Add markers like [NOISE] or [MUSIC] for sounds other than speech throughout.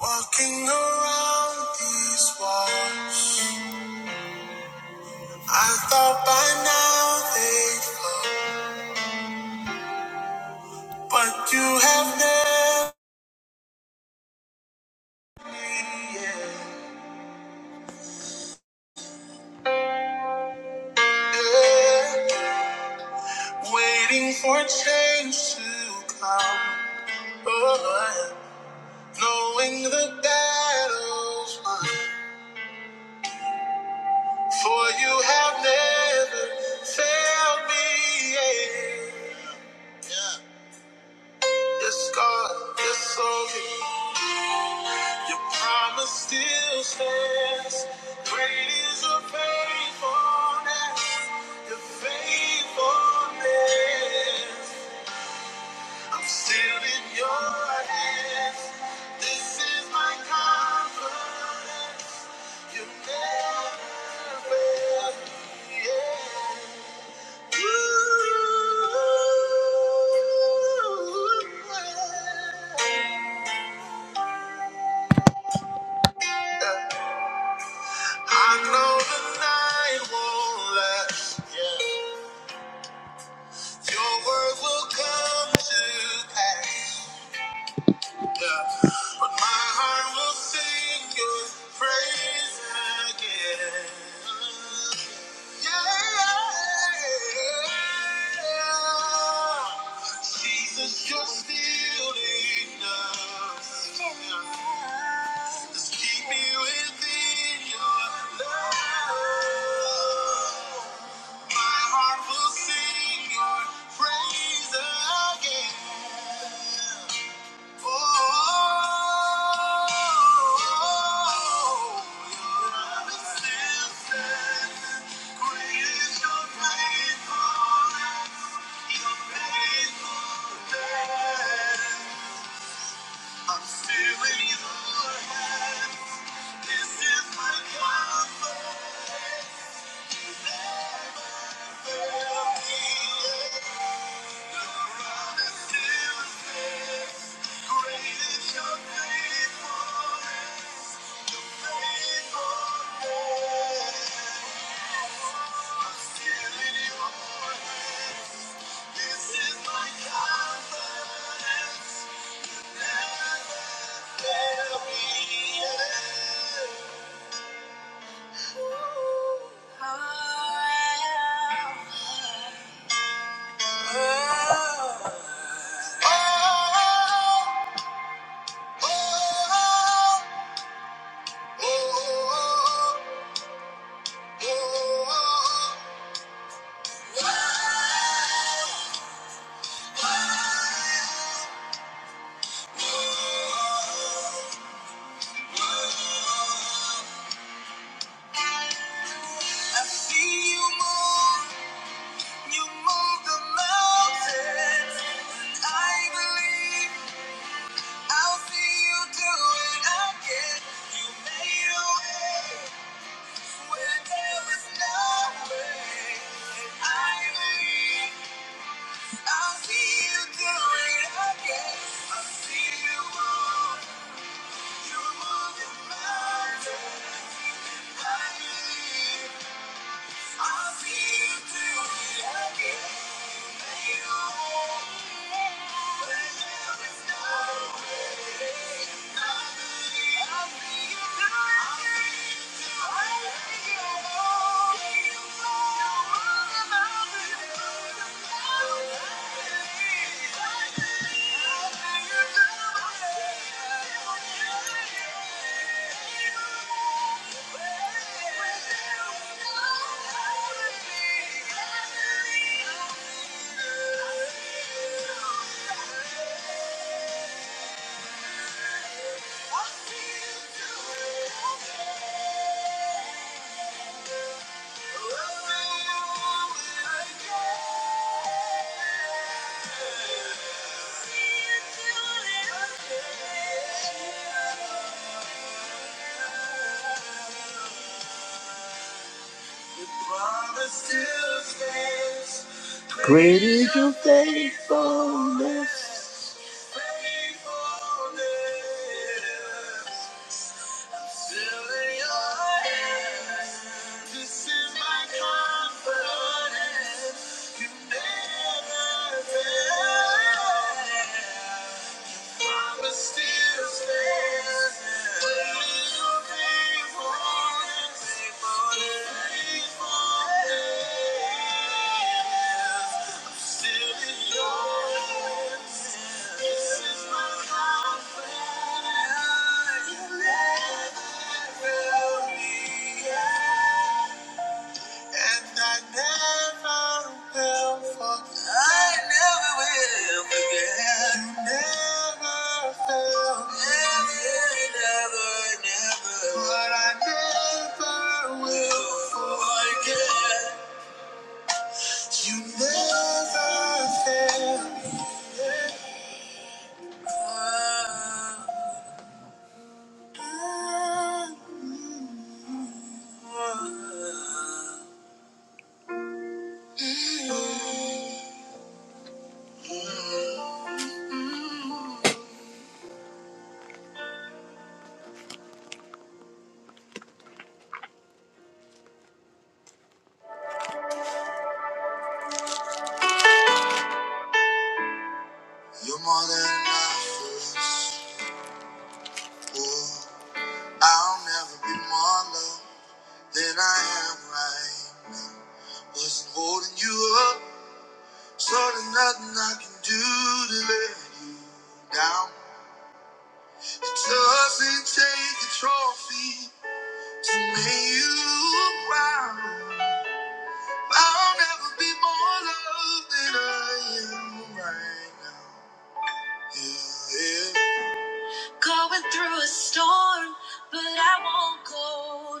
Walking around these walls, I thought by now they'd fall, but you have never been yeah. waiting for change to come. Oh, yeah. knowing the battle's won, for you have never failed me. Yeah. Yeah. Yes, God, yes, only your promise still stands. Great is your faithfulness, your faithfulness. I'm still in your hands. This is my confidence. You never fail. me. Yeah. I know the night won't last. Yeah. Your word will come to pass. Yeah. But my heart will sing your praise again. Yeah. Jesus, you're still enough. Just keep me within your love. My heart will sing your praise again. I'm still in your hands. This is my confidence. Never fail me. I'm still great is your faithfulness. Oh I see you move, you move the mountains. And I believe I'll see you do it again. You made a way where there was no way. And I believe I'll see you do it again. i see you move. Thank you. See you do it again. Great is your faithfulness. Promise still stands. Little faithfulness, faithfulness. I'm still in your hands. This is my confidence. You never will be. And I never will forget. I never will forget. You never fail. Never, never, never. But I never will forget. You never fail. Mm. You're more than enough for us. Ooh, I'll never be more loved than I am right now. Wasn't holding you up, so there's nothing I can do to let you down. It doesn't take a trophy to make you proud. I'll never be more loved than I am right now. Yeah, yeah. Going through a storm, but I won't go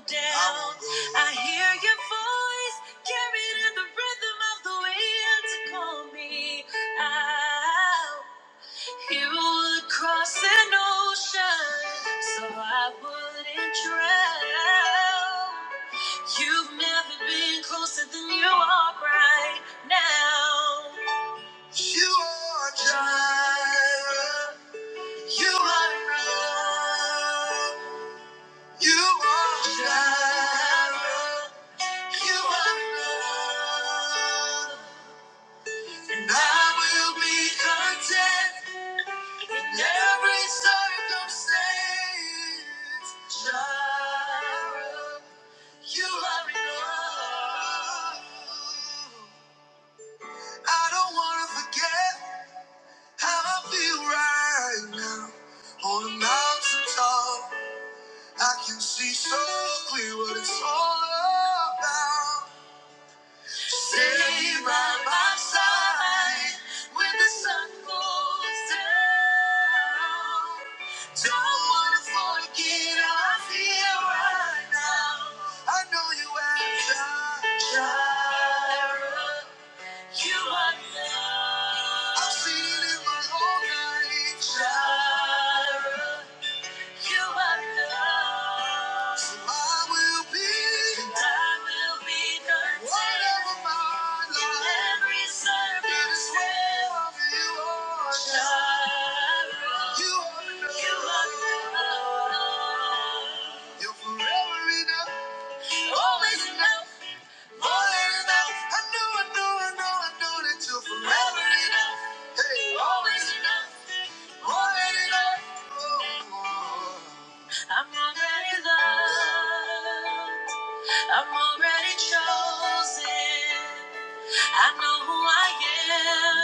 down. I, hear your voice carried in the rhythm of the wind to call me out. You would cross an ocean, so I wouldn't drown. You've never been closer than you are right now. You are Jireh. You are enough. You are Jireh. You are enough. And I will be content in every circumstance. Jireh, you are enough. I don't want to forget how I feel right now on the mountain top. I can see so clear what it's all about. Stay by my side when the sun goes down. Don't wanna forget how I feel right now. I know you have time. You are love. I've seen it in my whole life. Jireh. You are love. So I will be. And I will be content. Whatever my life. In every circumstance. You are Jireh. You are enough. You are enough. You're forever enough. Always enough. More than enough. I know, I know, I know, I know that you're forever enough. Hey. Always enough. I'm already loved. I'm already chosen. I know who I am.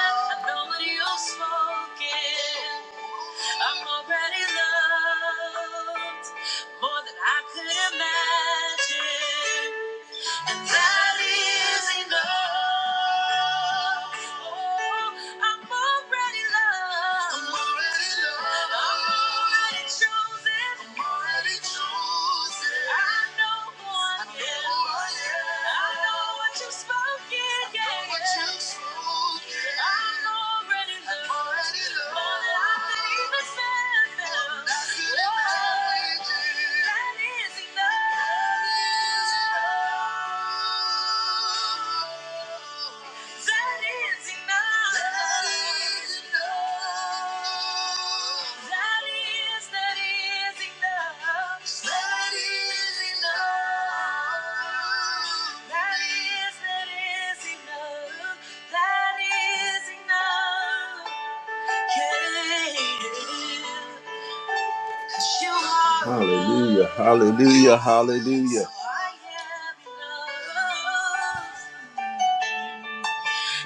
I know what you've spoken. I'm already loved more than I could imagine and that is enough. Oh, I'm already loved. I'm already loved. I'm already chosen. I'm already chosen. I know who I am. I know who I am. I know what you spoken, yeah. What you've spoken. I'm already I'm already loved. More than I could even stand now. More than I could imagine. That is enough. That is enough. That is enough. That is enough. That is, that is enough. That is enough. That is, that is enough. That is enough. Yeah. Hallelujah, hallelujah, hallelujah.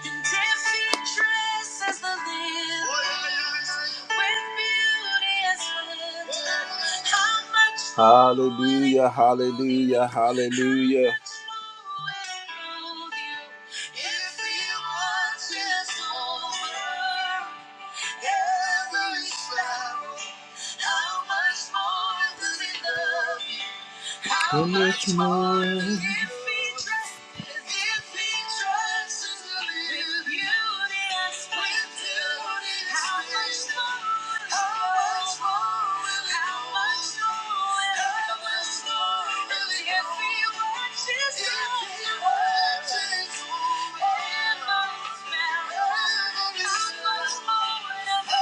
In Hallelujah, hallelujah, hallelujah. Every step, how much more does he love you? How much more does he love you? How much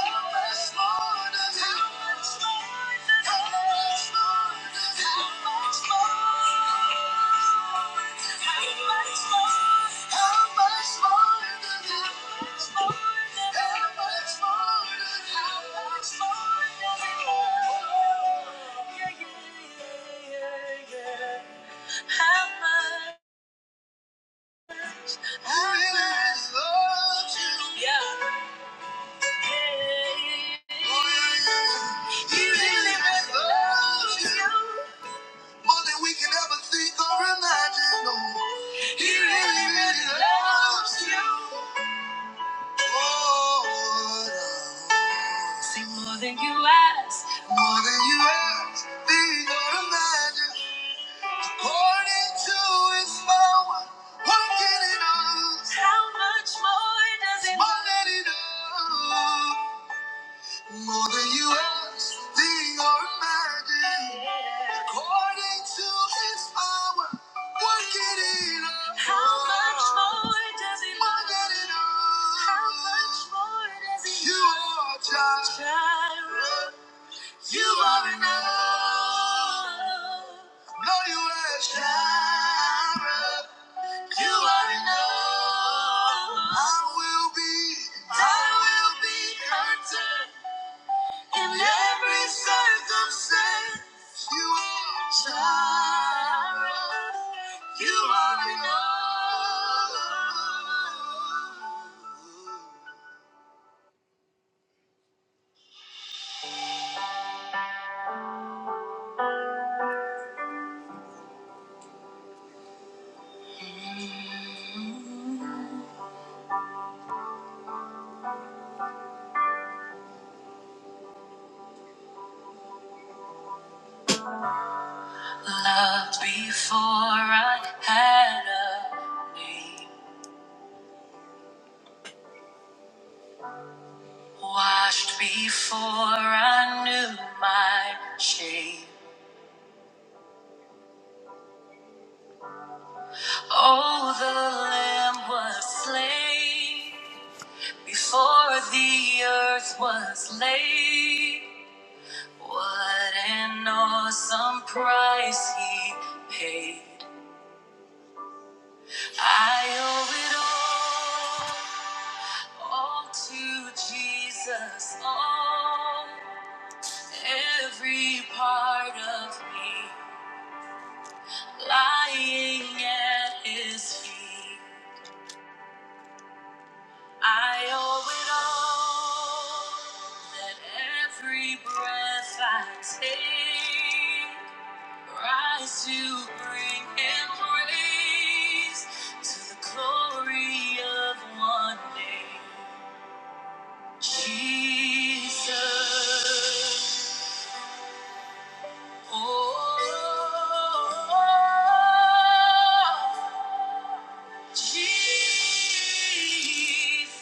more? How much? How much? I really love you. Yeah. He really loves you more than we can ever think or imagine. No, He really, really loves you. Lord, oh. Lord. See more than you ask, more than you ask, think or imagine. According to His power, working in us. How much more does it? More than enough. More than you ask, think or imagine. According to his power, working in us. How much more does he More than enough. How much more does he love? You are Jireh. Jireh. You are enough. No, you are Jireh. You are enough. I will be, I will be content. In every circumstance, you are Jireh. You are enough. Loved before I had a name. Washed before I knew my shame. Oh, the Lamb was slain before the earth was laid. What an awesome price he paid. I owe it all, all to Jesus, all, every part of me lying at his feet. I owe it all, that every breath I take. Rise to bring him praise to the glory of one name, Jesus. Oh, Jesus.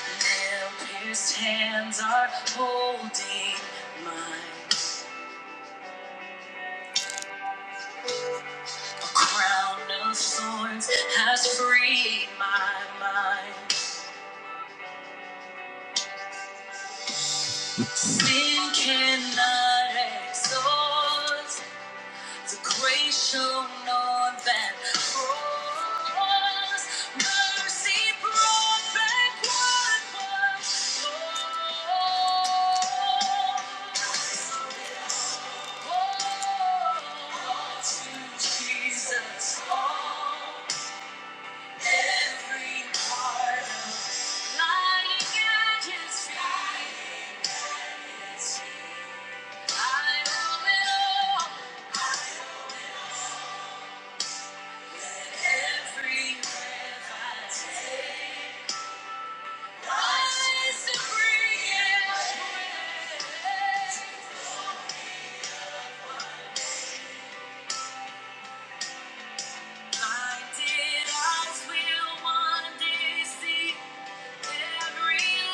Their pierced hands are holding mine. Crown of thorns has freed my mind. Sin cannot exhaust the grace shown on that cross. Mercy brought back what was lost. All to Jesus, all every part of lying at His feet. I will. it all. Every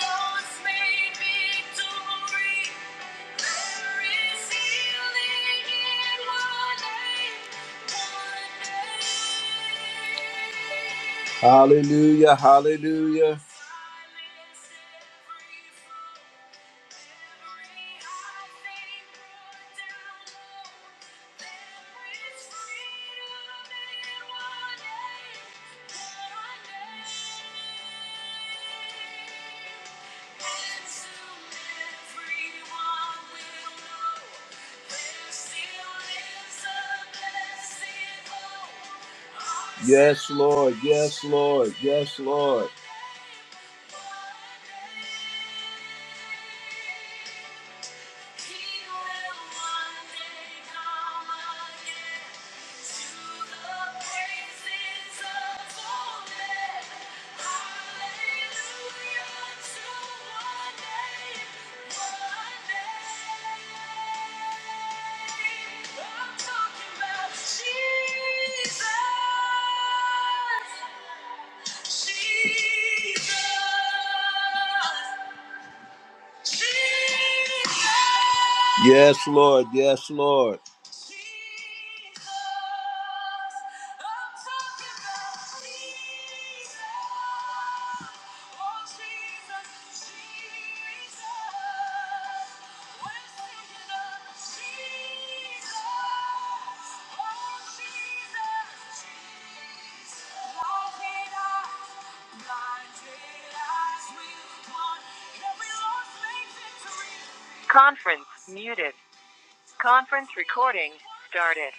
loss may victory. Hallelujah, hallelujah. Yes, Lord. Yes, Lord. Yes, Lord. He will one day come again to the praises of holiness. Hallelujah to one day, one day. I'm talking about Jesus. Jesus. Yes, Lord. Yes, Lord. Conference muted. Conference recording started.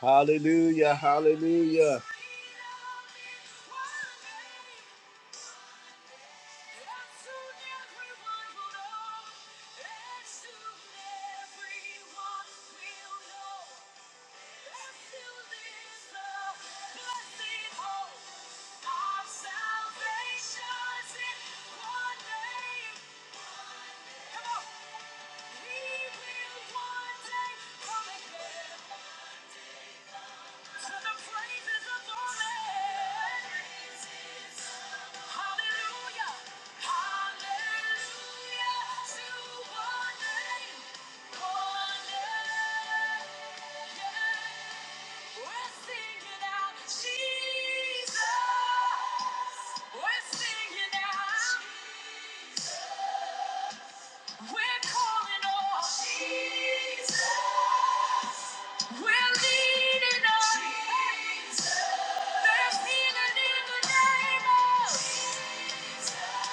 Hallelujah, hallelujah. Come on. Jesus! We're singing out. Jesus. We're calling on Jesus. We're leaning on Jesus. There's healing in the name of. Jesus.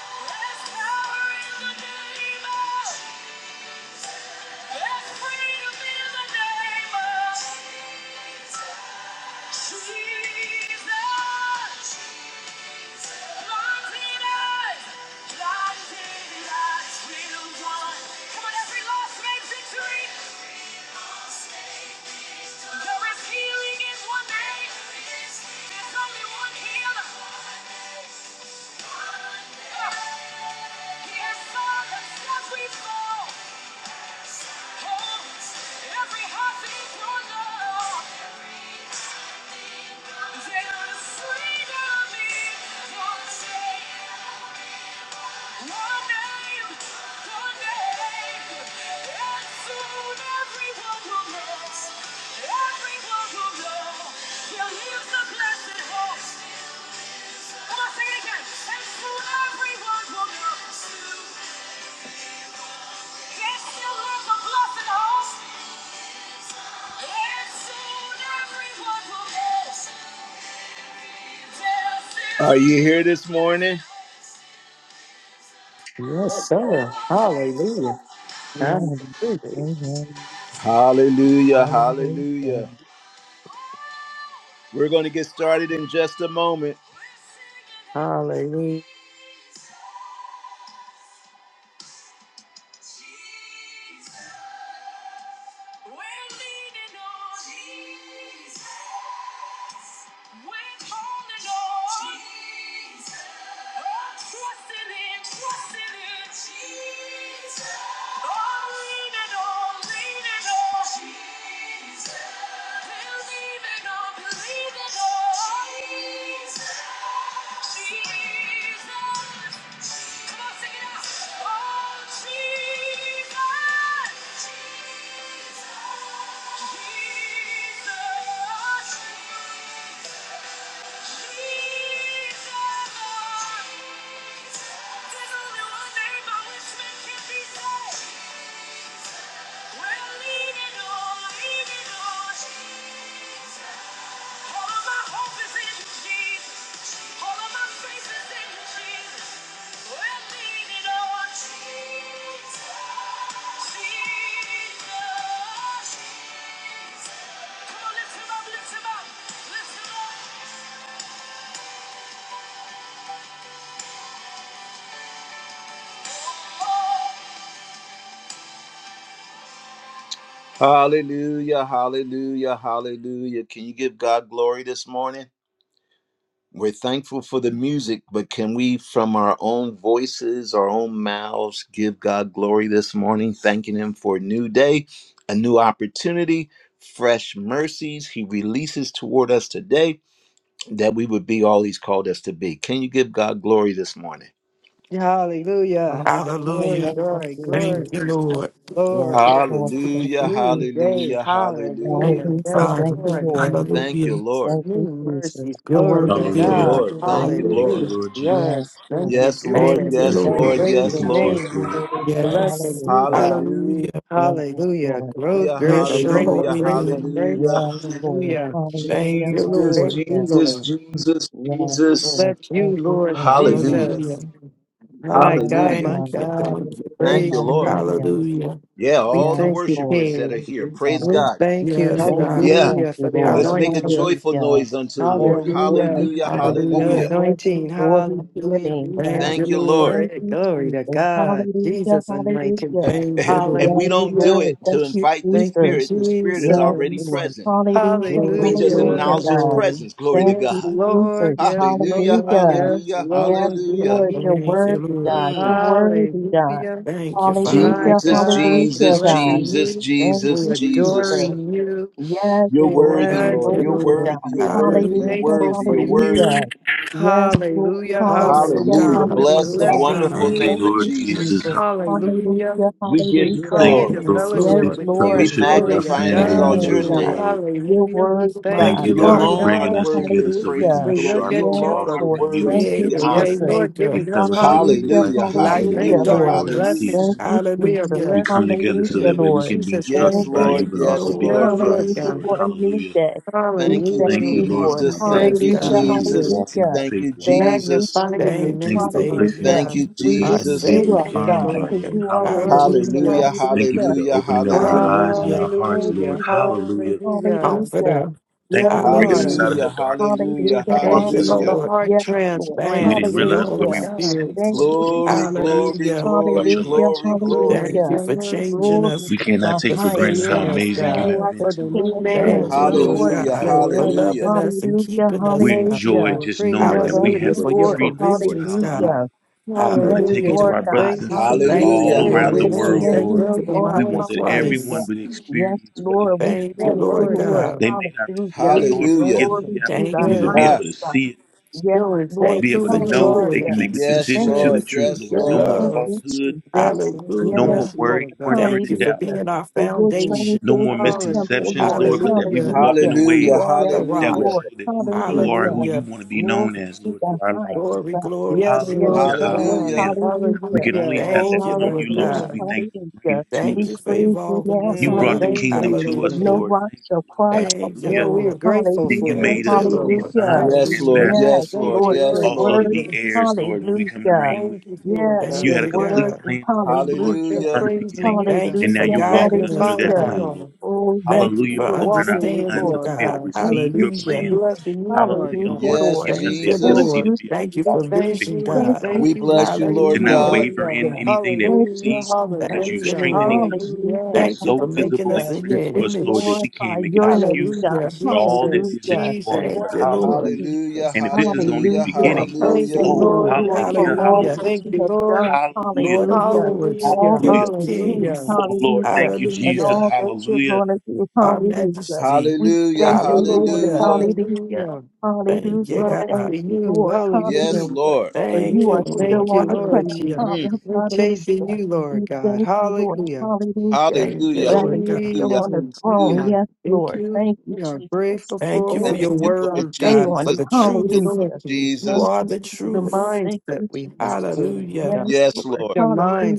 There's power in the name of. Jesus. There's freedom in the name of. Jesus. Jesus, Blinded eyes, blinded eyes will run. Come on, every lost man victory. There is healing in one name. There's only one healer. He has solved and set we fall. Holds every heart in your love. There is freedom in your name. Are you here this morning? Yes, sir. Hallelujah. Amen. Hallelujah. Amen. Hallelujah, Hallelujah. hallelujah. We're going to get started in just a moment. Hallelujah. Jesus. All of my hope is in you, Jesus. All of my faith is in you, Jesus. We're leaning on Jesus. Jesus. Come on, lift him up, lift him up, lift him up. Oh. Hallelujah, hallelujah, hallelujah. Can you give God glory this morning? We're thankful for the music, but can we, from our own voices, our own mouths, give God glory this morning, thanking Him for a new day, a new opportunity, fresh mercies He releases toward us today, that we would be all He's called us to be? Can you give God glory this morning? Hallelujah. Hallelujah. Glory, Hallelujah. Thank you, glory, glory, Thank Jesus. you, Lord. Yes, Lord, Lord. Thank Hallelujah, you, New Jesus. day. hallelujah, Thank hallelujah. Hallelujah. you, Hallelujah. Yes, Thank Father. you, Lord. Lord. Thank you, Hallelujah. Lord. Thank you, New Jesus. mercies. Your Glory word to Thank worthy, Hallelujah. you, Lord. Thank Hallelujah. God. Lord. you, Thank Lord. you, Thank you, Lord. Hallelujah. Hallelujah. Lord Jesus. Yes, Yes. Thank Lord. you, Yes, Jesus. Lord. Thank you, Yes, Thank you Thank for Lord. Lord. you, just Praise Yes, your speaking Jesus. to Lord. us, name. Lord. Hallelujah. Yes. Blessings, you Hallelujah. God. Hallelujah. Hallelujah. Yes, Hallelujah. Lord. Thank Growth, Hallelujah, you, grateful, Bless your Jesus. grateful, hallelujah, holy grateful, name. grateful. hallelujah. Yes, Lord. Hallelujah. Thank Hallelujah. you, Jesus, Hallelujah. Lord. Thank you, Lord. Jesus, Jesus, Yes, Jesus. Lord. Let you, Thank you. Lord Thank you, Lord. Hallelujah, Hallelujah. Jesus. My Yes, God, hallelujah. my Thank God. you. God. Thank you. Hallelujah, Thank Thank you, Praise your you. Lord. hallelujah. name. Hallelujah. Yeah, We all the thank Yes, you, Lord. worshipers that are King. Thank here, you, Father. praise We God. thank you, Yes, Thank God. you, Yeah, thank hallelujah, for you, the Lord. let's make a anointing. Hallelujah. joyful Hallelujah. noise unto the Thank Lord. you for Hallelujah. this Hallelujah, Lord. God. The hallelujah. Hallelujah. Thank you, anointing. glory to your Hallelujah. name, We Thank thank God. you, Thank you you, Lord. for Lord. Thank it. you, Glory to Jesus. God. Hallelujah, Jesus anointing. hallelujah. Thank you, And Lord. we Yes, don't do Hallelujah. Lord. it to Thank you, invite the Thank Jesus. you, Spirit, the Spirit is Yes, already Jesus. Lord. present. Hallelujah. We Glory, just glory, Hallelujah. Hallelujah, acknowledge His God. glory. presence. Glory to Thank Yes, you, God. Jesus. Lord. Yes, Hallelujah, Lord. Hallelujah. Yes, hallelujah, Yes, Lord. You are hallelujah. Lord. You're here. Thank you, worthy, Lord. God. Mm. You're worthy, God. Hallelujah. Thank you, Father. My Hallelujah. Jesus, God, we Hallelujah, Jesus, God. blessing Jesus, you. Thank Jesus, We you, Jesus. Jesus. adoring you. Yes, You're Lord. worthy, You're Amen. Thank Lord. you, You're worthy, Lord. worthy. God. You're And We're worthy. You're Hallelujah. Hallelujah. thankful worthy. for You're Hallelujah. worthy. you. Yes, Lord. Hallelujah. Awesome Hallelujah. Hallelujah. Hallelujah. God. We're Bless the Hallelujah. Wonderful blessing God. wonderful Thank you, you. name Thank of Lord you, Jesus. Jesus. Jesus. Hallelujah. Hallelujah. Hallelujah, We give We you come hallelujah. Thank you, into glory. Yes, Lord, for Yes, fellowship this Lord. with We you. Lord, fellowship with Glory our glory to to magnify and family your God. Thank exalt you, name, your members, name. Lord. God. Lord. Your Hallelujah. We word, thank Thank God. Mighty you, you, You Lord, Lord for God. alone bringing art Hallelujah, God. us worthy together of so we praise can We and hallelujah. be glory. look You sharpened, at but Yes, you alone for also art Lord. worthy commune Thank to you, be together. Creator, Yes, honored. Jesus. Lord, We waymaker, giving us cause. fellowship in the Hallelujah, Hallelujah. righteousness We light and the in the thank hallelujah, Hallelujah. joy, you for Lord. Lord, the darkness. Hallelujah. blessing Thank peace. us. you, We are Jesus. Hallelujah. We come blessing you, together so Hallelujah, that King, way in we Lord. can be Jesus' Yes, Thank instructed name. by you, you, Lord. but Thank you, also Yes, Jesus. be Lord. Yeah, Lord. Lord confirmed, Yes. Hallelujah Lord. for God. a new Hallelujah. day. We Thank you, thank Thank you, you, Hallelujah. Lord, for Lord. my Jesus. brothers Thank Thank Yes, and you, you, Hallelujah, sisters God. who are Jesus. Jesus. walking the hallelujah. Thank faith you, walk, Thank Lord. you, Jesus. Magnifying your Jesus. Thank you, Thank you name, for Lord placing Savior. Hallelujah. us Thank in you, God. the We Our lift position to be Jesus. you able to up, Thank Savior. you, find God, you, Lord. because Lord. God. you are Thank you, Hallelujah. worthy. Hallelujah. Hallelujah, Jesus. Thank you for Hallelujah. the hallelujah, opening of our Worthy, hallelujah, eyes God. and our Hallelujah. hearts, Lord. Hallelujah. worthy, worthy. Hallelujah. Hallelujah. Hallelujah. Comforter. Thank Yeah, you Thank for you, bringing us Lord. out of Hallelujah. the hallelujah, Jesus. darkness and We hallelujah, into the Hallelujah, thank Thank God. you you, marvelous for light. the hallelujah. Lord. heart Yes, Lord. We Thank you transplant. didn't for Yeah, your realize where Holy Lord we Hallelujah. were God. We sitting, Spirit. Thank Lord, thank but you, you, you Glory, Lord. Jesus. recognized it. glory, So Hallelujah. you brought glory, your light Hallelujah. to glory, Oh, us, Lord. goodness, glory. Thank you Hallelujah. your for mercy. changing Glory us, We God, to cannot the take for for We granted highest how saving bless God. us, you, amazing you God. You God, have are been the for the to us, King new of Lord. kings, Thank man. you, the Hallelujah. Lord Lord of Hallelujah, God, Your Hallelujah. lords. for love. hallelujah, loving us and Hallelujah. keeping us, We God. Thank you, enjoy Hallelujah. Lord, just We bringing knowing us that we thank through Hallelujah, you, have this a for your Lord. freedom, place. Lord. provisions, Hallelujah. God. Hallelujah. We Yes, want to take Hallelujah. it to Hallelujah. We Lord our God. brothers thank and you for sisters Thank you being Hallelujah. hallelujah, for all in your the around the For wisdom. moist, world, the being hallelujah, Thank Lord. who you for you the wealthy, mind are. We of want moist that grave. everyone Hallelujah. Christ. would Oh, Yes, experience what it Lord. is We that Thank you you, thank are. you, Lord Lord Lord. God. God, They may not receive it, Hallelujah. we Lord, but bless hallelujah. give them you. the Glory to Thank the you, opportunity to Good. be Lord. Ah, able to highest God. see it, Yes, Showing Lord. forth Thank be you who able for to you Hallelujah. know that are, they joy, God. can make a peace, and yes, Thank decision to the you, Lord, strength, truth, yes, Lord. Jesus. No Yes, Lord. more Thank love. you, falsehood, Jesus. yes, no Yes, more yes, Hallelujah. Lord. Lord worry, God. wondering, Thank and you for doubt, Hallelujah. being our For your Mm. foundation. change no is more the temple, misconceptions, Lord. Lord, Hallelujah. but that we would Hallelujah. walk in a Hallelujah. way You Hallelujah, are the Yes, that rock. would hallelujah, show Lord. that who you are, who Hallelujah. you Hallelujah. want to be Glory known as, to Lord, the through our lives. Glory, highest. glory, Yes, Yes, glory. Lord Hallelujah, Lord, God. hallelujah. hallelujah. We hallelujah. can only Hallelujah. have that Oh, Thank you, yes, from you, Lord Lord, Lord, so God. Hallelujah. we thank you for bringing hallelujah. it to We Thank you us. for praise you evolving now, us, You We God. brought the Mm. thank hallelujah. kingdom you, to For us, Lord. no Hallelujah. Lord. rock Thank shall you, Lord. cry out, Thank you, Yeah, Hallelujah. Lord. we are Lord. And grateful then you for Hallelujah, it made Thank too, you, us to be Lord. Lord. hallelujah. sons Thank and you, Yes, Lord. Hallelujah. Jesus. Yes, ambassadors, Yes, Thank Lord. Lord. you, Lord, Yes, your Lord Also to Lord. word, Jesus. be is heirs, Lord, when we come to hallelujah. reign with Thank you, you. Lord Yes, You God. Thank your had a you, complete word, God. is plan for us, Lord, They're hallelujah. from Hallelujah. the praising beginning. you, Thank God. you And now for Hallelujah, you're You walking us guiding through us, magnifying that you, hallelujah. God. plan, Lord. Lord. Oh, yes, Thank you Hallelujah for Lord, We're for opening our walking yes, with you, minds understanding, up Lord. to Lord be able God. to God. Thank receive you, your We Hallelujah. plan. Jesus. blessing you, Lord Hallelujah, Hallelujah, God. Lord, for Yes, Lord. giving us Thank the you, Thank Jesus. ability Lord. to you, be able to Thank you Jesus. We follow for you the thank way you vision, you, want to we be Thank God. known you, We thank you, we bless you, Jesus. thank to Lord you, not Hallelujah. God. Lord waver in God. Hallelujah. anything that we Thank you, Hallelujah, see because Thank you're Jesus. you, hallelujah, Lord. strengthening us. hallelujah. You Hallelujah. are Thank you for so making visible us and Hallelujah. in your clear to We us, Lord, that image. we glorify can't make an your name, excuse God. Hallelujah. for all that it Jesus, is that Hallelujah. you are, Jesus, Lord. Thank Thank you, you, Lord. Hallelujah. Hallelujah. Jesus. And if this is only the Hallelujah. You Hallelujah. are beginning, Thank you, Hallelujah. perfect, Thank oh, you, Lord. Lord. Lord, Thank you, for hallelujah, Lord. all Hallelujah. that hallelujah, Thank you you, have Lord. done. hallelujah, Lord of Hallelujah. lords, All Hallelujah. King that hallelujah. of you do. Hallelujah. kings. Oh, Lord, Hallelujah. thank you, And Jesus. Hallelujah. all that you're Hallelujah. going to do. Our Hallelujah. majesty. We Hallelujah. thank Thank you, you, Lord. Lord. Hallelujah. Hallelujah. Hallelujah. Hallelujah. Thank you, Hallelujah. Run God. Thank after you, you. Lord. Yes, Hallelujah. Hallelujah Lord. for Thank you you, Yeah, are Lord. still thank on you, the crown. Lord Hallelujah. Mm. Hallelujah. Jesus. We're Hallelujah. chasing you, Lord We God. thank you, Lord. Hallelujah. Hallelujah. Thank you, Hallelujah. Rather, Lord you're God. still Hallelujah. on the Jesus, we throne. Hallelujah. are Yes, thank Lord. you. Thank you, We are Jesus. grateful Thank Oh, you for for it. Lord, Thank your you, you shall Lord word, stay God, on. for Jesus. Thank the Thank you, you, truth. Lord Hallelujah. Lord. You Thank Jesus. are you, the The Jesus. truth. Thank mindset you, we have, Jesus. Lord Hallelujah. God. Yes, Yes, Lord. Lord. The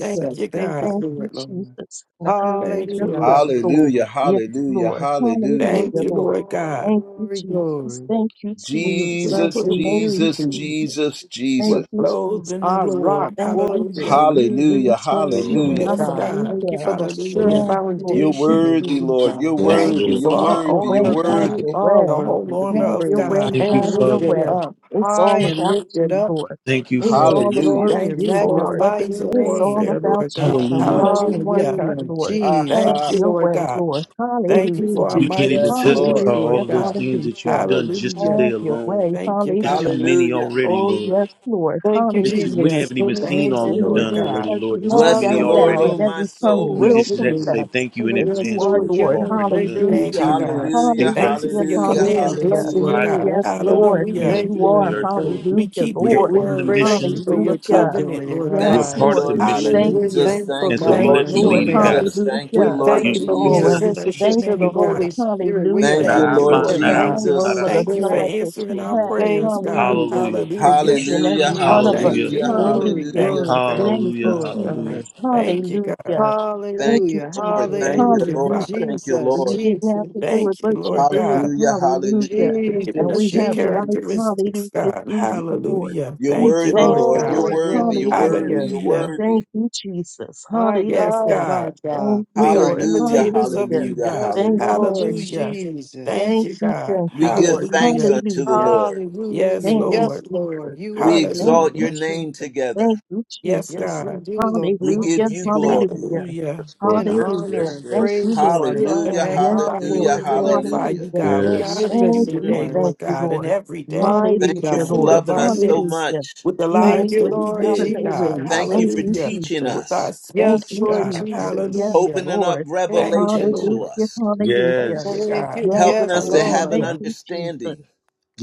Thank you, Thank you God. Thank for you, it, Lord. Jesus. And the earth is Thank you, your Hallelujah, Lord. footstool. Hallelujah. hallelujah. Yes, Hallelujah. Lord. Hallelujah. Thank Hallelujah, you, Glory, Lord. Lord God. Thank you, glory, Jesus. glory. Thank you, We Jesus. We Jesus, trust put, in Thank you, you, Jesus, Jesus. Jesus. Jesus, Thank we're Jesus. you, clothed Jesus. in the Our Lord. rock, Thank you, fortress, Hallelujah. Jesus. and you Thank we you, Hallelujah. trust, Jesus. Lord Hallelujah. Hallelujah. Yes, God. God. Thank you Hallelujah. for the sure Hallelujah. Hallelujah. Yes, Lord. You're foundation Thank in worthy, you. you, Lord. You're God. Yes, Oh, Thank you worthy. just You're Lord. for have our your worthy. You're armor, way, have God. You your worthy. are way. The whole worthy to armor be Have of your praised way, God. Thank you, and have your Father. lifted way. Hallelujah. up, It's high all and about lifted you, up. Lord. Thank you, We It's will Father. all about Hallelujah. glory Thank and you you, for our Lord. magnify weapons your of It's name. all warfare, about Lord you God. and Hallelujah. Mm. what you want Hallelujah. done, Hallelujah, Lord. Ah, Have Thank ah. you, Jesus. your Lord way, God. Lord. Thank Thank you you, for our Hallelujah. You Jesus. can't mighty even Yes, sword, testify Lord. Lord all Hallelujah. of those God. things that you've Hallelujah. done just Hallelujah. today Have your alone. way. Thank you, It's too God. Hallelujah. many Hallelujah. already, Oh, Lord. yes, Lord. Thank you, It's Hallelujah. too, we Jesus. haven't even For you seen Thank all you, said you've in your Lord done word that God. already, every Lord. It's knee too Bless the many shall Lord, bow and already. O Hallelujah. my every So tongue We soul. much will just to have to say confess do. thank you Thank in that you, yes, you advance are for Lord what you've Lord. God. already Thank done. you, Thank you, Hallelujah. God. Jesus. Hallelujah. Things that are Thank you headed for Hallelujah. your this Hallelujah. way, We are Lord, that commandments, Hallelujah. blessing Lord Hallelujah. provide you. for God. Yes, us That's to be love. able to Lord, We do Hallelujah. because your thank you will you in the and are. earth, Lord. everything. We Hallelujah, keep We're your Lord. We in the word. praise Thank you mission. you for for your what you're Hallelujah. covenant, doing in Lord our We're Thank God. Yes, you, part of lives. Lord. the Lord We mission, thank We're you. Hallelujah. Jesus. thankful, and Thank so you, God, we Yes, for Thank the let Lord you, you new Lord. lead Lord and God. man. guide us, Jesus. Lord. Thank you, We Hallelujah. thank Lord You you for being Oh, use Hallelujah. and us we Jesus. as you Bless your sensitive thank see to you, the fit, name, Lord. Lord. Holy God. Spirit. We are Thank Not you, Hallelujah. Thank our you, Lord mind, Lord sensitive. not We our Thank God. thank you, will, you not Holy our for Jesus. the Thank you for emotions, love Spirit. Lord, that but answering you your our will. have. Thank prayers, God. you. Hallelujah Hallelujah. for each Hallelujah. and Hallelujah. every Glory, one of us. Thank Hallelujah. you, Hallelujah. Lord. Hallelujah. Hallelujah. Thank you, glory, thank God. Thank you Hallelujah. you, for it, God. Hallelujah. Jesus. Thank you, God. Hallelujah. Thank Thank you, you, Hallelujah, Lord. Jesus. Thank Thank you, you, hallelujah. Lord. Father. Hallelujah. Thank you, For Jesus, you Lord. didn't have to do Jesus, it, Thank you, but you Lord did. God, Hallelujah. Hallelujah. Hallelujah. for giving And Jesus, us we your have life. Jesus. characteristics, Hallelujah. God. Through you, Lord. Hallelujah. You're We Thank you, worthy, thank Lord you, Lord. God. You're Glory, Lord. worthy. glory, You're worthy. Hallelujah. glory. You're Hallelujah. Thank worthy. you, Jesus. My Yes, God, Hallelujah. God. my God. Thank you, We are Lord. Hallelujah. imitators of Hallelujah. you, Hallelujah. God. Yes, Thank you, Hallelujah. Lord Hallelujah. Jesus. Thank Thank you, Jesus. you, God. thank We you, give Lord. thanks Hallelujah. unto the Hallelujah. Lord. Yes, Hallelujah. Thank you, Yes, Lord. Jesus. Lord, you are We Thank exalt good. you, your Hallelujah. name Jesus. together. Thank you, Yes, Yes, Jesus. we God. do, Lord. We We Hallelujah. give lift you you glory. up Hallelujah. Hallelujah. Yes, Lord. in Yes, Hallelujah. honor yes, and Thank you, yes. praises Lift are Lord. you up and Hallelujah. thine. Yes, magnify you Hallelujah. Lord. and Hallelujah. glorify Hallelujah. you, Hallelujah. God. We honor Yes. you Thank Magnificent you, today, Mm. one, thank Lord you, God, and Lord. every day mighty with Thank the you Hallelujah, for God. fruit Lord. of loving our us so lips, Hallelujah. much. with the You Thank make lives you, that we ways Lord out of live, no God. ways. Thank Jesus. you Thank for you, Hallelujah. teaching Jesus. With our us, Thank Yes, speech, you, Lord God. Jesus. Yes, Jesus. Hallelujah. opening up Lord. Thank you, Thank you, revelation God. to Lord. Hallelujah. us. Hallelujah. Thank you, Yes. Thank God. you. Yes, helping Yes, us to Lord. have Lord. an Thank Hallelujah. you, Jesus. understanding,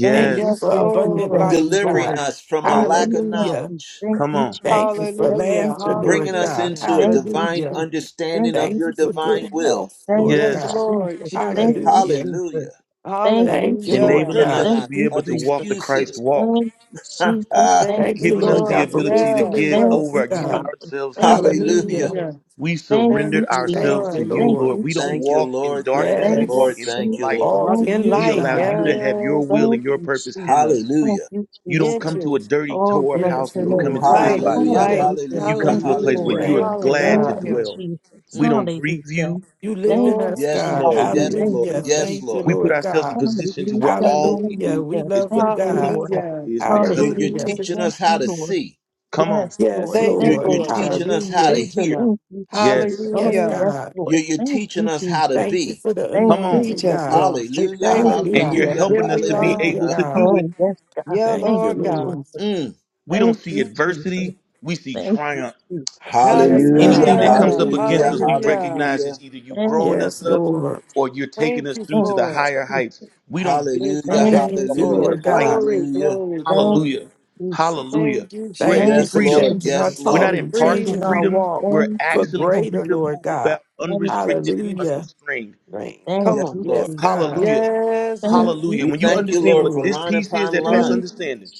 Thank Thank you you, Yes, for thank you, abundant Lord. thank life, you, delivering God. Lord. us from a Thank lack you, of thank Hallelujah. you, knowledge, thank Come you, on. Thank you Jesus. for Thank you, Hallelujah. laughter, and bringing Lord Jesus. us God. Hallelujah. into a Thank you, divine Hallelujah. Jesus. Thank understanding of you, Thank your you for divine Jesus. good will. health, Thank Lord you, Yes, God. Yes. Jesus. Lord Thank you, Jesus. Hallelujah. Jesus. Hallelujah. Thank you, Thank you, Jesus. Lord Hallelujah. Enabling God. Stripping us to Thank us be you, able of to walk Jesus. the Christ excuses. walk, Thank you, [LAUGHS] Jesus. Thank Thank Thank you, you, you, giving us Lord the God, Lord. Jesus. for ability to wisdom Yes. and give Thank over wealth, you, God. Lord. Jesus. ourselves to Thank you. you, Hallelujah. Hallelujah. Jesus. Hallelujah. We Thank Thank surrendered you, you, ourselves Jesus. Thank to you, Lord. you, Thank Lord. Lord. you, We don't Thank you, Jesus. walk in Lord. Thank darkness, you, we Thank you, walk Lord. Yes. in the Thank you, light. Jesus. Lord. All Walk to Thank in you, you, We light. allow Jesus. you God. to Mm. have your Yes. will and Thank your you, purpose in Jesus. us. Thank Hallelujah. you, You don't Jesus. come to a Entrance. dirty, Oh, tore up bless house Yes, your when you come name, Mm, Lord. into God. this Light, body, Hallelujah. Lord. Hallelujah. light. Hallelujah. You Hallelujah. come Thank to a you, place where Lord. Hallelujah. you are Hallelujah. Thank you, glad Thank to God. you, Hallelujah. dwell. Jesus. We Mm. don't grieve Hallelujah. you. You live Thank in you, us, Glory. Yes, God. Lord. Jesus. Yes, Hallelujah. glory, Thank Lord. you, Hallelujah. glory. Yes, Thank you, Jesus. Lord. We put Lord ourselves in God. position to where Hallelujah. all we Hallelujah. do We Hallelujah. is love you, what Thank the you, will of the God. Lord. Father Hallelujah. is Hallelujah. because You- of You're you, Hallelujah. Lord. teaching Thank us how you, to Lord. see. Come on. Yes, Yes, Lord. Thank you You're, Thank Lord. you're you, for it, teaching God. Jesus. us how to Hallelujah. Teach hear. us. Thank you, Jesus. Yes. Yes, Oh, Hallelujah. yes, God. Lord. You're, you're Thank teaching you, us how to Jesus. Thank you be. for the Thank Come you, on. anointing, Teach us, Jesus. God. Lord. We Hallelujah, thank Thank you, you, And you're God. Hallelujah. hallelujah, Jesus. [LAUGHS] Here helping us we to be Thank are. you, able hallelujah. to God. do it. Oh, yes, God. Yeah, Thank Thank you, Lord you, God. Lord. Jesus. Mm. We don't Thank see you, Jesus. adversity, we see Thank you, triumph. Jesus. Yes, God. anything Hallelujah, that Thank comes Hallelujah. up you, against Hallelujah. hallelujah, us, Jesus. we Hallelujah. recognize it's hallelujah. either you Thank growing Yes, us up Lord. or you're taking Thank us you through to the you, for it. higher Jesus. heights. We don't get in We Hallelujah, thank tunnels, Thank we you you, Thank walk you, in hallelujah, for the Lord it. Jesus. God. light. Glory, hallelujah. glory, Thank glory. Hallelujah. you, Jesus. Hallelujah. Thank you, We're at Thank you Thank Yes, for Jesus. you, freedom. Lord, changing our yes, We're not talk Lord, in and Jesus. partial changing our Freedom. freedom. walk We're Thank for you, thank you, Jesus. Thank you, actually thank free greater, to you. Lord move God. about unrestricted and Hallelujah. unrestrained. rain. Thank Come yes, you, on. Lord. Yes, Jesus. God. Hallelujah. Yes, yes. Thank you, Jesus. Thank you, Hallelujah. We When you Jesus. thank Thank you, you, understand Lord, what for Lord. this line piece is upon that past line, understanding,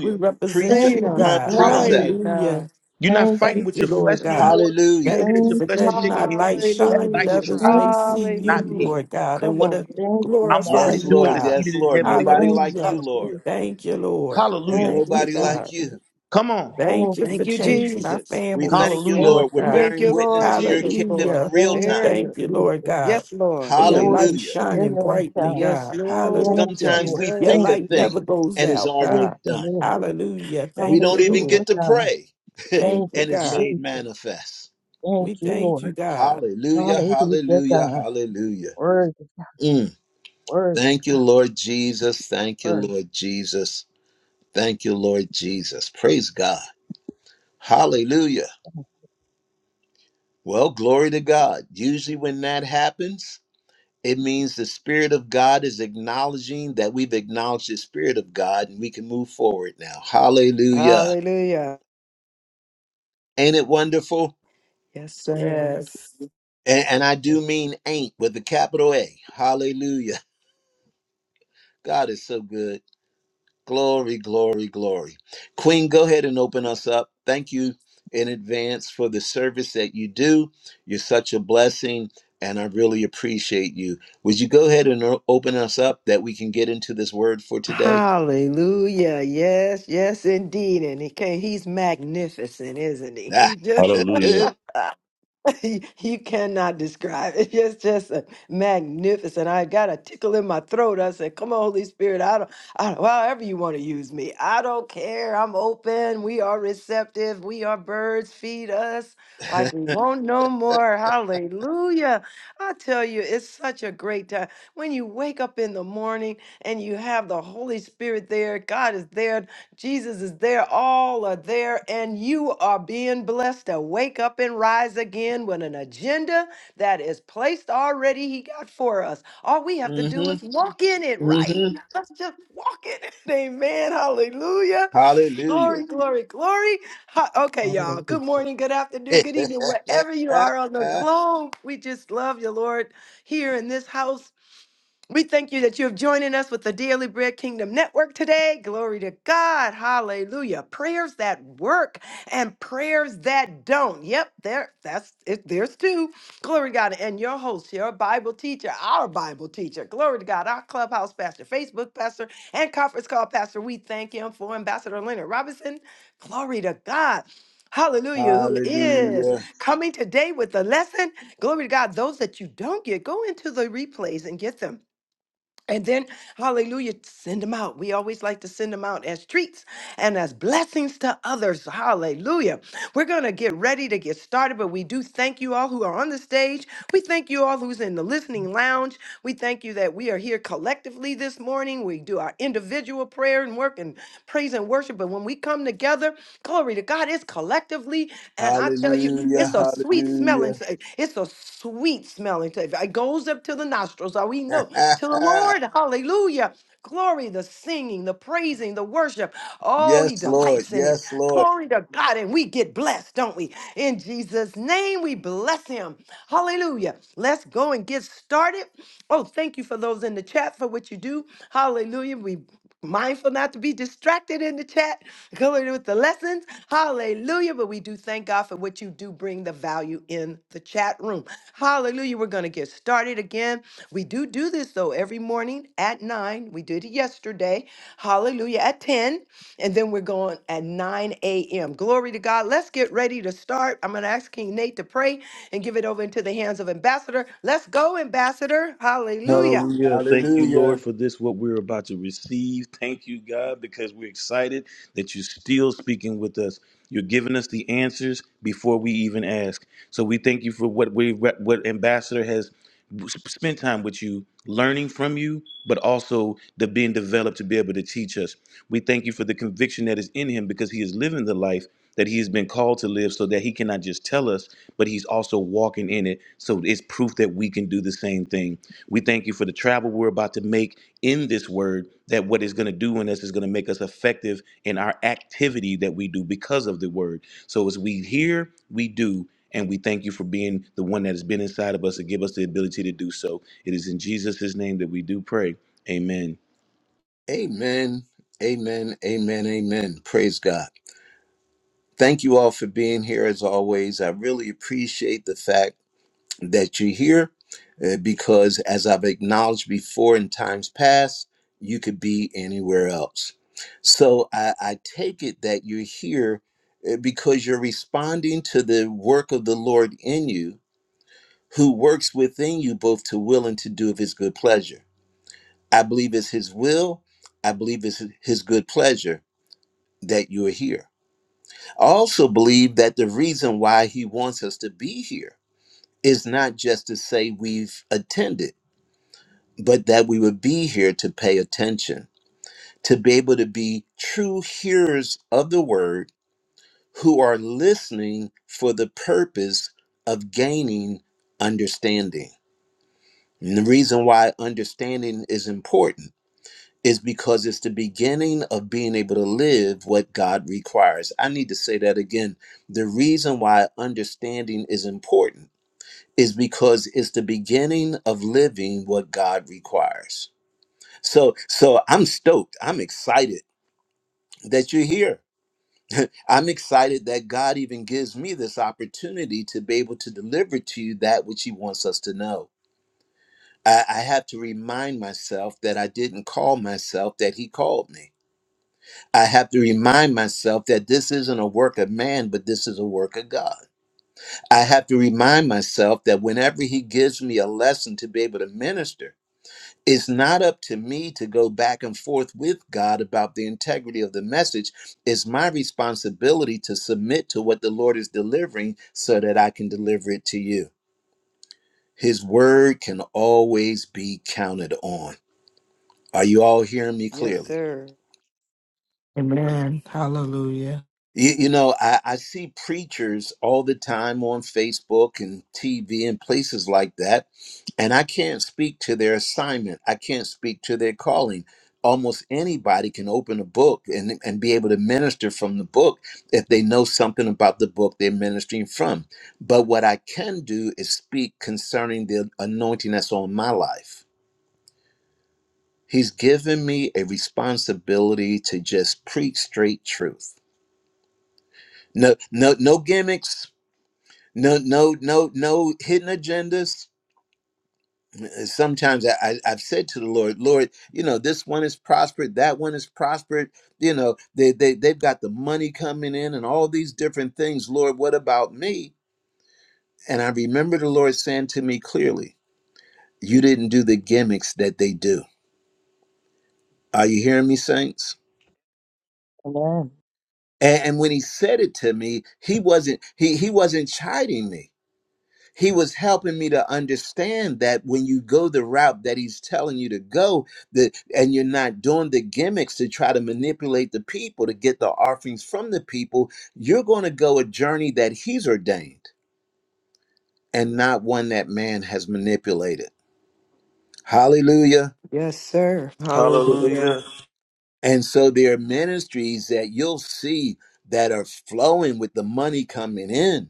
We represent Thank precept you, you, Freedom. upon God. Glory Jesus. precept. Hallelujah. to God. Hallelujah. You're not Thank fighting Thank you, with you, your Lord flesh Jesus. no God. more. you Hallelujah. looking Thank at you your Thank for flesh you, and letting shaking our your head light Jesus. going, that shine that nice Hallelujah. others try, Thank may see you, you, not me. Jesus. Hallelujah. Lord God, and Come want on. to Hallelujah. Thank you, Jesus. Thank you, I'm glorify already Yes, you, doing Jesus. Lord, the God. yes, seated in Lord. heavenly Nobody Thank places. like you, you, Hallelujah. Lord. Hallelujah. Thank you, Lord. Jesus. Hallelujah. Thank Thank you, you, Nobody God. like Jesus. you. Come on. Thank Thank you you, for Thank you, Jesus. changing our Jesus. We thank families, you, Hallelujah. Thank Lord. Lord We're you, God. Thank bearing you, Jesus. witness Lord to your Jesus, kingdom Lord. in Hallelujah. real Thank There time. it you, Thank is. you, Lord Jesus. God, Yes, Lord. for your Glory to light Hallelujah. your shining name, brightly, God. Yes, God. Lord Yes, Hallelujah. Sometimes Lord. we Your think Thank a Jesus. you, light God. thing never goes and it's out, already Thank God. you, done. Lord. Hallelujah. We Thank you, don't Hallelujah, even Lord. get to God. pray [LAUGHS] and Thank Thank you, you, it's God. made Jesus. manifest. Thank We you, thank you, Lord. God. Hallelujah, Hallelujah, hallelujah, God. hallelujah. Word, Mm. word, Thank you, Lord Jesus. Thank you, word. Lord Jesus. Thank you, Lord Jesus. Praise God. Hallelujah. Well, glory to God. Usually, when that happens, it means the Spirit of God is acknowledging that we've acknowledged the Spirit of God and we can move forward now. Hallelujah. Hallelujah. Ain't it wonderful? Yes, sir. Yes. And, and I do mean ain't with a capital A. Hallelujah. God is so good. Glory, glory, glory. Queen, go ahead and open us up. Thank you in advance for the service that you do. You're such a blessing, and I really appreciate you. Would you go ahead and o- open us up that we can get into this word for today? Hallelujah. Yes, yes, indeed. And he can, he's magnificent, isn't he? Ah. [LAUGHS] Just [LAUGHS] [LAUGHS] you you cannot describe it. [LAUGHS] It's just a magnificent. I got a tickle in my throat. I said, "Come on, Holy Spirit. I don't, I don't. However you want to use me, I don't care. I'm open. We are receptive. We are birds. Feed us like we want no more. Hallelujah! I tell you, it's such a great time when you wake up in the morning and you have the Holy Spirit there. God is there Jesus is there. All are there. And you are being blessed to wake up and rise again with an agenda that is placed already, He got for us. All we have to do hmm is walk in it, right? hmm Let's just walk in it. [LAUGHS] Amen. Hallelujah. Hallelujah. Glory, glory, glory. Ha- Okay, y'all. Hallelujah. Good morning, good afternoon, good evening, wherever you are on the [LAUGHS] globe. We just love you, Lord, here in this house. We thank you that you have joining us with the Daily Bread Kingdom Network today. Glory to God. Hallelujah. Prayers that work and prayers that don't. Yep, there that's it. There's two. Glory to God. And your host, your Bible teacher, our Bible teacher. Glory to God, our clubhouse pastor, Facebook pastor, and conference call pastor. We thank him for Ambassador Leonard Robinson. Glory to God. Hallelujah, who Hallelujah. is coming today with the lesson. Glory to God. Those that you don't get, go into the replays and get them. And then, hallelujah, send them out. We always like to send them out as treats and as blessings to others. Hallelujah. We're going to get ready to get started, but we do thank you all who are on the stage. We thank you all who's in the listening lounge. We thank you that we are here collectively this morning. We do our individual prayer and work and praise and worship. But when we come together, glory to God, it's collectively. And I tell you, Mhm. Hallelujah. it's a sweet smelling, Hallelujah. sa- it's a sweet smelling. sa- It goes up to the nostrils. So we know to the [LAUGHS] Lord, hallelujah. Glory, the singing, the praising, the worship. Oh, he yes, Lord. delights in it. Yes, Lord. Glory to God. And we get blessed, don't we? In Jesus' name, we bless him. Hallelujah. Let's go and get started. Oh, thank you for those in the chat for what you do. Hallelujah. We mindful not to be distracted in the chat, [LAUGHS] coming with the lessons. Hallelujah. But we do thank God for what you do bring the value in the chat room. Hallelujah. We're going to get started again. We do do this though every morning at nine. We did it yesterday. Hallelujah. At 10. And then we're going at 9 a.m. Glory to God. Let's get ready to start. I'm going to ask King Nate to pray and give it over into the hands of Ambassador. Let's go, Ambassador. Hallelujah. Hallelujah. Thank you, Lord, Hallelujah. for this, what we're about to receive. Thank you, God, because we're excited that you're still speaking with us. You're giving us the answers before we even ask. So we thank you for what we what Ambassador has spent time with you, learning from you, but also the being developed to be able to teach us. We thank you for the conviction that is in him because he is living the life that he has been called to live so that he cannot just tell us, but he's also walking in it. So it's proof that we can do the same thing. We thank you for the travel we're about to make in this word, that what it's going to do in us is going to make us effective in our activity that we do because of the word. So as we hear, we do. And we thank you for being the one that has been inside of us to give us the ability to do so. It is in Jesus' name that we do pray. Amen. Amen. Amen. Amen. Amen. Praise God. Thank you all for being here as always. I really appreciate the fact that you're here uh, because, as I've acknowledged before in times past, you could be anywhere else. So I, I take it that you're here uh, because you're responding to the work of the Lord in you who works within you both to will and to do of his good pleasure. I believe it's his will. I believe it's his good pleasure that you are here. I also believe that the reason why he wants us to be here is not just to say we've attended, but that we would be here to pay attention, to be able to be true hearers of the word who are listening for the purpose of gaining understanding. And the reason why understanding is important is because it's the beginning of being able to live what God requires. I need to say that again. The reason why understanding is important is because it's the beginning of living what God requires. So so I'm stoked. I'm excited that you're here. [LAUGHS] I'm excited that God even gives me this opportunity to be able to deliver to you that which He wants us to know. I, I have to remind myself that I didn't call myself, that He called me. I have to remind myself that this isn't a work of man, but this is a work of God. I have to remind myself that whenever He gives me a lesson to be able to minister, it's not up to me to go back and forth with God about the integrity of the message. It's my responsibility to submit to what the Lord is delivering so that I can deliver it to you. His word can always be counted on. Are you all hearing me Yes, clearly? sir. Amen. Hallelujah. You, you know, I, I see preachers all the time on Facebook and TV and places like that, and I can't speak to their assignment. I can't speak to their calling. Almost anybody can open a book and, and be able to minister from the book if they know something about the book they're ministering from. But what I can do is speak concerning the anointing that's on my life. He's given me a responsibility to just preach straight truth. No, no, no gimmicks No, no, no, no hidden agendas. Sometimes I, I, I've said to the Lord, Lord, you know, this one is prospered, that one is prospered. You know, they, they, they've got the money coming in and all these different things. Lord, what about me? And I remember the Lord saying to me clearly, You didn't do the gimmicks that they do. Are you hearing me, saints? Amen. And, and when he said it to me, he wasn't he he wasn't chiding me he was helping me to understand that when you go the route that he's telling you to go that and you're not doing the gimmicks to try to manipulate the people to get the offerings from the people you're going to go a journey that he's ordained and not one that man has manipulated hallelujah Yes, sir. Hallelujah. Hallelujah. and so there are ministries that you'll see that are flowing with the money coming in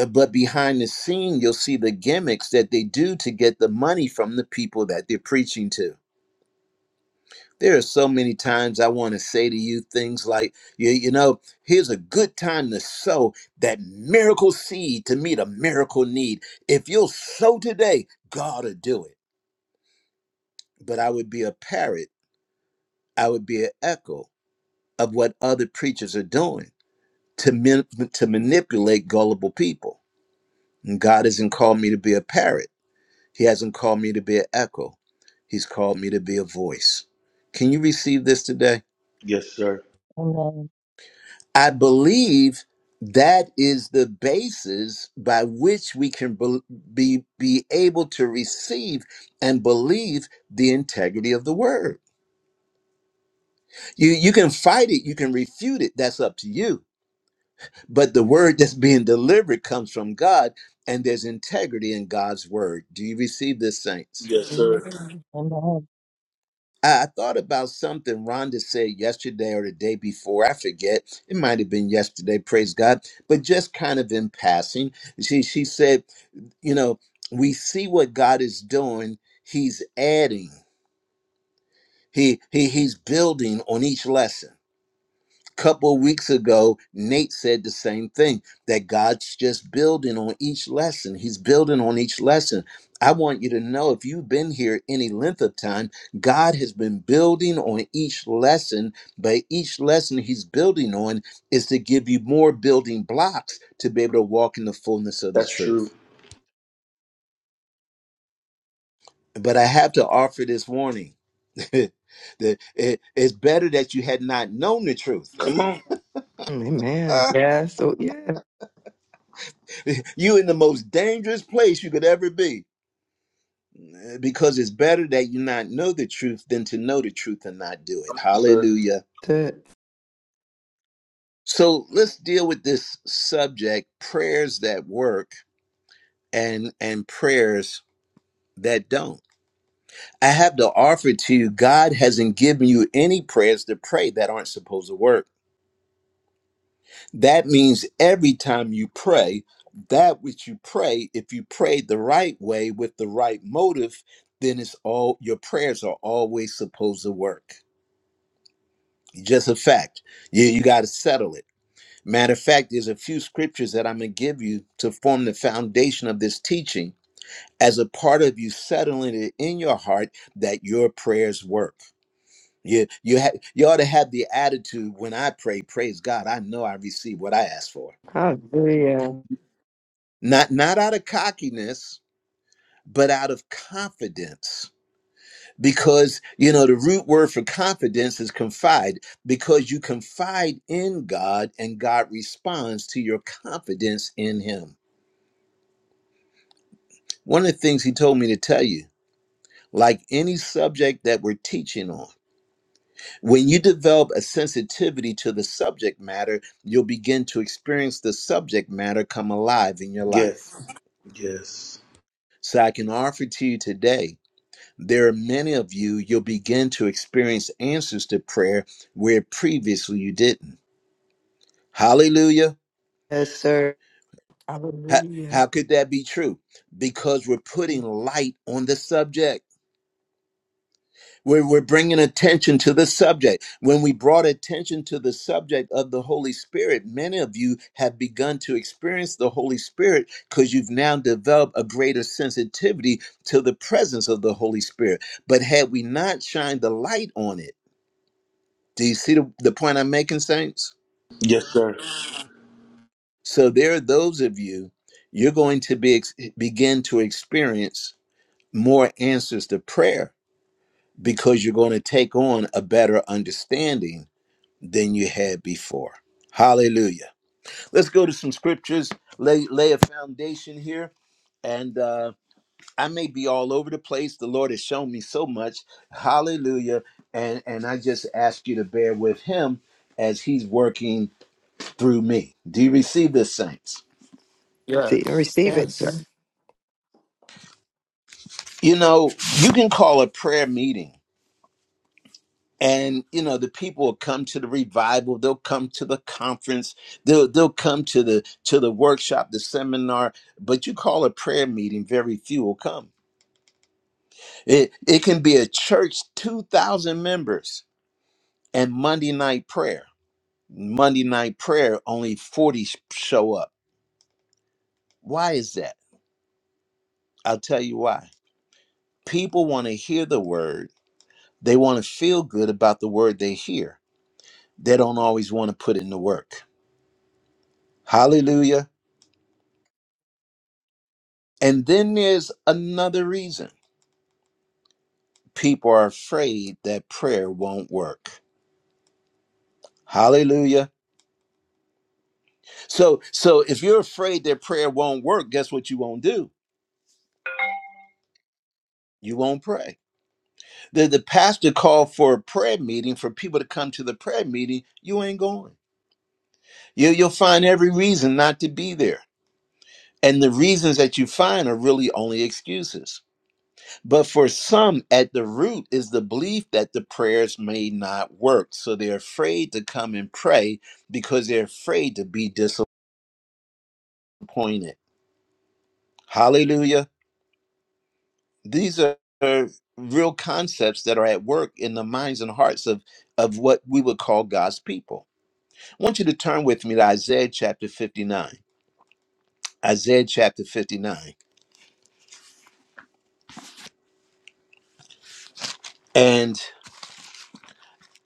Uh, but behind the scene you'll see the gimmicks that they do to get the money from the people that they're preaching to There are so many times I want to say to you things like, you, you know, here's a good time to sow that miracle seed to meet a miracle need. If you'll sow today, God will do it. But I would be a parrot, I would be an echo of what other preachers are doing to, man- to manipulate gullible people. And God hasn't called me to be a parrot, He hasn't called me to be an echo. He's called me to be a voice. Can you receive this today? Yes, sir. Amen. I believe that is the basis by which we can be, be be able to receive and believe the integrity of the word. You you can fight it, you can refute it, that's up to you. But the word that's being delivered comes from God and there's integrity in God's word. Do you receive this saints? Yes, sir. Amen. Amen. I I thought about something Rhonda said yesterday or the day before. I forget. It might have been yesterday, praise God. But just kind of in passing, she she said you know we see what god is doing he's adding he, he he's building on each lesson a couple of weeks ago nate said the same thing that god's just building on each lesson he's building on each lesson i want you to know if you've been here any length of time god has been building on each lesson but each lesson he's building on is to give you more building blocks to be able to walk in the fullness of the That's true. truth but i have to offer this warning [LAUGHS] The- it- it's better that you had not known the truth. Come on. Amen. [LAUGHS] Yes. So yeah. you in the most dangerous place you could ever be uh, because it's better that you not know the truth than to know the truth and not do it. Come on, Sir. Hallelujah. that's it. So let's deal with this subject prayers that work and and prayers that don't. I have to offer to you God hasn't given you any prayers to pray that aren't supposed to work. That means every time you pray, that which you pray, if you pray the right way with the right motive, then it's all your prayers are always supposed to work. Just a fact. You, you got to settle it. Matter of fact, there's a few scriptures that I'm going to give you to form the foundation of this teaching as a part of you settling it in your heart that your prayers work. You, you, ha- you ought to have the attitude when I pray, praise God, I know I receive what I ask for. Hallelujah. not not out of cockiness but out of confidence because you know the root word for confidence is confide because you confide in god and god responds to your confidence in him one of the things he told me to tell you like any subject that we're teaching on when you develop a sensitivity to the subject matter you'll begin to experience the subject matter come alive in your life Yes. Yes. so i can offer to you today There are many of you, you'll begin to experience answers to prayer where previously you didn't. Hallelujah. Yes, sir. How, Hallelujah. how could that be true? Because we're putting light on the subject. We're, we're bringing attention to the subject. When we brought attention to the subject of the Holy Spirit, many of you have begun to experience the Holy Spirit because you've now developed a greater sensitivity to the presence of the Holy Spirit. But had we not shined the light on it, Do you see the, the point I'm making, Saints? Yes, sir. So there are those of you, you're going to be ex- begin to experience more answers to prayer because you're going to take on a better understanding than you had before. Hallelujah. Let's go to some scriptures, lay, lay a foundation here. And uh, I may be all over the place. The Lord has shown me so much. Hallelujah. And, and I just ask you to bear with Him as He's working through me. Do you receive this, saints? See, Yes. receive it, sir. Yes. Yes. You know, you can call a prayer meeting and you know the people will come to the revival they'll come to the conference they'll they'll come to the to the workshop the seminar but you call a prayer meeting very few will come it it can be a church 2000 members and monday night prayer monday night prayer only 40 sh- show up why is that i'll tell you why people want to hear the word They want to feel good about the word they hear. They don't always want to put in the work. Hallelujah. And then there's another reason people are afraid that prayer won't work. Hallelujah. So, so if you're afraid that prayer won't work, guess what you won't do? You won't pray. The, the pastor called for a prayer meeting for people to come to the prayer meeting. You ain't going. You, you'll find every reason not to be there. And the reasons that you find are really only excuses. But for some, at the root is the belief that the prayers may not work. So they're afraid to come and pray because they're afraid to be disappointed. Hallelujah. These are real concepts that are at work in the minds and hearts of, of what we would call God's people. I want you to turn with me to Isaiah chapter 59. Isaiah chapter 59. And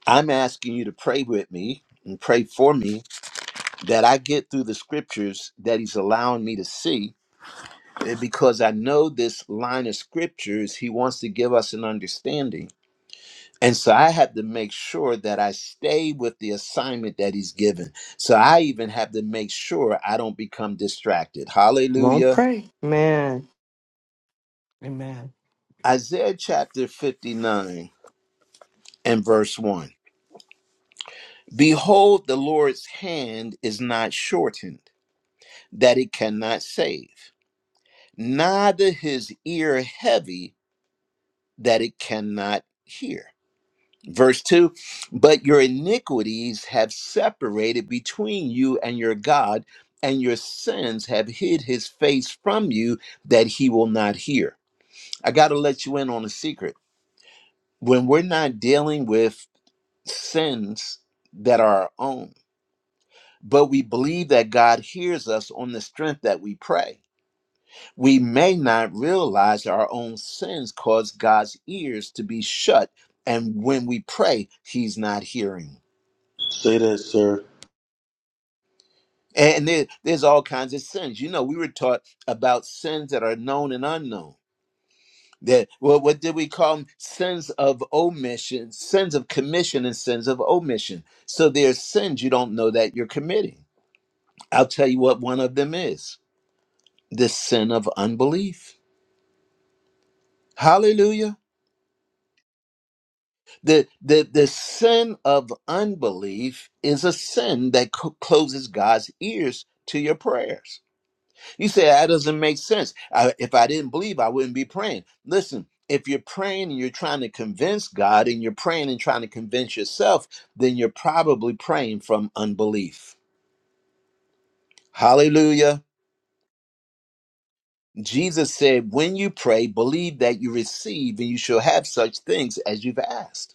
I'm asking you to pray with me and pray for me that I get through the scriptures that he's allowing me to see And because I know this line of scriptures, he wants to give us an understanding. And so I have to make sure that I stay with the assignment that he's given. So I even have to make sure I don't become distracted. Won't Hallelujah. pray. Man. Amen. Isaiah chapter 59 and verse 1. Behold, the Lord's hand is not shortened, that it cannot save, neither his ear heavy, that it cannot hear Verse 2 But your iniquities have separated between you and your God, and your sins have hid his face from you that he will not hear. I got to let you in on a secret. When we're not dealing with sins that are our own, but we believe that God hears us on the strength that we pray, we may not realize our own sins cause God's ears to be shut. And when we pray, he's not hearing. Say that, sir. And there, there's all kinds of sins. You know, we were taught about sins that are known and unknown. That well, what did we call them? Sins of omission, sins of commission, and sins of omission. So there's sins you don't know that you're committing. I'll tell you what one of them is: the sin of unbelief. Hallelujah. The the the sin of unbelief is a sin that co- closes God's ears to your prayers You say that doesn't make sense. I, if I didn't believe, I wouldn't be praying. Listen, if you're praying and you're trying to convince God and you're praying and trying to convince yourself, then you're probably praying from unbelief. Hallelujah. Jesus said, When you pray, believe that you receive and you shall have such things as you've asked.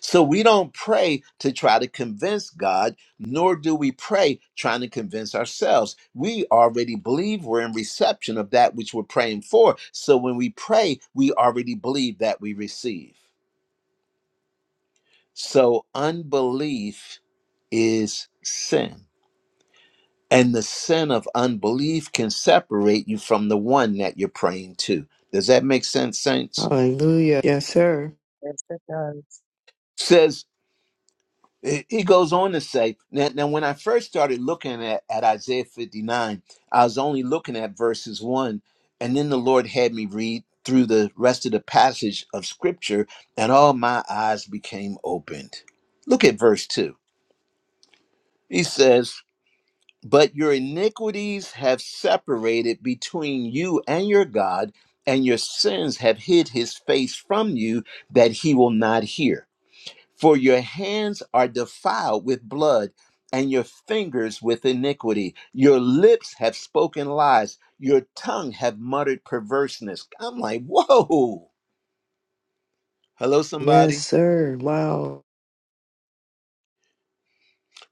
So we don't pray to try to convince God, nor do we pray trying to convince ourselves. We already believe we're in reception of that which we're praying for. So when we pray, we already believe that we receive. So unbelief is sin. And the sin of unbelief can separate you from the one that you're praying to. Does that make sense, saints? Hallelujah. Yes, sir. Yes, it does. Says. He goes on to say, now, now when I first started looking at, at Isaiah 59, I was only looking at verses 1, and then the Lord had me read through the rest of the passage of Scripture, and all my eyes became opened. Look at verse 2. He says, But your iniquities have separated between you and your God, and your sins have hid his face from you that he will not hear. For your hands are defiled with blood, and your fingers with iniquity. Your lips have spoken lies. Your tongue have muttered perverseness. I'm like, whoa. Hello, Yes, somebody. sir. Wow.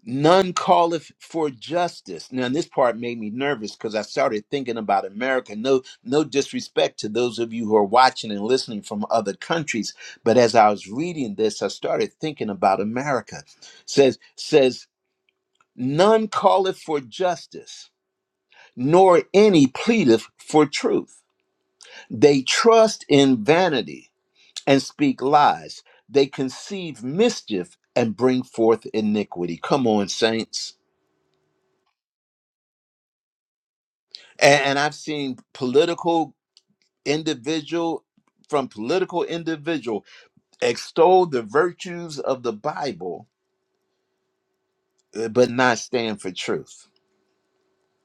None calleth for justice. Now, this part made me nervous because I started thinking about America. No, no disrespect to those of you who are watching and listening from other countries, but as I was reading this, I started thinking about America. Says, says None calleth for justice, nor any pleadeth for truth. They trust in vanity and speak lies. They conceive mischief and bring forth iniquity. Come on, saints. And, and I've seen political individual from political individual extol the virtues of the Bible, uh, but not stand for truth.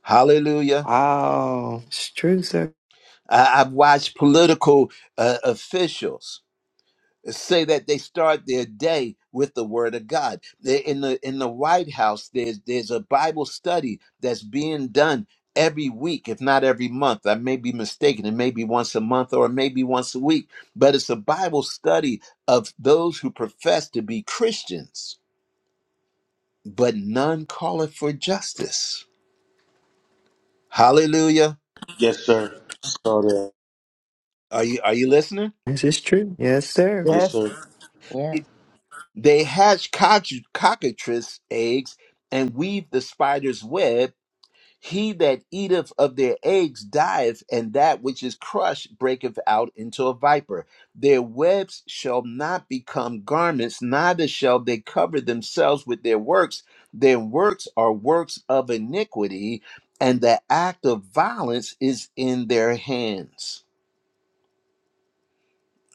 Hallelujah. Wow. It's true, sir. I- I've watched political uh, officials say that they start their day with the word of god They- in the in the white house there's there's a bible study that's being done every week if not every month i may be mistaken it may be once a month or maybe once a week but it's a bible study of those who profess to be christians but none calleth for justice hallelujah Yes, sir. Saw that. are you are you listening This is true. Yes, sir. Yes, Yes. sir. Yeah. they hatch cock- cockatrice eggs and weave the spider's web He that eateth of their eggs dieth, and that which is crushed breaketh out into a viper. Their webs shall not become garments, neither shall they cover themselves with their works. Their works are works of iniquity, and the act of violence is in their hands.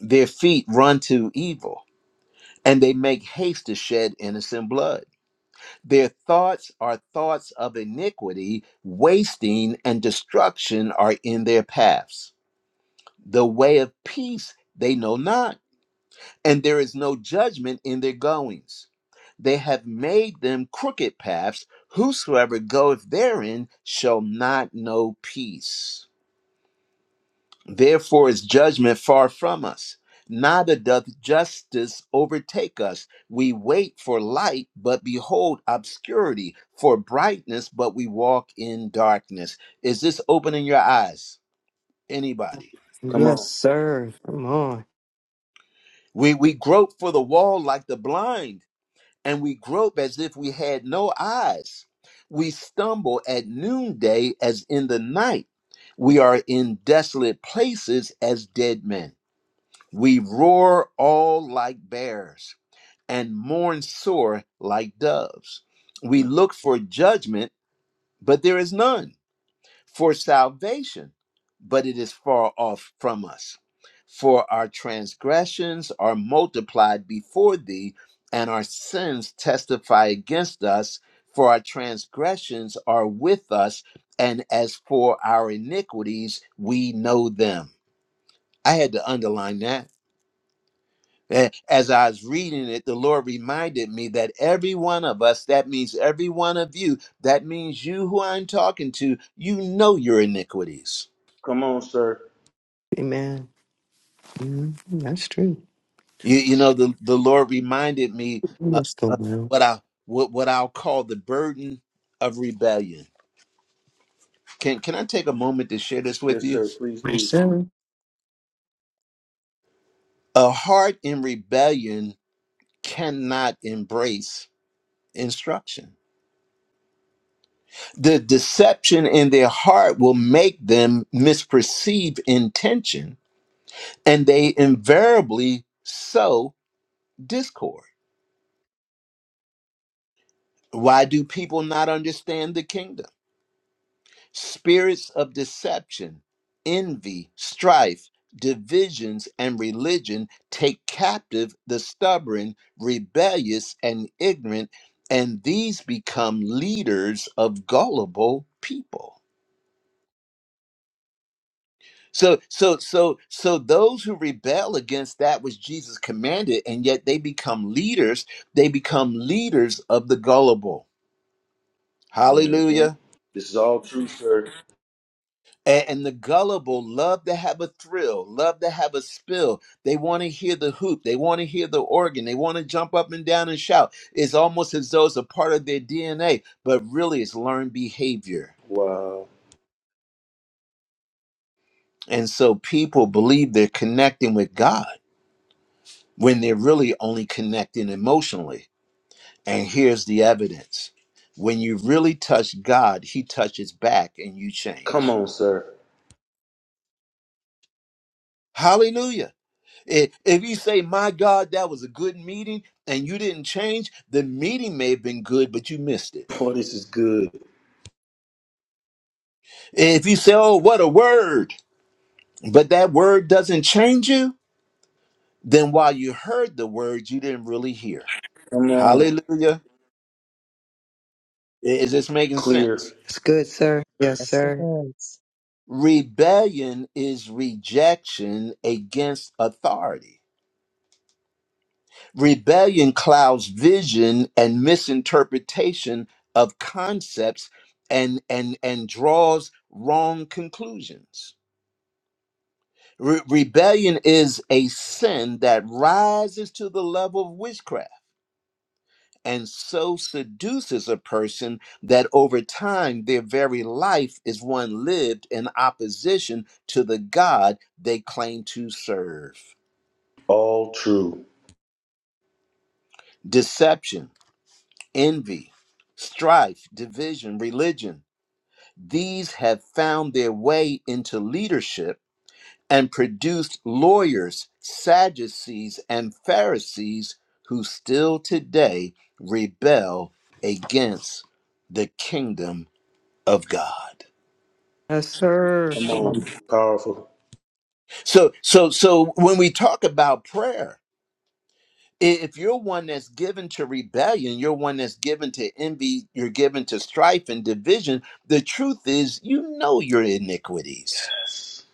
Their feet run to evil, and they make haste to shed innocent blood. Their thoughts are thoughts of iniquity, wasting and destruction are in their paths. The way of peace they know not, and there is no judgment in their goings. They have made them crooked paths. Whosoever goeth therein shall not know peace. Therefore is judgment far from us. Neither doth justice overtake us. We wait for light, but behold obscurity, for brightness, but we walk in darkness. Is this opening your eyes? Anybody? Come Yes, on. sir. Come on. We we grope for the wall like the blind, and we grope as if we had no eyes. We stumble at noonday as in the night. We are in desolate places as dead men. We roar all like bears and mourn sore like doves. We look for judgment, but there is none, for salvation, but it is far off from us. For our transgressions are multiplied before thee, and our sins testify against us. For our transgressions are with us, and as for our iniquities, we know them. I had to underline that And as I was reading it, the Lord reminded me that every one of us, that means every one of you, that means you who I'm talking to, you know your iniquities. Come on, sir. Amen. Mhm. That's true. You, you know, the, the Lord reminded me You of must go well. what I what, what I'll call the burden of rebellion. Can can I take a moment to share this with Yes, you? sir. Please Yes, do. sir. A heart in rebellion cannot embrace instruction. The deception in their heart will make them misperceive intention and they invariably sow discord. Why do people not understand the kingdom? Spirits of deception, envy, strife, divisions, and religion take captive the stubborn, rebellious, and ignorant, and these become leaders of gullible people. So so so so those who rebel against that which Jesus commanded and yet they become leaders, they become leaders of the gullible. hmm Hallelujah. This is all true, sir. A- And the gullible love to have a thrill, love to have a spill. They want to hear the hoop. They want to hear the organ. They want to jump up and down and shout. It's almost as though it's a part of their DNA, but really it's learned behavior. Wow. And so people believe they're connecting with God when they're really only connecting emotionally And here's the evidence when you really touch God, He touches back and you Come change. on, sir. Hallelujah. If, if you say, My God, that was a good meeting, and you didn't change, the meeting may have been good, but you missed it. Boy, this is good. If you say, Oh, what a word, but that word doesn't change you, then while you heard the word, you didn't really hear. Come on. Hallelujah. I- Is this making sense? Clear. It's good, sir. Yes, Yes, it sir. does. Rebellion is rejection against authority. Rebellion clouds vision and misinterpretation of concepts and and and draws wrong conclusions. Re- rebellion is a sin that rises to the level of witchcraft and so seduces a person that over time their very life is one lived in opposition to the God they claim to serve. All true. Deception, envy, strife, division, religion These have found their way into leadership and produced lawyers, Sadducees, and Pharisees who still today rebel against the kingdom of God. Yes, sir. Come Come on. on. Powerful. So, so, so when we talk about prayer, i- if you're one that's given to rebellion, you're one that's given to envy, you're given to strife and division, the truth is you know your iniquities. Yes.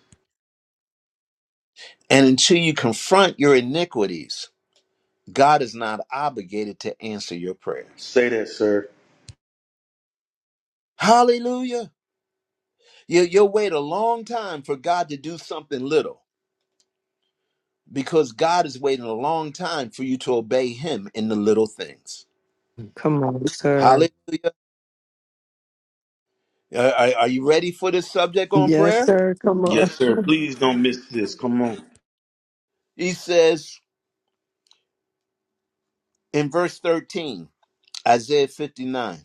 And until you confront your iniquities, God is not obligated to answer your prayers. Say that, sir. Hallelujah. You, you'll wait a long time for God to do something little because God is waiting a long time for you to obey Him in the little things. Come on, sir. Hallelujah. Are, are are you ready for this subject on Yes, prayer? sir. Come on. Yes, sir. [LAUGHS] Please don't miss this. Come on. He says in verse 13, Isaiah 59.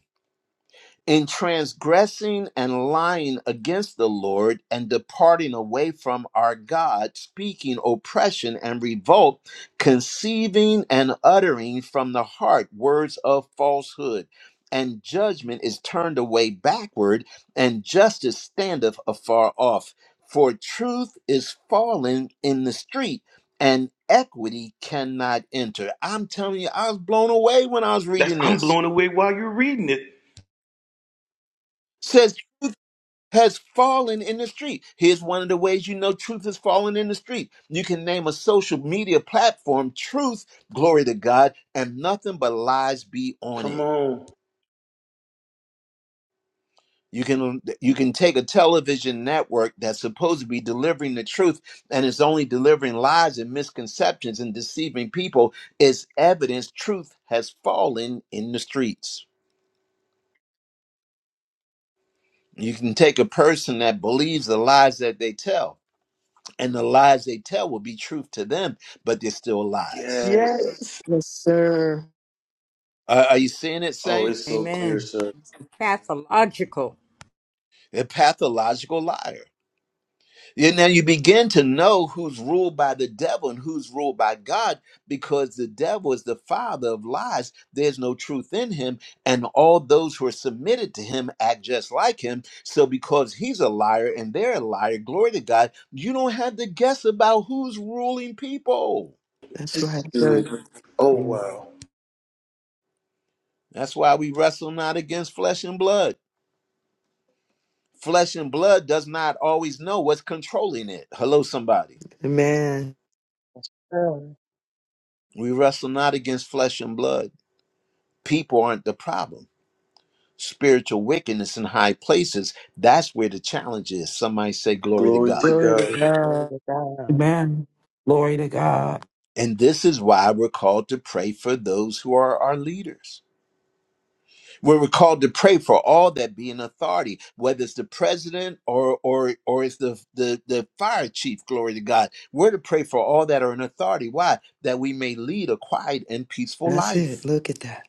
in transgressing and lying against the Lord and departing away from our God, speaking oppression and revolt, conceiving and uttering from the heart words of falsehood. And judgment is turned away backward, and justice standeth afar off. For truth is fallen in the street, and equity cannot enter. I'm telling you, I was blown away when I was That's reading I'm this blown away while you're reading it. has fallen in the street. Here's one of the ways you know truth has fallen in the street. You can name a social media platform truth, glory to God, and nothing but lies be on Come it. on. You can you can take a television network that's supposed to be delivering the truth and is only delivering lies and misconceptions and deceiving people. It's evidence truth has fallen in the streets. You can take a person that believes the lies that they tell and the lies they tell will be truth to them, but they're still lies. Yes. Yes. Yes, sir. Are, are you seeing it, Oh, it's saints? so clear, Amen. sir. Pathological. A pathological liar. And now you begin to know who's ruled by the devil and who's ruled by God because the devil is the father of lies. There's no truth in him, and all those who are submitted to him act just like him. So, because he's a liar and they're a liar, glory to God, you don't have to guess about who's ruling people. That's This right, is good. sir. Oh, Yeah. That's why we wrestle not against flesh and blood. Flesh and blood does not always know what's controlling it. Hello, somebody. Amen. Oh, We wrestle not against flesh and blood. People aren't the problem. Spiritual wickedness in high places, that's where the challenge is. Somebody say, Glory glory. to God. Glory to Glory God. to God. Amen. Glory to God. And this is why we're called to pray for those who are our leaders. Where we're called to pray for all that be in authority, whether it's the president or or or it's the, the the fire chief. Glory to God. We're to pray for all that are in authority. Why? That we may lead a quiet and peaceful That's it. life. Look at that.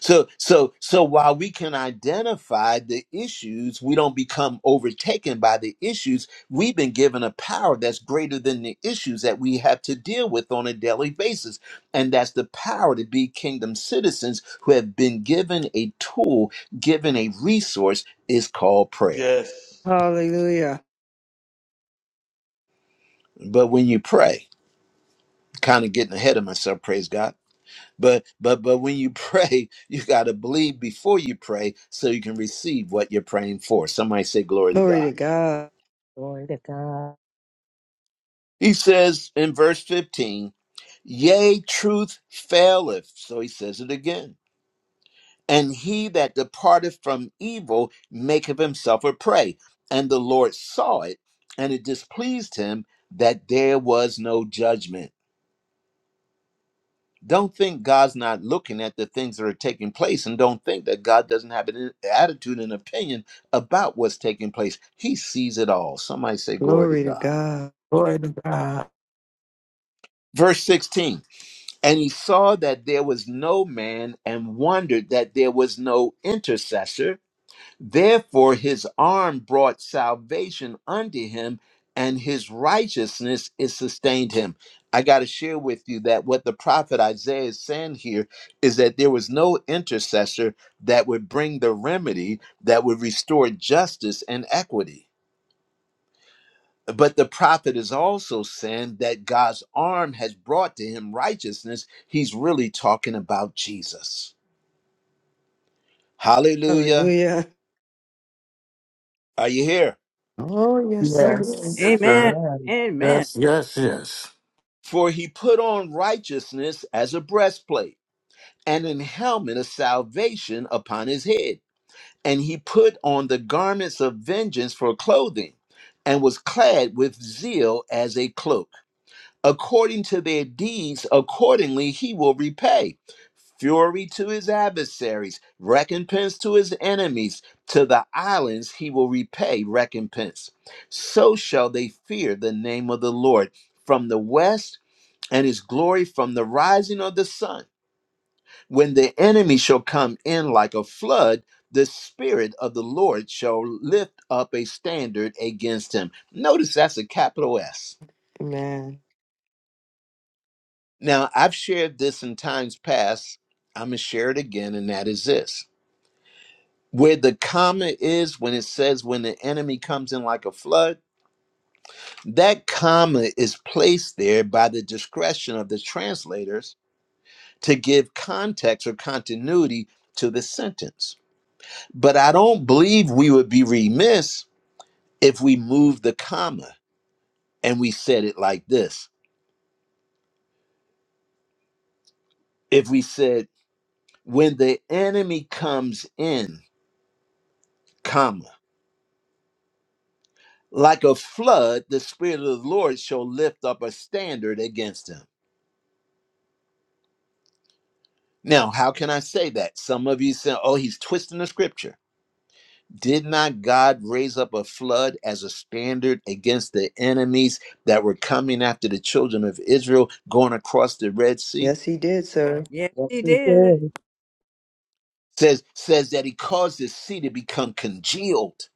So so so while we can identify the issues, we don't become overtaken by the issues. We've been given a power that's greater than the issues that we have to deal with on a daily basis. And that's the power to be kingdom citizens who have been given a tool, given a resource is called prayer. Yes. Hallelujah. But when you pray, kind of getting ahead of myself, praise God But but but when you [LAUGHS] pray, you got to believe before you pray so you can receive what you're praying for. Somebody say glory to Glory God. to God. Glory to God. He says in verse 15, "Yea, truth faileth." So he says it again. And he that departeth from evil maketh himself a prey. And the Lord saw it, and it displeased him that there was no judgment. Don't think God's not looking at the things that are taking place, and don't think that God doesn't have an attitude and opinion about what's taking place. He sees it all. Somebody say, Glory to Glory to God. God. Glory to God. Verse 16, and he saw that there was no man and wondered that there was no intercessor. Therefore, his arm brought salvation unto him, and his righteousness is sustained him. I got to share with you that what the prophet Isaiah is saying here is that there was no intercessor that would bring the remedy that would restore justice and equity. But the prophet is also saying that God's arm has brought to him righteousness. He's really talking about Jesus. Hallelujah. Hallelujah. Are you here? Oh, yes, sir. Yes. Yes, Amen. sir. Amen. Amen. Yes. Yes. Yes. For he put on righteousness as a breastplate, and an helmet of salvation upon his head. And he put on the garments of vengeance for clothing, and was clad with zeal as a cloak. According to their deeds, accordingly he will repay fury to his adversaries, recompense to his enemies. To the islands he will repay recompense. So shall they fear the name of the Lord from the west and his glory from the rising of the sun. When the enemy shall come in like a flood, the Spirit of the Lord shall lift up a standard against him. Notice that's a capital S. Amen. Now, I've shared this in times past. I'm going to share it again, and that is this. Where the comma is when it says when the enemy comes in like a flood, that comma is placed there by the discretion of the translators to give context or continuity to the sentence But I don't believe we would be remiss if we moved the comma and we said it like this. If we said, when the enemy comes in, comma, like a flood, the Spirit of the Lord shall lift up a standard against him. Now, how can I say that? Some of you say, oh, he's twisting the scripture. Did not God raise up a flood as a standard against the enemies that were coming after the children of Israel going across the Red Sea? Yes, he did, sir. Yes, Yes, he we did. do. says says that he caused the sea to become congealed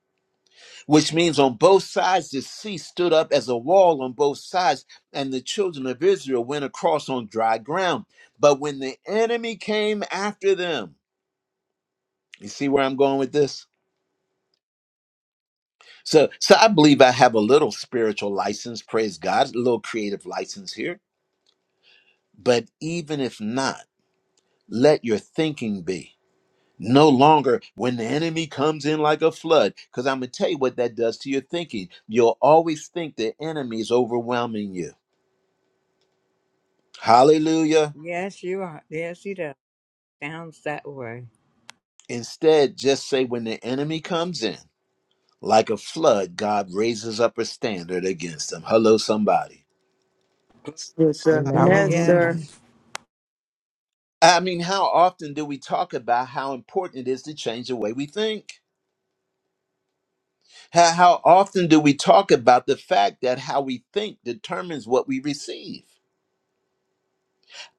which means on both sides the sea stood up as a wall on both sides and the children of israel went across on dry ground but when the enemy came after them you see where i'm going with this so so i believe i have a little spiritual license praise god a little creative license here but even if not let your thinking be No longer when the enemy comes in like a flood, because I'm going to tell you what that does to your thinking. You'll always think the enemy is overwhelming you. Hallelujah. Yes, you are. Yes, he does. Sounds that way. Instead, just say, when the enemy comes in like a flood, God raises up a standard against them. Hello, somebody. Yes, sir. Amen. Amen, Yes. sir. Hallelujah. I mean, how often do we talk about how important it is to change the way we think? How, how often do we talk about the fact that how we think determines what we receive?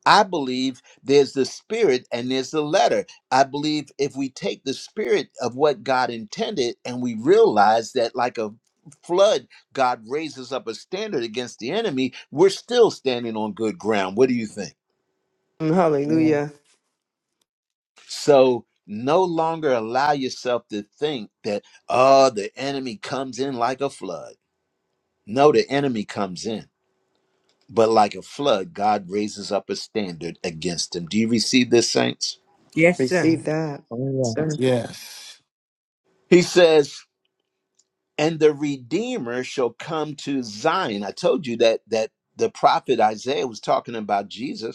I believe there's the spirit and there's the letter. I believe if we take the spirit of what God intended and we realize that, like a flood, God raises up a standard against the enemy, we're still standing on good ground. What do you think? Yeah. Hallelujah. So, no longer allow yourself to think that, oh, the enemy comes in like a flood. No, the enemy comes in, but like a flood, God raises up a standard against him. Do you receive this, saints? Yes, sir. Receive that, Oh, yes. sir. Yes. He says, and the redeemer shall come to zion i told you that that the prophet isaiah was talking about jesus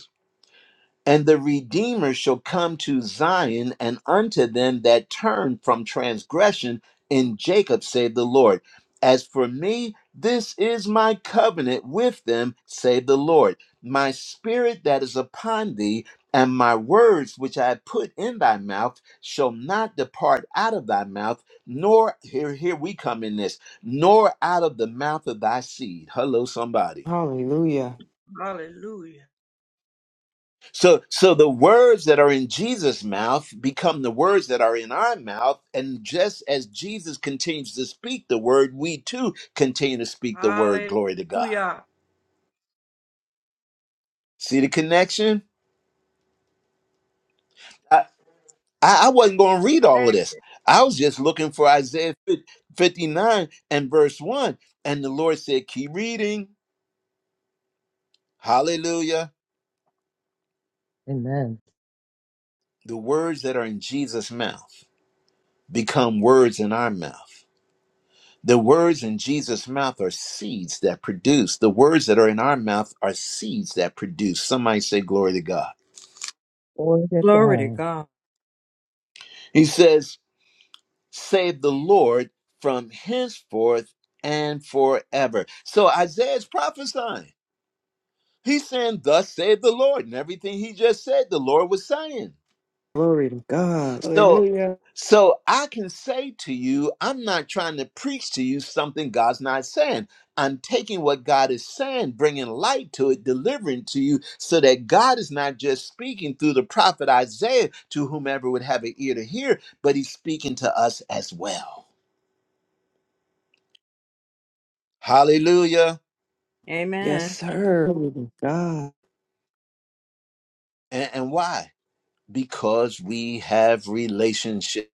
and the Redeemer shall come to Zion, and unto them that turn from transgression in Jacob, save the Lord. As for me, this is my covenant with them, save the Lord. My spirit that is upon thee, and my words which I have put in thy mouth, shall not depart out of thy mouth, nor here here we come in this, nor out of the mouth of thy seed. Hello, somebody. Hallelujah. Hallelujah. So so the words that are in Jesus' mouth become the words that are in our mouth and just as Jesus continues to speak the word, we too continue to speak the word. Glory to God. Hallelujah. See the connection? I I I wasn't going to read all of Next. this. I was just looking for Isaiah fif- 59 and verse 1 and the Lord said, "Keep reading." Hallelujah. Amen. The words that are in Jesus' mouth become words in our mouth. The words in Jesus' mouth are seeds that produce. The words that are in our mouth are seeds that produce. Somebody say, Glory to God. Glory to Glory to God. God. He says, Save the Lord from henceforth and forever. So Isaiah is prophesying. He's saying, Thus saith the Lord. And everything he just said, the Lord was saying. Glory to God. So, Hallelujah. so I can say to you, I'm not trying to preach to you something God's not saying. I'm taking what God is saying, bringing light to it, delivering to you, so that God is not just speaking through the prophet Isaiah to whomever would have an ear to hear, but he's speaking to us as well. Hallelujah. Yes, Amen. sir. Glory to God. And, and why? Because we have relationship.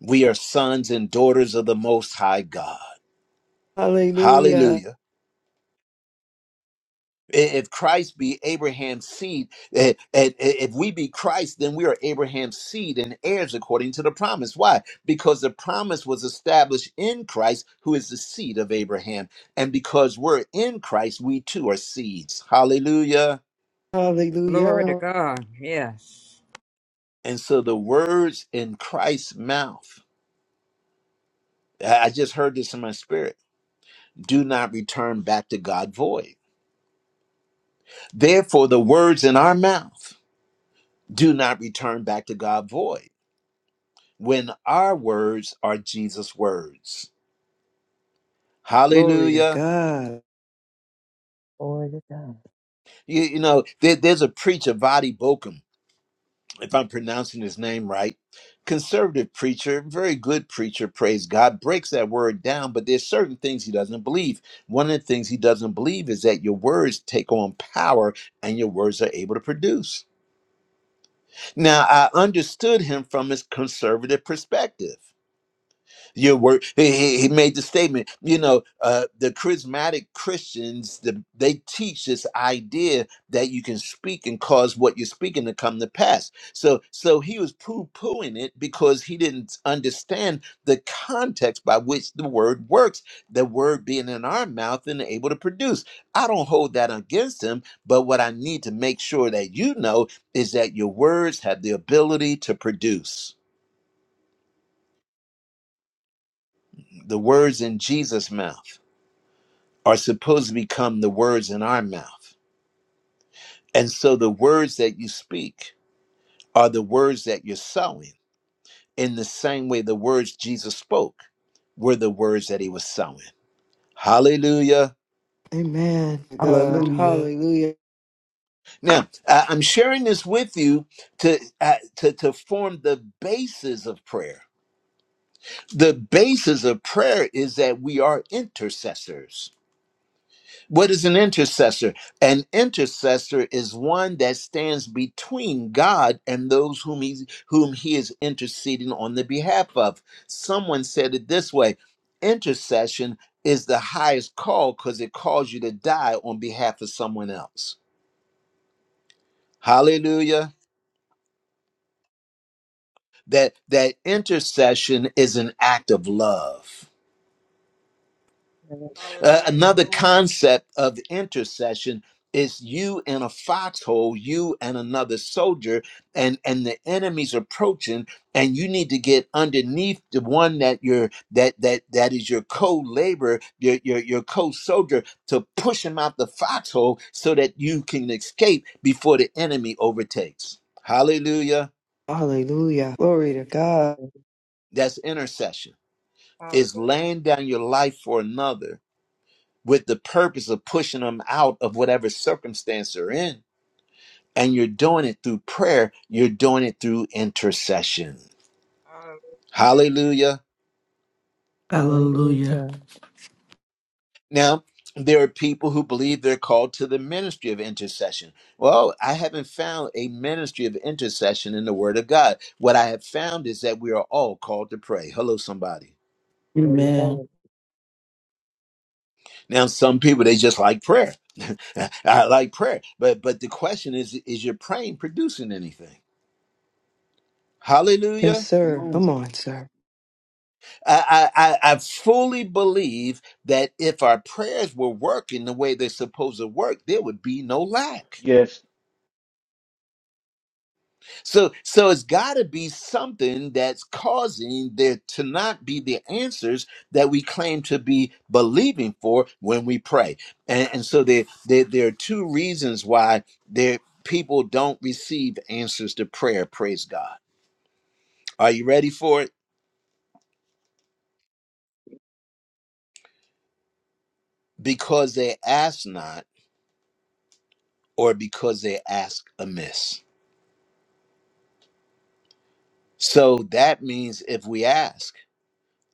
We are sons and daughters of the Most High God. Hallelujah. Hallelujah If Christ be Abraham's seed, eh, eh, eh, if we be Christ, then we are Abraham's seed and heirs according to the promise. Why? Because the promise was established in Christ, who is the seed of Abraham. And because we're in Christ, we too are seeds. Hallelujah. Glory to Hallelujah. God. Yes. And so the words in Christ's mouth, I I just heard this in my spirit, do not return back to God void. Therefore, the words in our mouth do not return back to God void when our words are Jesus' words. Glory to Hallelujah. God. Glory to God. You, you know, there- there's a preacher, Vadi Bokum, if I'm pronouncing his name right, conservative preacher, very good preacher, praise God, breaks that word down, but there's certain things he doesn't believe. One of the things he doesn't believe is that your words take on power and your words are able to produce. Now, I understood him from his conservative perspective. your work he, he he made the statement you know uh the charismatic christians the, they teach this idea that you can speak and cause what you're speaking to come to pass so so he was poo-pooing it because he didn't understand the context by which the word works the word being in our mouth and able to produce i don't hold that against him but what i need to make sure that you know is that your words have the ability to produce the words in jesus mouth are supposed to become the words in our mouth. And so the words that you speak are the words that you're sowing in the same way the words Jesus spoke were the words that he was sowing. Hallelujah. Amen. God. Hallelujah. Hallelujah. Now, I- I'm sharing this with you to, uh, to, to form the basis of prayer. The basis of prayer is that we are intercessors. What is an intercessor? An intercessor is one that stands between God and those whom he whom he is interceding on the behalf of. Someone said it this way: intercession is the highest call because it calls you to die on behalf of someone else. Hallelujah. That that intercession is an act of love. Yes, Uh, Hallelujah. yes, another Glory. concept of intercession is you in a foxhole, you and another soldier, and and the enemy's approaching, and you need to get underneath the one that you're that that that is your co-laborer, your your your co-soldier, to push him out the foxhole so that you can escape before the enemy overtakes. Hallelujah! Hallelujah. Glory to God. yes. That's intercession. Is Hallelujah. laying down your life for another with the purpose of pushing them out of whatever circumstance they're in. And you're doing it through prayer, you're doing it through intercession. Hallelujah. Hallelujah. Hallelujah. Hallelujah. Now, there are people who believe they're called to the ministry of intercession. Well, I haven't found a ministry of intercession in the Word of God. What I have found is that we are all called to pray. Hello, somebody. Amen. Amen. Now, some people they just like prayer. [LAUGHS] I like prayer, but but the question is: Is your praying producing anything? Yes, Hallelujah. Come sir. on. Come on, sir. I, I, I I fully believe that if our prayers were working the way they're supposed to work, there would be no lack. Yes, So, so it's got to be something that's causing there to not be the answers that we claim to be believing for when we pray. And, and so there, there, there are two reasons why there people don't receive answers to prayer. Praise God. Are you ready for it? Because they ask not, or because they ask amiss So that means if we ask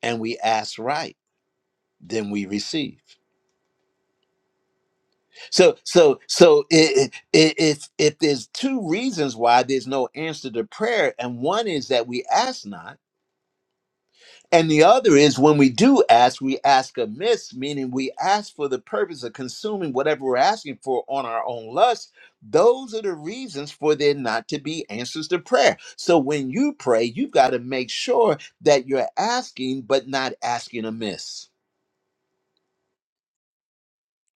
and we ask right, then we receive. So so so i- i- if if there's two reasons why there's no answer to prayer, and one is that we ask not. And the other is when we do ask, we ask amiss, meaning we ask for the purpose of consuming whatever we're asking for on our own lust. Those are the reasons for there not to be answers to prayer. So when you pray, you've got to make sure that you're asking, but not asking amiss.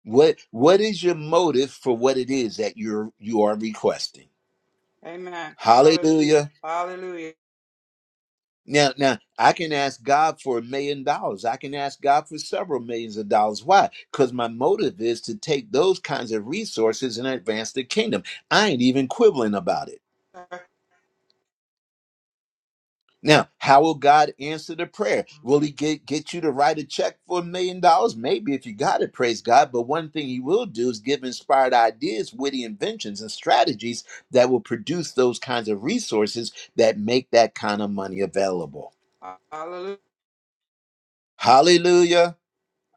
What what is your motive for what it is that you're you are requesting? Amen. Hallelujah. Hallelujah. Hallelujah. Now, now I can ask God for a million dollars. I can ask God for several millions of dollars. Why? Because my motive is to take those kinds of resources and advance the kingdom. I ain't even quibbling about it. Sir. Now, how will God answer the prayer? Will He get, get you to write a check for a million dollars? Maybe if you got it, praise God. But one thing He will do is give inspired ideas, witty inventions, and strategies that will produce those kinds of resources that make that kind of money available. Hallelujah. Hallelujah.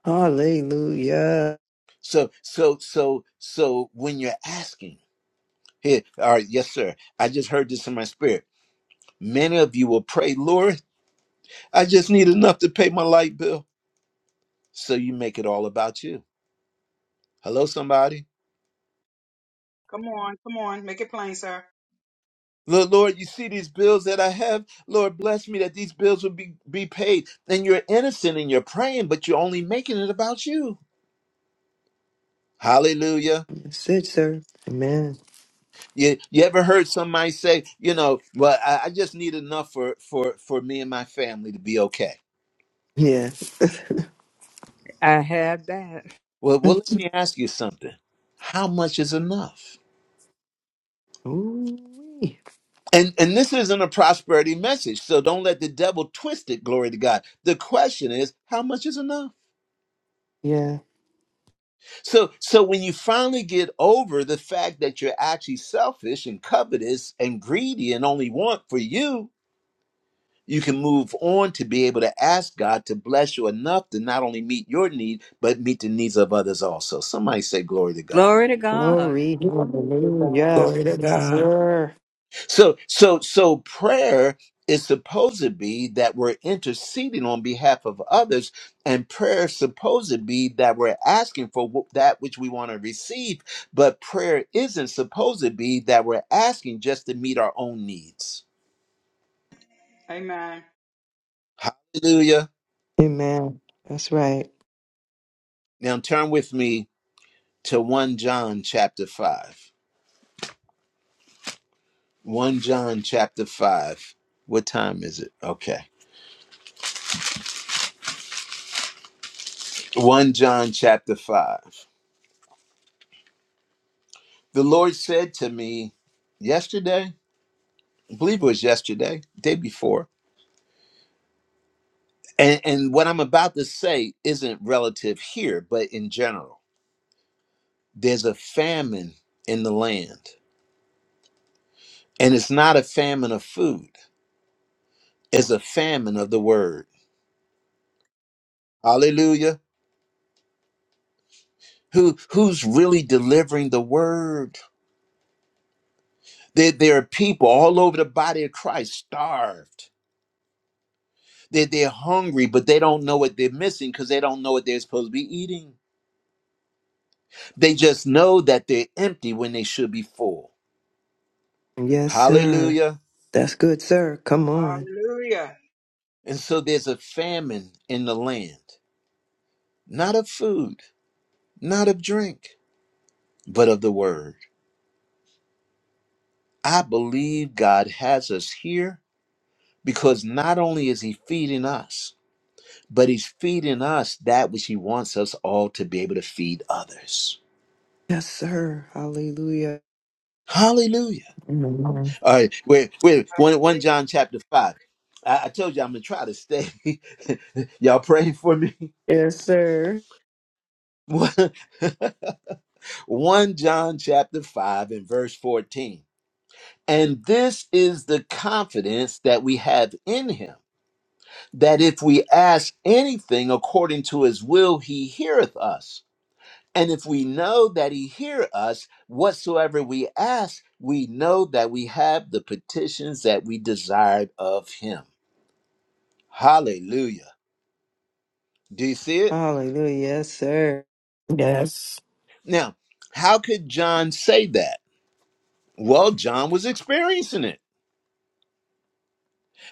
Hallelujah. So, so, so, so when you're asking, here, all right, yes, sir, I just heard this in my spirit. Many of you will pray, Lord, I just need enough to pay my light bill. So you make it all about you. Hello, somebody. Come on. Come on. Make it plain, sir. Lord, Lord, you see these bills that I have. Lord, bless me that these bills will be, be paid. And you're innocent and you're praying, but you're only making it about you. Hallelujah. That's it, sir. Amen. You, you ever heard somebody say, you know, well, I, I just need enough for, for, for me and my family to be okay. Yeah. I have that. Well, well, Mm. let me ask you something. How much is enough? [LAUGHS] Ooh-wee. And and this isn't a prosperity message, so don't let the devil twist it. Glory to God. The question is, how much is enough? Yeah. So so when you finally get over the fact that you're actually selfish and covetous and greedy and only want for you, you can move on to be able to ask God to bless you enough to not only meet your need but meet the needs of others also. Somebody say glory to God. Glory to God. Glory. Glory to God. Hallelujah. Glory to Yes, God. sir. So so so prayer is supposed to be that we're interceding on behalf of others, and prayer is supposed to be that we're asking for wh- that which we want to receive. But prayer isn't supposed to be that we're asking just to meet our own needs. Amen. Hallelujah. Amen. That's right. Now turn with me to 1 John chapter 5. 1 John chapter 5. What time is it? Okay. 1 John chapter 5. The Lord said to me yesterday, I believe it was yesterday, day before. And, and what I'm about to say isn't relative here, but in general, there's a famine in the land. And it's not a famine of food, it's a famine of the word. Hallelujah. Who, who's really delivering the word? There, there are people all over the body of Christ starved. They're, they're hungry, but they don't know what they're missing because they don't know what they're supposed to be eating. They just know that they're empty when they should be full. Yes, sir. Hallelujah. That's good, sir. Come on. Hallelujah. And so there's a famine in the land, not of food, not of drink, but of the word. I believe God has us here because not only is He feeding us, but He's feeding us that which He wants us all to be able to feed others. Yes, sir. Hallelujah. Hallelujah. Amen. All right, wait, wait, one, one Great. John chapter 5. I, I told you I'm going to try to stay. [LAUGHS] Y'all pray for me. Yes, sir. [LAUGHS] one [LAUGHS] One John chapter 5 and verse 14. And this is the confidence that we have in him that if we ask anything according to his will, he heareth us. And if we know that he hear us, whatsoever we ask, we know that we have the petitions that we desired of him. Hallelujah. Do you see it? Hallelujah. Yes, sir. Yes. Now, how could John say that? Well, John was experiencing it.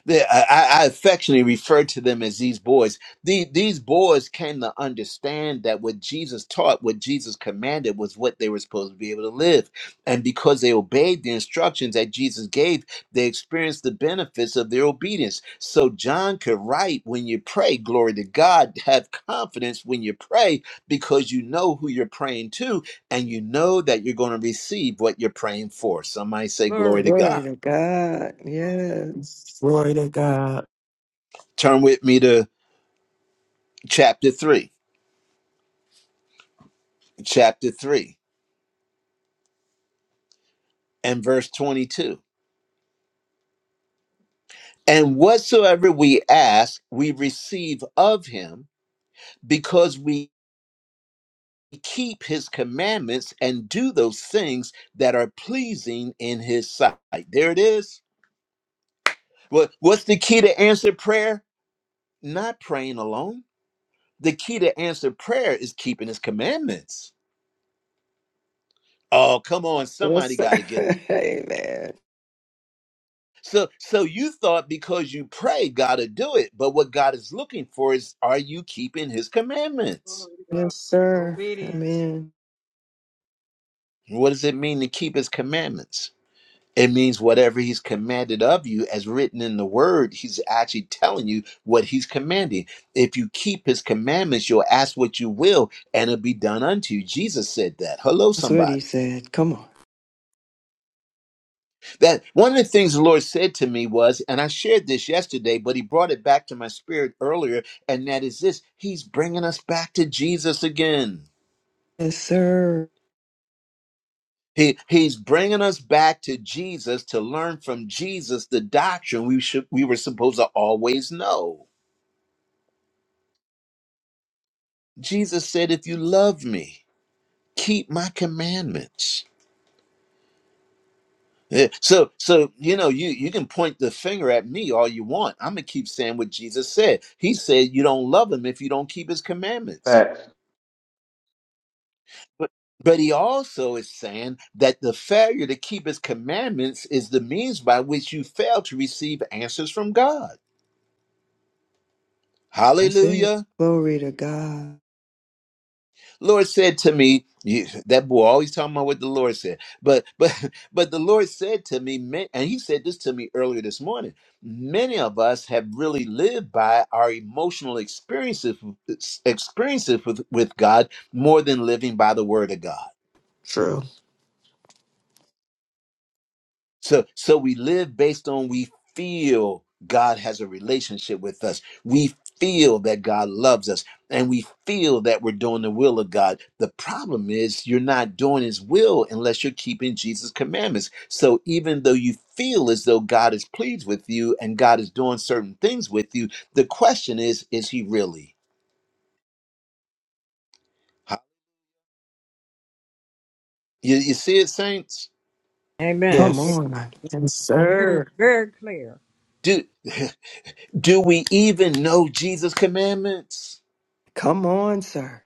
They, I, I affectionately refer to them as these boys. The, these boys came to understand that what Jesus taught, what Jesus commanded, was what they were supposed to be able to live. And because they obeyed the instructions that Jesus gave, they experienced the benefits of their obedience. So John could write, "When you pray, glory to God. Have confidence when you pray, because you know who you're praying to, and you know that you're going to receive what you're praying for." Somebody say, "Glory Glory to to Glory God. God." to God. Yes. Glory to God. Turn with me to chapter three. chapter 3 and verse 22. And whatsoever we ask, we receive of him because we keep his commandments and do those things that are pleasing in his sight. There it is. What, what's the key to answered prayer? Not praying alone. The key to answered prayer is keeping his commandments. Oh, come on. Yes, Somebody sir. got to get [LAUGHS] Amen. So so you thought because you pray God to do it, but what God is looking for is are you keeping his commandments? Glory to God. Yes, sir. Obedience. Amen. What does it mean to keep his commandments? It means whatever he's commanded of you as written in the word, he's actually telling you what he's commanding. If you keep his commandments, you'll ask what you will and it'll be done unto you. Jesus said that. Hello That's what he somebody. said. Come on. That one of the things the Lord said to me was, and I shared this yesterday, but He brought it back to my spirit earlier, and that is this: He's bringing us back to Jesus again. Yes, sir. He, he's bringing us back to Jesus to learn from Jesus the doctrine we should we were supposed to always know. Jesus said, "If you love me, keep my commandments." Yeah, So, so you know, you you can point the finger at me all you want. I'm gonna keep saying what Jesus said. He said, "You don't love him if you don't keep his commandments." facts. But but he also is saying that the failure to keep his commandments is the means by which you fail to receive answers from God. That's it. Hallelujah. Glory to God. Lord said to me, you, that boy always talking about what the Lord said. But [LAUGHS] but but the Lord said to me, ma- and he said this to me earlier this morning. Many of us have really lived by our emotional experiences experiences with, with God more than living by the word of God. True. So so we live based on we feel God has a relationship with us. We feel that God loves us and we feel that we're doing the will of God. The problem is you're not doing his will unless you're keeping Jesus commandments. So even though you feel as though God is pleased with you and God is doing certain things with you, the question is is he really? You, you see it saints? Amen. Come It's Yes. on. Yes, very, sir. very clear. Do [LAUGHS] do we even know Jesus commandments? Come on, sir.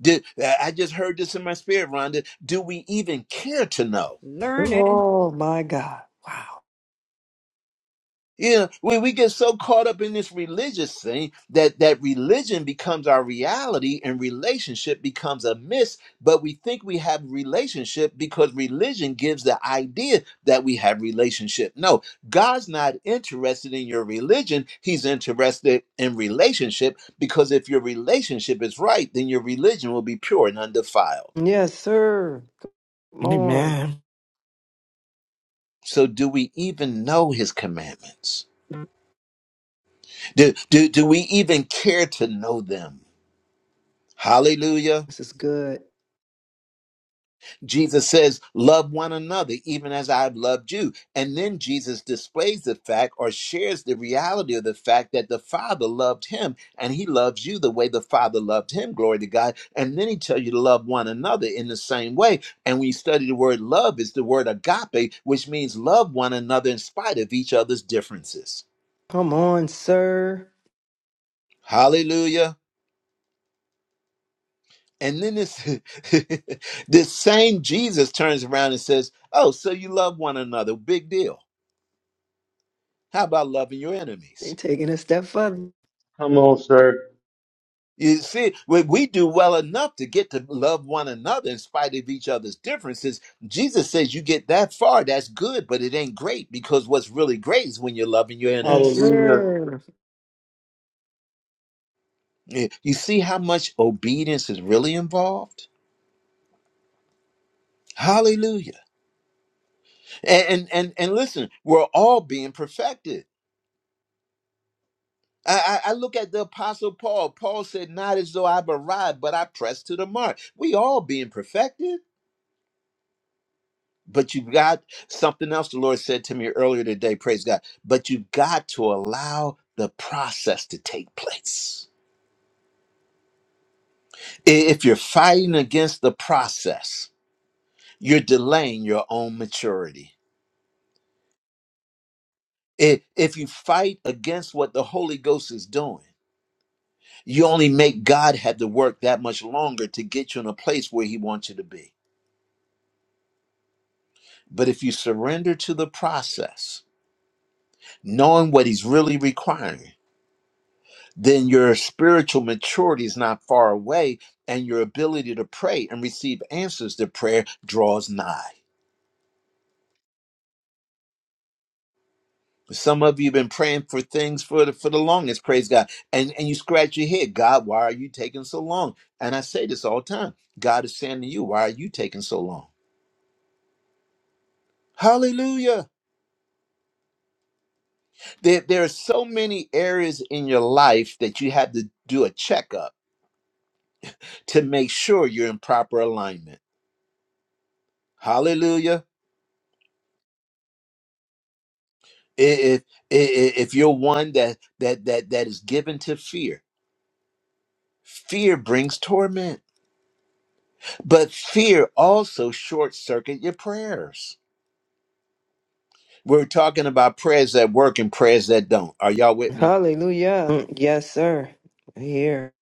Did, I just heard this in my spirit, Rhonda. Do we even care to know? Learning. Oh, my God. Wow. You know, we, we get so caught up in this religious thing that, that religion becomes our reality and relationship becomes a myth, but we think we have relationship because religion gives the idea that we have relationship. No, God's not interested in your religion. He's interested in relationship because if your relationship is right, then your religion will be pure and undefiled. Yes, sir. Come on. Amen. So, do we even know his commandments? Do, do, do we even care to know them? Hallelujah. This is good. Jesus says, Love one another, even as I've loved you. And then Jesus displays the fact or shares the reality of the fact that the Father loved him and he loves you the way the Father loved him. Glory to God. And then he tells you to love one another in the same way. And when you study the word love, it's the word agape, which means love one another in spite of each other's differences. Come on, sir. Hallelujah. And then this [LAUGHS] this same Jesus turns around and says, "Oh, so you love one another? Big deal. How about loving your enemies?" Ain't taking a step further. Come on, sir. You see, we we do well enough to get to love one another in spite of each other's differences. Jesus says you get that far, that's good, but it ain't great because what's really great is when you're loving your Yes, enemies. Hallelujah. sir. You you see how much obedience is really involved? Hallelujah. And and and, and listen, we're all being perfected I, I I look at the apostle Paul. Paul said, Not as though I've arrived, but I press to the mark. We all being perfected, but you've got something else the Lord said to me earlier today, praise God. But you've got to allow the process to take place. I- If you're fighting against the process, you're delaying your own maturity. I- If you fight against what the Holy Ghost is doing, you only make God have to work that much longer to get you in a place where He wants you to be. But if you surrender to the process, knowing what he's really requiring, then your spiritual maturity is not far away, and your ability to pray and receive answers to prayer draws nigh. Some of you have been praying for things for the, for the longest, praise God. And, and you scratch your head, God, why are you taking so long? And I say this all the time God is saying to you, why are you taking so long? Hallelujah. There, there are so many areas in your life that you have to do a checkup to make sure you're in proper alignment. Hallelujah. If if, if you're one that that that that is given to fear, fear brings torment, but fear also short circuit your prayers. We're talking about prayers that work and prayers that don't. Are y'all with me? Hallelujah. Mm, Yes, sir. Here.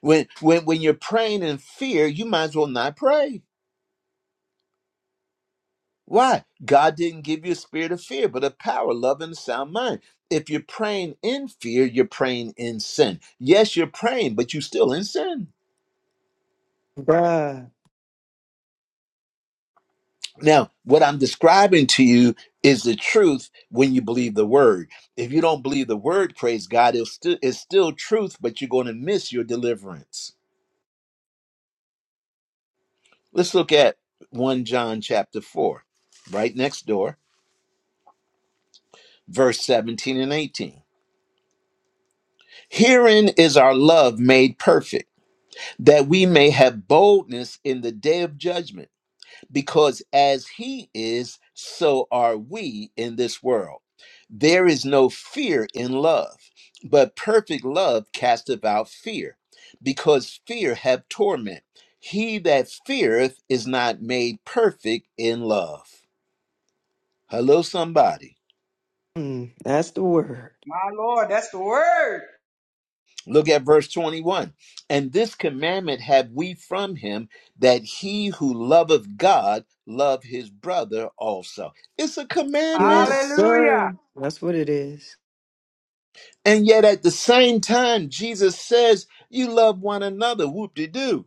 When when when you're praying in fear, you might as well not pray. Why? God didn't give you a spirit of fear, but of power, love, and a sound mind. If you're praying in fear, you're praying in sin. Yes, you're praying, but you're still in sin. Bruh. Now, what I'm describing to you is the truth when you believe the word. If you don't believe the word, praise God, it's still, it's still truth, but you're going to miss your deliverance. Let's look at 1 John chapter 4, right next door, verse 17 and 18. Herein is our love made perfect that we may have boldness in the day of judgment, because as he is, so are we in this world. There is no fear in love, but perfect love casteth out fear, because fear have torment. He that feareth is not made perfect in love. Hello, somebody. Mm, That's the word. My Lord, that's the word. Look at verse 21. And this commandment have we from him that he who loveth God love his brother also. It's a Yes, commandment. Hallelujah. sir. That's what it is. And yet at the same time, Jesus says, You love one another. Whoop de doo.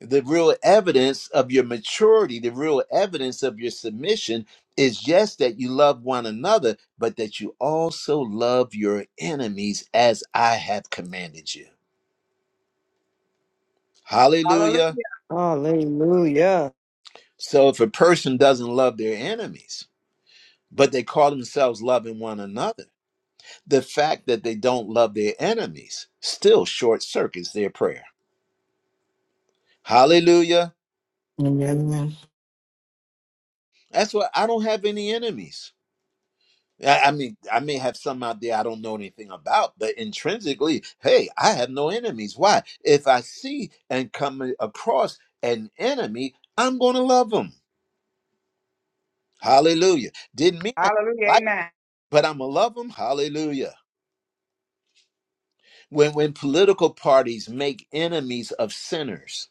The real evidence of your maturity, the real evidence of your submission is just that you love one another, but that you also love your enemies as I have commanded you. Hallelujah. Hallelujah. Hallelujah. So if a person doesn't love their enemies, but they call themselves loving one another, the fact that they don't love their enemies still short circuits their prayer. Hallelujah. Amen. That's why I don't have any enemies. I I mean, I may have some out there I don't know anything about, but intrinsically, hey, I have no enemies. Why? If I see and come across an enemy, I'm going to love them. Hallelujah. Didn't mean I Hallelujah. like, Amen. but I'm going to love them. Hallelujah. when when political parties make enemies of sinners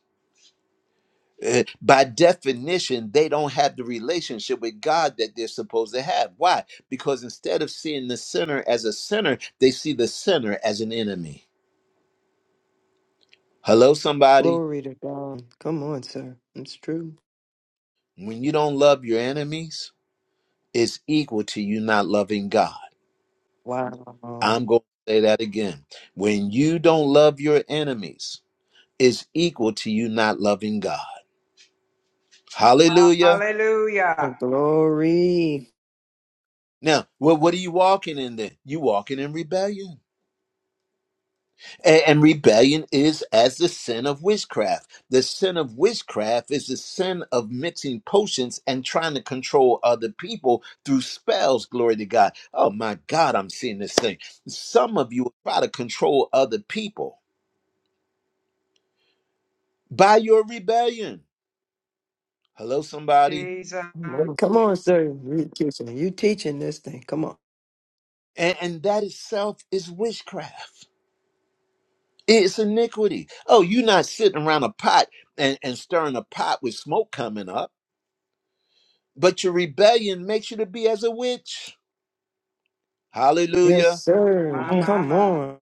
eh, by definition they don't have the relationship with god that they're supposed to have why because instead of seeing the sinner as a sinner they see the sinner as an enemy hello somebody Glory to God. Come on, sir. It's true. when you don't love your enemies it's equal to you not loving god Wow. i'm going to say that again when you don't love your enemies it's equal to you not loving god hallelujah Hallelujah. Glory. Now, well, what are you walking in then? You walking in rebellion. And, and rebellion is as the sin of witchcraft. The sin of witchcraft is the sin of mixing potions and trying to control other people through spells, glory to God. Oh my God, I'm seeing this thing. Some of you try to control other people by your rebellion. Hello, somebody. Jesus. Come on, Come on, sir. You teaching. You teaching this thing. Come on. And, and that itself is witchcraft. It's iniquity. Oh, you're not sitting around a pot and, and stirring a pot with smoke coming up, but your rebellion makes you to be as a witch. Yes, Hallelujah. sir. Come My, on. my, Come my. on.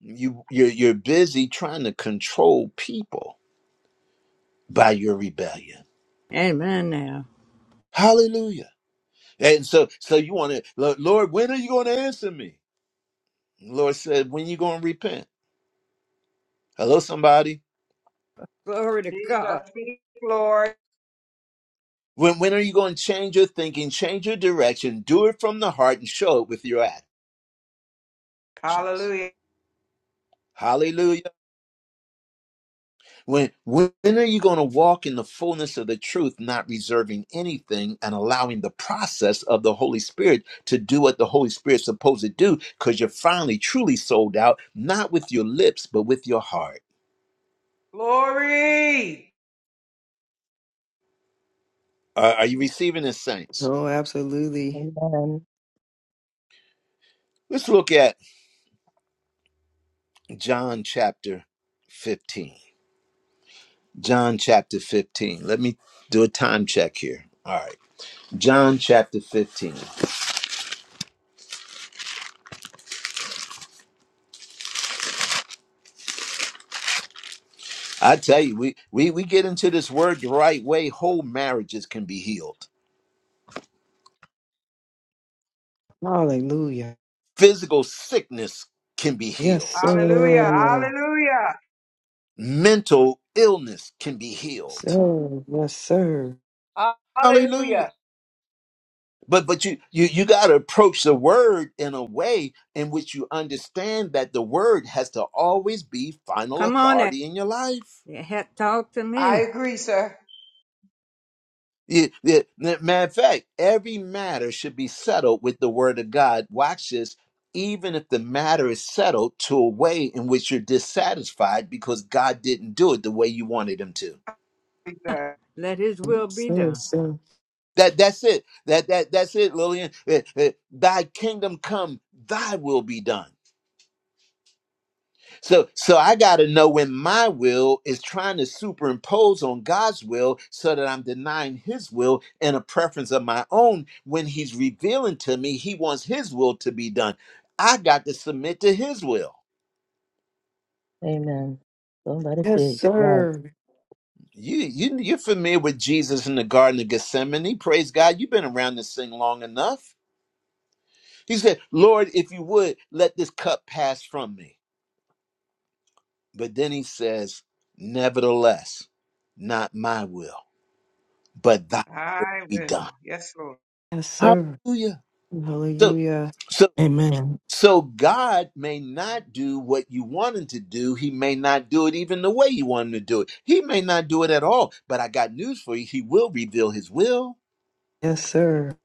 You you're you're busy trying to control people by your rebellion. Amen now. Hallelujah. And so so you want to Lord, when are you going to answer me? Lord said, when you going to repent? Hello, somebody. Glory to God. Jesus, speak, Lord. When when are you going to change your thinking, change your direction, do it from the heart, and show it with your actions? Hallelujah. Hallelujah. When when are you going to walk in the fullness of the truth, not reserving anything and allowing the process of the Holy Spirit to do what the Holy Spirit's supposed to do? Because you're finally truly sold out, not with your lips, but with your heart. Glory. Are are you receiving this, saints? Oh, absolutely. Amen. Let's look at John chapter 15. John chapter 15. Let me do a time check here. All right. John chapter 15. I tell you, we we we get into this word the right way, whole marriages can be healed. Hallelujah. Physical sickness can be Yes, healed. Hallelujah. sir. Hallelujah. Mental illness can be healed. Sir. Yes, sir. Hallelujah. Hallelujah. But but you you you got to approach the word in a way in which you understand that the word has to always be final Come on now. authority in your life. Yeah, he- Talk to I me. agree, sir. Yeah, yeah. Ma- Matter of fact, every matter should be settled with the word of God. Watch this. Even if the matter is settled to a way in which you're dissatisfied because God didn't do it the way you wanted him to. Let his Yes, will be sir. done. Yes, sir. That that's it. That that that's it, Lillian. Eh, eh, Thy kingdom come, thy will be done. So so I gotta know when my will is trying to superimpose on God's will so that I'm denying his will and a preference of my own when he's revealing to me he wants his will to be done. I got to submit to his will. Amen. Don't let it Yes, be. Yes. sir. You, you you're familiar with Jesus in the Garden of Gethsemane. Praise God, you've been around this thing long enough. He said, Lord, if you would, let this cup pass from me. But then he says, Nevertheless, not my will, but thy I be will. done. Yes, Lord. Yes, sir. Hallelujah. So Hallelujah. so Amen. so God may not do what you want him to do. He may not do it even the way you want him to do it. He may not do it at all. But I got news for you. He will reveal his will. Yes, sir.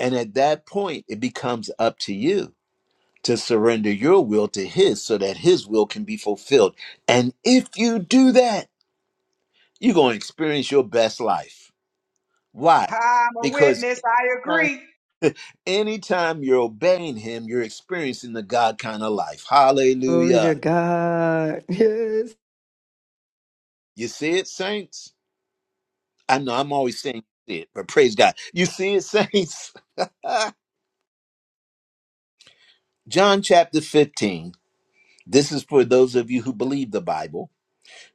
And at that point, it becomes up to you to surrender your will to his so that his will can be fulfilled. And if you do that, you're going to experience your best life. Why? I'm a Because witness. I Huh? agree. anytime you're obeying him, you're experiencing the God kind of life. Glory to Hallelujah. God. [LAUGHS] Yes. You see it, saints? I know I'm always saying you see it, but praise God. You see it, saints? [LAUGHS] John chapter 15. This is for those of you who believe the Bible.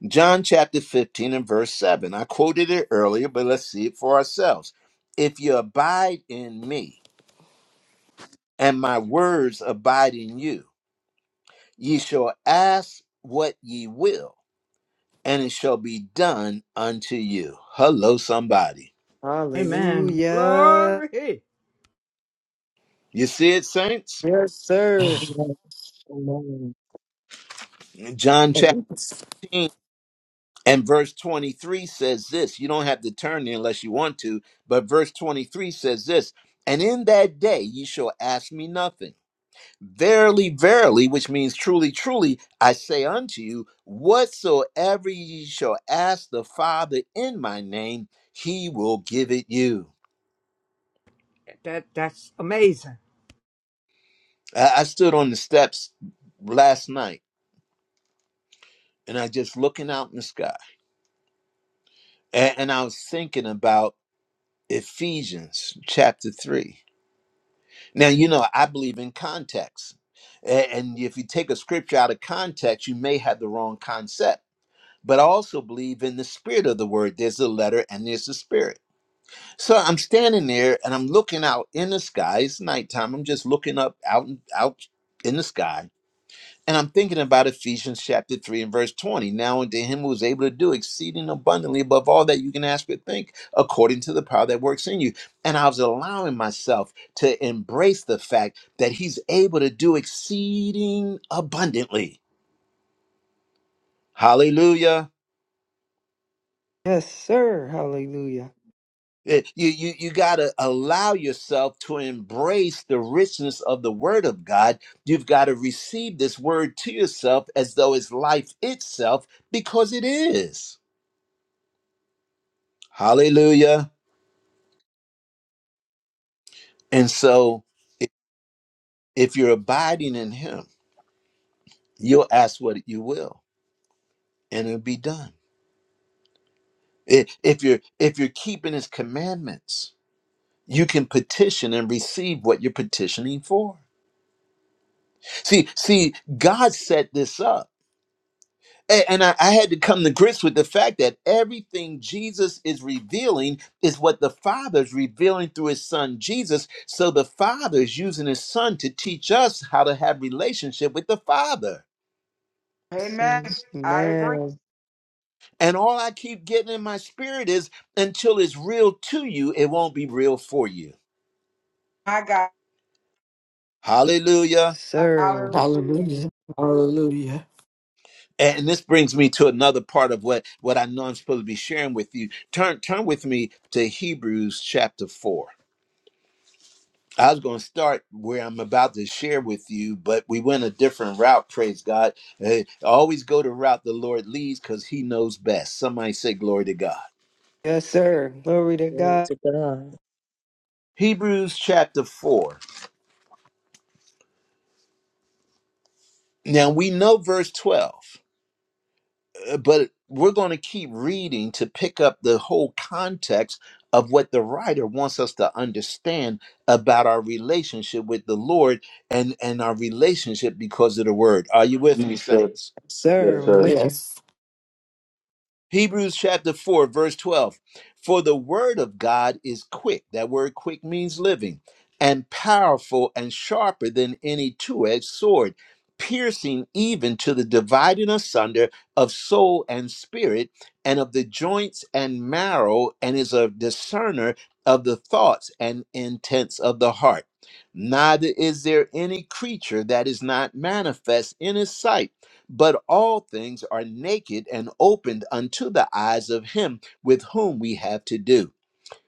John chapter 15 and verse 7. I quoted it earlier, but let's see it for ourselves. If you abide in me and my words abide in you, ye shall ask what ye will and it shall be done unto you. Hello, somebody. Amen. Hallelujah. Glory. You see it, saints? Yes, sir. Amen. Amen. John chapter 10 and verse 23 says this. You don't have to turn there unless you want to, but verse 23 says this And in that day you shall ask me nothing. Verily, verily, which means truly, truly, I say unto you, whatsoever ye shall ask the Father in my name, he will give it you. That that's amazing. I I stood on the steps last night and I just looking out in the sky. And, and I was thinking about Ephesians chapter 3. Now, you know, I believe in context. A- And if you take a scripture out of context, you may have the wrong concept. But I also believe in the spirit of the word. There's the letter and there's the spirit. So I'm standing there and I'm looking out in the sky. It's nighttime. I'm just looking up out and out in the sky And I'm thinking about Ephesians chapter 3 and verse 20. Now unto him who is able to do exceeding abundantly above all that you can ask or think, according to the power that works in you. And I was allowing myself to embrace the fact that he's able to do exceeding abundantly. Hallelujah. Yes, sir. Hallelujah. Eh, You, you, you got to allow yourself to embrace the richness of the word of God. You've got to receive this word to yourself as though it's life itself, because it is. Hallelujah. And so, if you're abiding in Him, you'll ask what you will, and it'll be done. I- If you're if you're keeping His commandments, you can petition and receive what you're petitioning for. See, see, God set this up. A- And I, I had to come to grips with the fact that everything Jesus is revealing is what the Father is revealing through His Son Jesus. So the Father is using His Son to teach us how to have relationship with the Father. Yes, Amen. sir. I agree. Amen. And all I keep getting in my spirit is until it's real to you, it won't be real for you. My God. Yes, Hallelujah. sir. Hallelujah. Hallelujah. Hallelujah. And this brings me to another part of what, what I know I'm supposed to be sharing with you. Turn turn with me to Hebrews chapter four. I was going to start where I'm about to share with you, but we went a different route. Praise God! Eh, always go the route the Lord leads because He knows best. Somebody say glory to God. Yes, sir. Glory to Glory God. to God. Hebrews chapter four. Now we know verse twelve. Uh, but we're going to keep reading to pick up the whole context of what the writer wants us to understand about our relationship with the Lord and and our relationship because of the word. Are you with Come me on, sir. saints? Yes, sir, Yes, I'm with sir. you. Yes. Hebrews chapter 4, verse 12. For the word of God is quick. That word quick means living and powerful and sharper than any two edged sword, piercing even to the dividing asunder of soul and spirit and of the joints and marrow, and is a discerner of the thoughts and intents of the heart. Neither is there any creature that is not manifest in his sight but all things are naked and opened unto the eyes of him with whom we have to do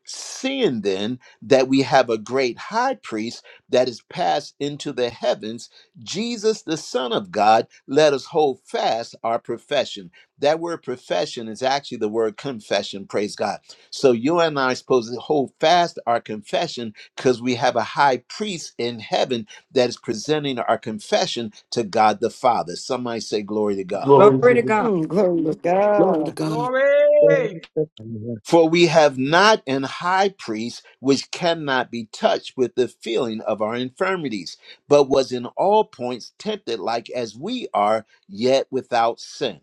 Seeing then that we have a great high priest that is passed into the heavens, Jesus, the Son of God, let us hold fast our profession. That word profession is actually the word confession, praise God. So you and I are supposed to hold fast our confession because we have a high priest in heaven that is presenting our confession to God the Father. Somebody say, Glory to God. Glory Glory to to God. God. Mm, glory to Glory to God. God. Glory. Glory to God. For we have not an high priest which cannot be touched with the feeling of our infirmities, but was in all points tempted like as we are, yet without sin.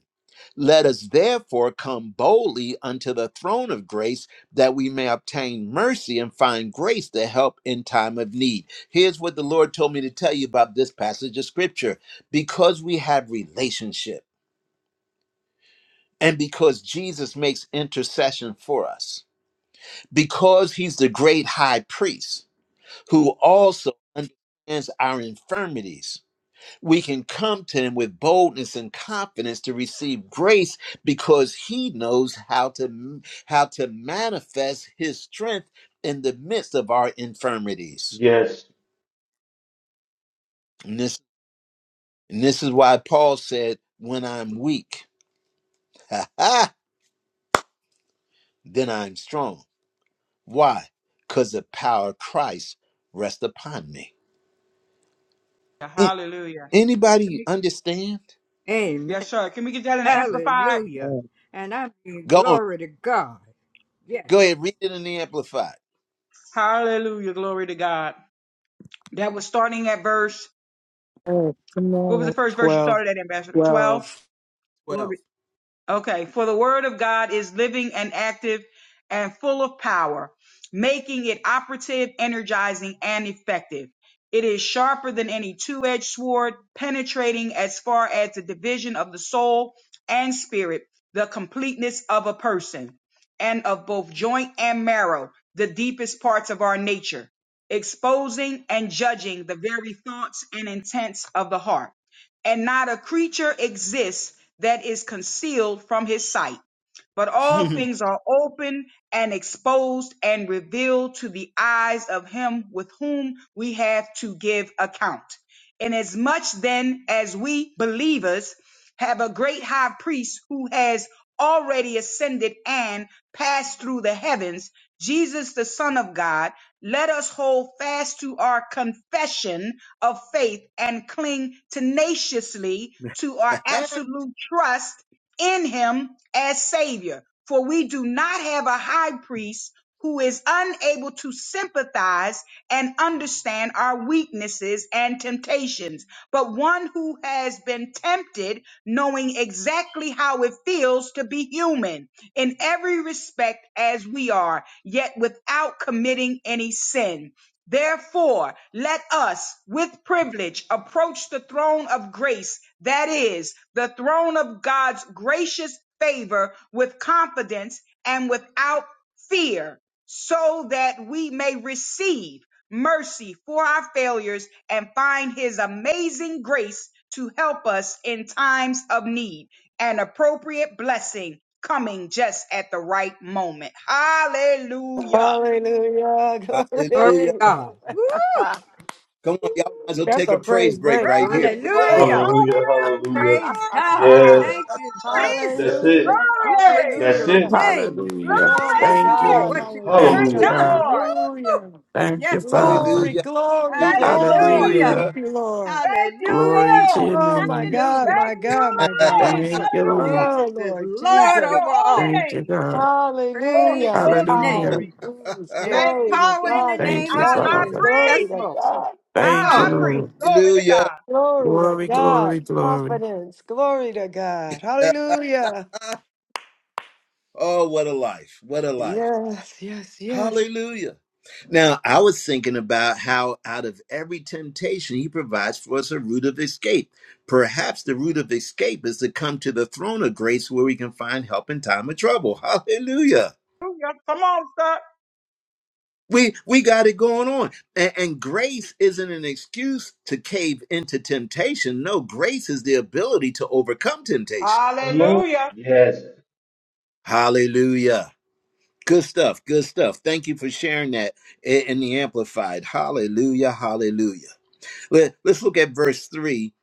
Let us therefore come boldly unto the throne of grace that we may obtain mercy and find grace to help in time of need. Here's what the Lord told me to tell you about this passage of scripture. Because we have relationship and because Jesus makes intercession for us because he's the great high priest who also understands our infirmities, we can come to him with boldness and confidence to receive grace because he knows how to how to manifest his strength in the midst of our infirmities. Yes. And this, and this is why Paul said, when I'm weak, [LAUGHS] then I'm strong. Why? Because the power of Christ rests upon me. A- Hallelujah. Can Anybody we, understand? Amen. yes, sir. Can we get that in the amplified? Hallelujah. And I mean Go on. glory to God. Yes. Go ahead. Read it in the Amplified. Hallelujah. Glory to God. That was starting at verse. Oh, come What was the on. first verse you 12. started at, Ambassador? 12? 12. Glory. 12. Okay, for the word of God is living and active and full of power, making it operative, energizing, and effective. It is sharper than any two edged sword, penetrating as far as the division of the soul and spirit, the completeness of a person, and of both joint and marrow, the deepest parts of our nature, exposing and judging the very thoughts and intents of the heart and not a creature exists that is concealed from his sight but all [LAUGHS] Hallelujah. things are open and exposed and revealed to the eyes of him with whom we have to give account. Inasmuch then as we believers have a great high priest who has already ascended and passed through the heavens, Jesus the Son of God, let us hold fast to our confession of faith and cling tenaciously to our absolute trust in him as Savior, for we do not have a high priest who is unable to sympathize and understand our weaknesses and temptations, but one who has been tempted, knowing exactly how it feels to be human in every respect as we are, yet without committing any sin. Therefore, let us with privilege approach the throne of grace, that is, the throne of God's gracious favor with confidence and without fear, so that we may receive mercy for our failures and find his amazing grace to help us in times of need, an appropriate blessing coming just at the right moment. Hallelujah. Hallelujah. Glory to Glory. God. Glory. Woo! [LAUGHS] Come on. Y'all might as well That's take a a praise praise break break Praise right for here. real. Praise break. the Lord. Yeah. Hallelujah. Hallelujah. Hallelujah. Praise Hallelujah. God. Ah, Yes. Thank you, Ah, That's Jesus. it. hallelujah. Glory Glory. to That's your Hallelujah. it. name. Hallelujah. Oh my Thank you Thank you, Glory. for God. what Lord. you have Thank Thank you, Hallelujah. Hallelujah. you, done. God. Lord. Woo! Hallelujah. Thank you, Yes, Lord. Father. Glory, Hallelujah. glory, Thank Hallelujah. you, glory. Lord. Hallelujah. Thank Hallelujah. Hallelujah. you, Lord. Thank you, Glory Hallelujah. to Lord. your Oh my name. God, Hallelujah. Thank my you, God, my [LAUGHS] God. Lord. Jesus. Thank you, Lord. Hallelujah. Jesus Oh is Lord Bless Lord Jesus. your over holy all. Thank you, name. God. Glory, Praise Hallelujah. his glory, I Hallelujah. name. glory. please. There's Thank Glory you, to power in the God. Jesus. Thank name you, of Our Confess high and Jesus. Father. Yes, glory priest. to Lord. God. Thank Our Thank you, high Glory. you. priest. Lord. Glory to Hallelujah. God. Glory to Glory, God. glory, glory. Confidence. Glory to God. Hallelujah. Oh, what a life. What a life. Yes, yes, yes. Hallelujah. Now, I was thinking about how out of every temptation, he provides for us a route of escape. Perhaps the route of escape is to come to the throne of grace where we can find help in time of trouble. Hallelujah. Hallelujah. Come on, sir. We we got it going on. And, and grace isn't an excuse to cave into temptation. No, grace is the ability to overcome temptation. Hallelujah. Hallelujah. Good stuff. Good stuff. Thank you for sharing that i- in the Amplified. Hallelujah. Hallelujah. Let, let's look at verse 3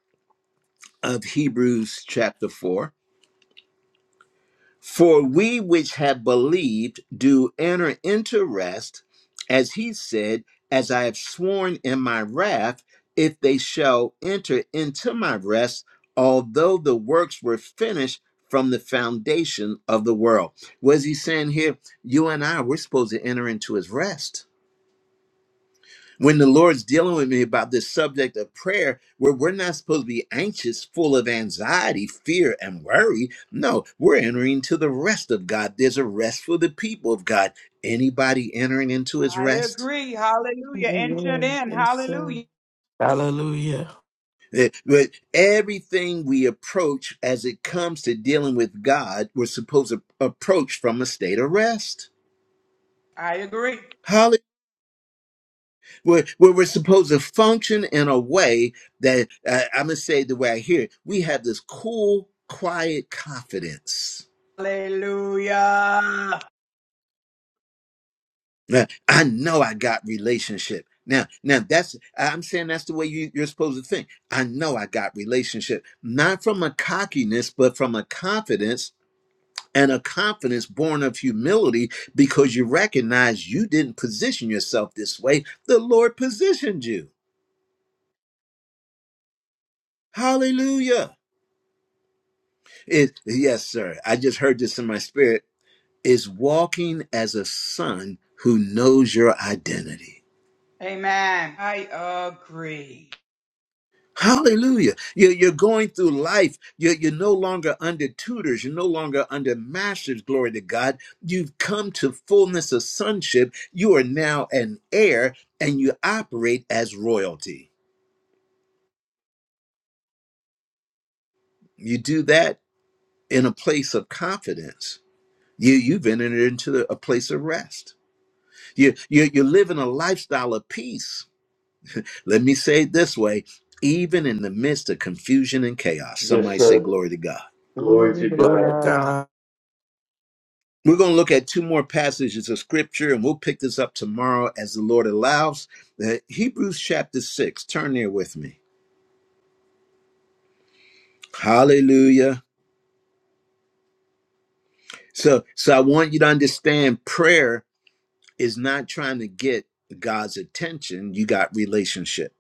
of Hebrews chapter 4. For we which have believed do enter into rest, as he said, As I have sworn in my wrath, if they shall enter into my rest, although the works were finished from the foundation of the world. Was he saying here, you and I, we're supposed to enter into his rest? when the Lord's dealing with me about this subject of prayer, where we're not supposed to be anxious, full of anxiety, fear, and worry. No, we're entering into the rest of God. There's a rest for the people of God. Anybody entering into his I rest? agree. Hallelujah. Enter Amen. in. Yes, sir. Hallelujah. Hallelujah. Eh, But everything we approach as it comes to dealing with God, we're supposed to approach from a state of rest. I agree. Where where we're supposed to function in a way that uh, I'm going to say the way I hear it. We have this cool, quiet confidence. Hallelujah. Now, I know I got relationship. Now, now that's I'm saying that's the way you, you're supposed to think. I know I got relationship, not from a cockiness, but from a confidence and a confidence born of humility because you recognize you didn't position yourself this way. The Lord positioned you. Hallelujah. It, yes, sir. I just heard this in my spirit. Is walking as a son who knows your identity. Amen. I agree. Hallelujah. You're, you're going through life. You're, you're no longer under tutors. You're no longer under masters. Glory to God. You've come to fullness of sonship. You are now an heir and you operate as royalty. You do that in a place of confidence. You, you've entered into a place of rest. You, you, you're living a lifestyle of peace Let me say it this way even in the midst of confusion and chaos, somebody say, Glory to God. Glory to Glory to God. God. We're going to look at two more passages of scripture and we'll pick this up tomorrow as the Lord allows. Uh, Hebrews chapter 6, turn there with me. Hallelujah. So, so I want you to understand prayer is not trying to get God's attention, you got relationship.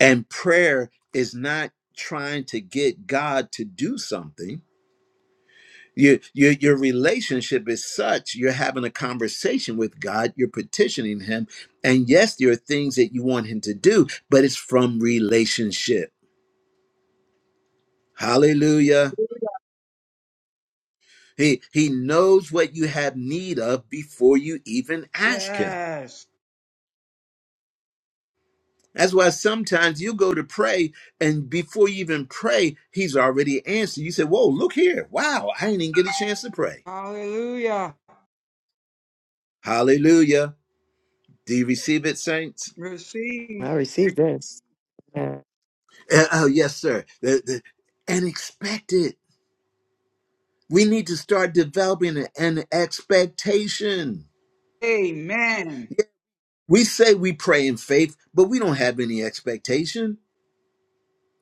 And prayer is not trying to get God to do something Your, your your relationship is such you're having a conversation with God, you're petitioning him, and yes, there are things that you want him to do, but it's from relationship. Hallelujah. He he knows what you have need of before you even ask him. Yes. That's why sometimes you go to pray, and before you even pray, he's already answered. You say, Whoa, look here. Wow, I didn't even get a chance to pray. Hallelujah. Hallelujah. Do you receive it, saints? Receive. I receive this. Yeah. Uh, oh, yes, sir. The, the, and expect it. We need to start developing an, an expectation. Amen. We say we pray in faith, but we don't have any expectation.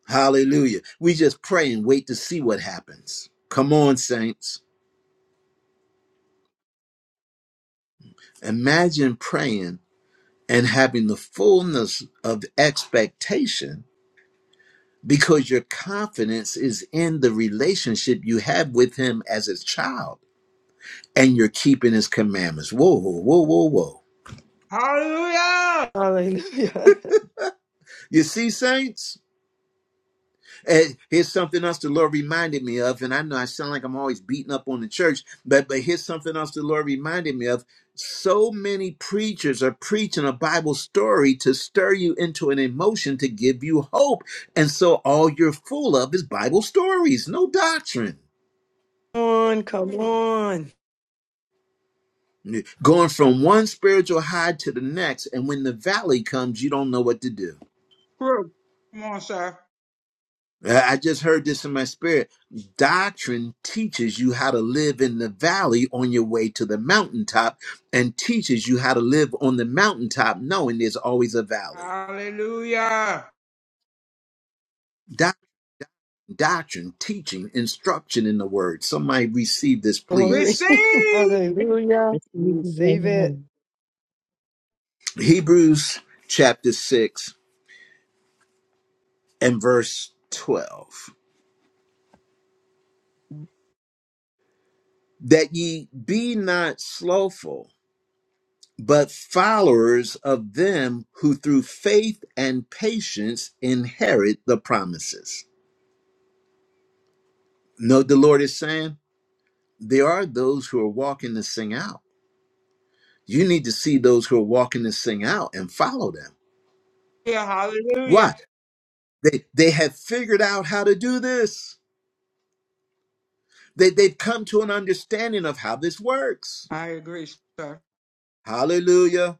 Hallelujah. We just pray and wait to see what happens. Come on, saints. Imagine praying and having the fullness of expectation because your confidence is in the relationship you have with Him as His child and you're keeping His commandments. Whoa, whoa, whoa, whoa, whoa. Hallelujah. Hallelujah. You see, saints? And here's something else the Lord reminded me of, and I know I sound like I'm always beating up on the church, but but here's something else the Lord reminded me of. So many preachers are preaching a Bible story to stir you into an emotion to give you hope. And so all you're full of is Bible stories, no doctrine. [LAUGHS] Come on, come on. Going from one spiritual high to the next, and when the valley comes, you don't know what to do. Group. Come on, sir. Uh, I just heard this in my spirit. Doctrine teaches you how to live in the valley on your way to the mountaintop and teaches you how to live on the mountaintop knowing there's always a valley. Hallelujah. Doc- doctrine, teaching, instruction in the word. Somebody receive this, Glory. please. [LAUGHS] Receive. Hallelujah. Receive the Receive it. amen. Hebrews chapter 6 and verse 12. That ye be not slothful but followers of them who through faith and patience inherit the promises. Note the Lord is saying there are those who are walking this thing out. You need to see those who are walking this thing out and follow them. Yeah, hallelujah. Why? They they have figured out how to do this. They they've come to an understanding of how this works. I agree, sir. Hallelujah.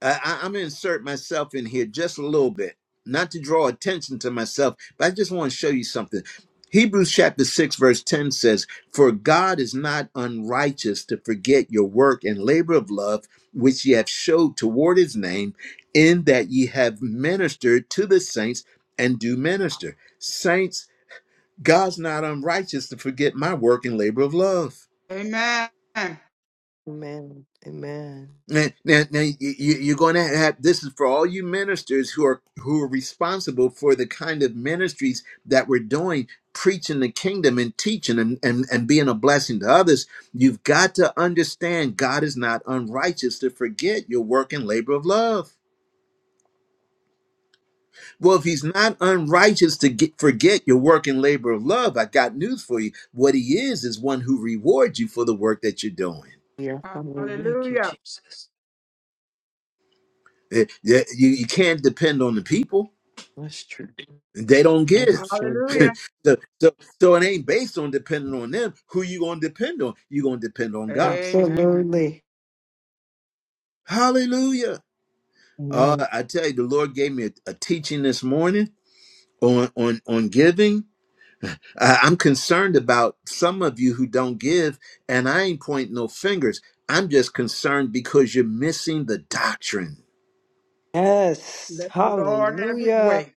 I, I, I'm gonna insert myself in here just a little bit, not to draw attention to myself, but I just want to show you something. Hebrews chapter 6, verse 10 says, For God is not unrighteous to forget your work and labor of love, which ye have showed toward his name, in that ye have ministered to the saints and do minister. Saints, God's not unrighteous to forget my work and labor of love. Amen. Amen. Amen. Now, now, now you, you- you're going to have this is for all you ministers who are who are responsible for the kind of ministries that we're doing, preaching the kingdom and teaching and, and, and being a blessing to others. You've got to understand God is not unrighteous to forget your work and labor of love. Well, if he's not unrighteous to get, forget your work and labor of love, I got news for you. What he is is one who rewards you for the work that you're doing. Yeah. Hallelujah. Thank you, Hallelujah. Jesus. Eh, yeah, You, you can't depend on the people That's true. They don't That's give. true. [LAUGHS] Hallelujah. so, so, so it ain't based on depending on them. Who you gonna depend on? You gonna depend on God. Amen. Absolutely. Hallelujah. Amen. Uh, I tell you, the Lord gave me a, a teaching this morning on on on giving. I, I'm concerned about some of you who don't give, and I ain't pointing no fingers. I'm just concerned because you're missing the doctrine. Yes. Let the Lord have his Hallelujah. way.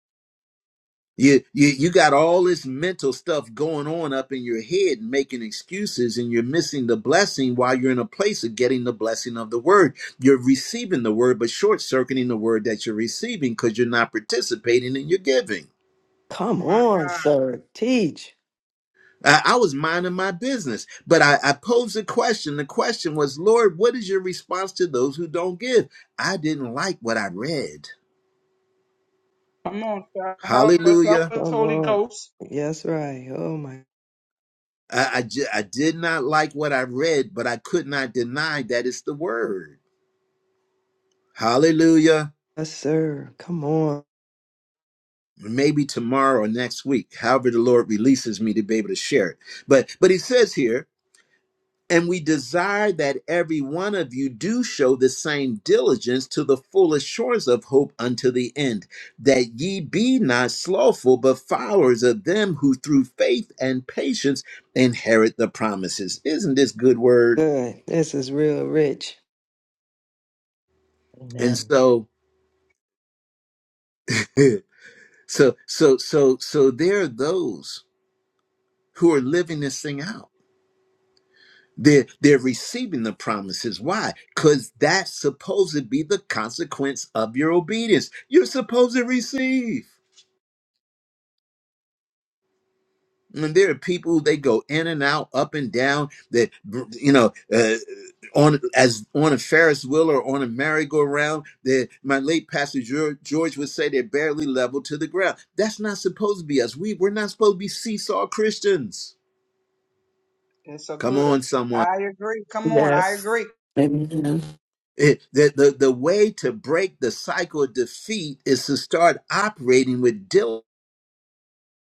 You, you you got all this mental stuff going on up in your head making excuses and you're missing the blessing while you're in a place of getting the blessing of the word. You're receiving the word, but short circuiting the word that you're receiving because you're not participating in your giving. Come My on, God. sir. Teach. I, I was minding my business, but I, I posed a question. The question was, Lord, what is your response to those who don't give? I didn't like what I read. Come on, sir. Help us. Hallelujah. Help us, Come Holy on. Ghost. Yes, right. Oh my I, I, ju- I did not like what I read, but I could not deny that it's the word. Hallelujah. yes, sir. Come on. Maybe tomorrow or next week, however the Lord releases me to be able to share it. But but he says here, and we desire that every one of you do show the same diligence to the full assurance of hope unto the end, that ye be not slothful, but followers of them who through faith and patience inherit the promises. Isn't this good word? Good. This is real rich. And Amen. so [LAUGHS] So so so so there are those who are living this thing out. They're they're receiving the promises. Why? Because that's supposed to be the consequence of your obedience. You're supposed to receive. And there are people who they go in and out, up and down. That you know, uh, on as on a Ferris wheel or on a merry-go-round. That my late pastor Geor- George would say they're barely level to the ground. That's not supposed to be us. We we're not supposed to be seesaw Christians. It's a Come gooder. on, I agree. Come on. I Yes. agree. Amen. It, the, the, the way to break the cycle of defeat is to start operating with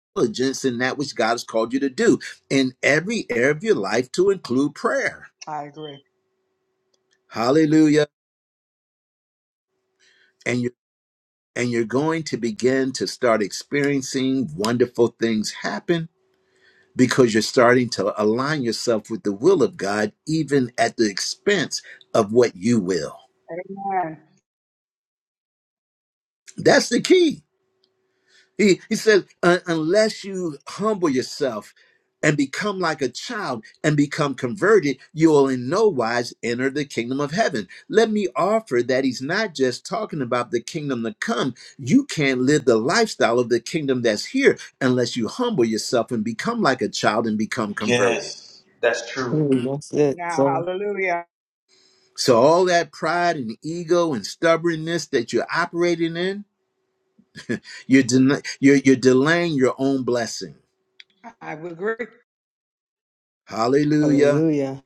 diligence in that which God has called you to do in every area of your life to include prayer. I agree. Hallelujah. And you and you're going to begin to start experiencing wonderful things happen because you're starting to align yourself with the will of God, even at the expense of what you will. Amen. That's the key. He, he says, "Un- unless you humble yourself and become like a child and become converted, you will in no wise enter the kingdom of heaven. Let me offer that he's not just talking about the kingdom to come. You can't live the lifestyle of the kingdom that's here unless you humble yourself and become like a child and become converted. Yes. That's true. Mm, That's it. Now, So hallelujah. So, all that pride and ego and stubbornness that you're operating in, you're, den- you're, you're delaying your own blessing. I would agree. Hallelujah. hallelujah.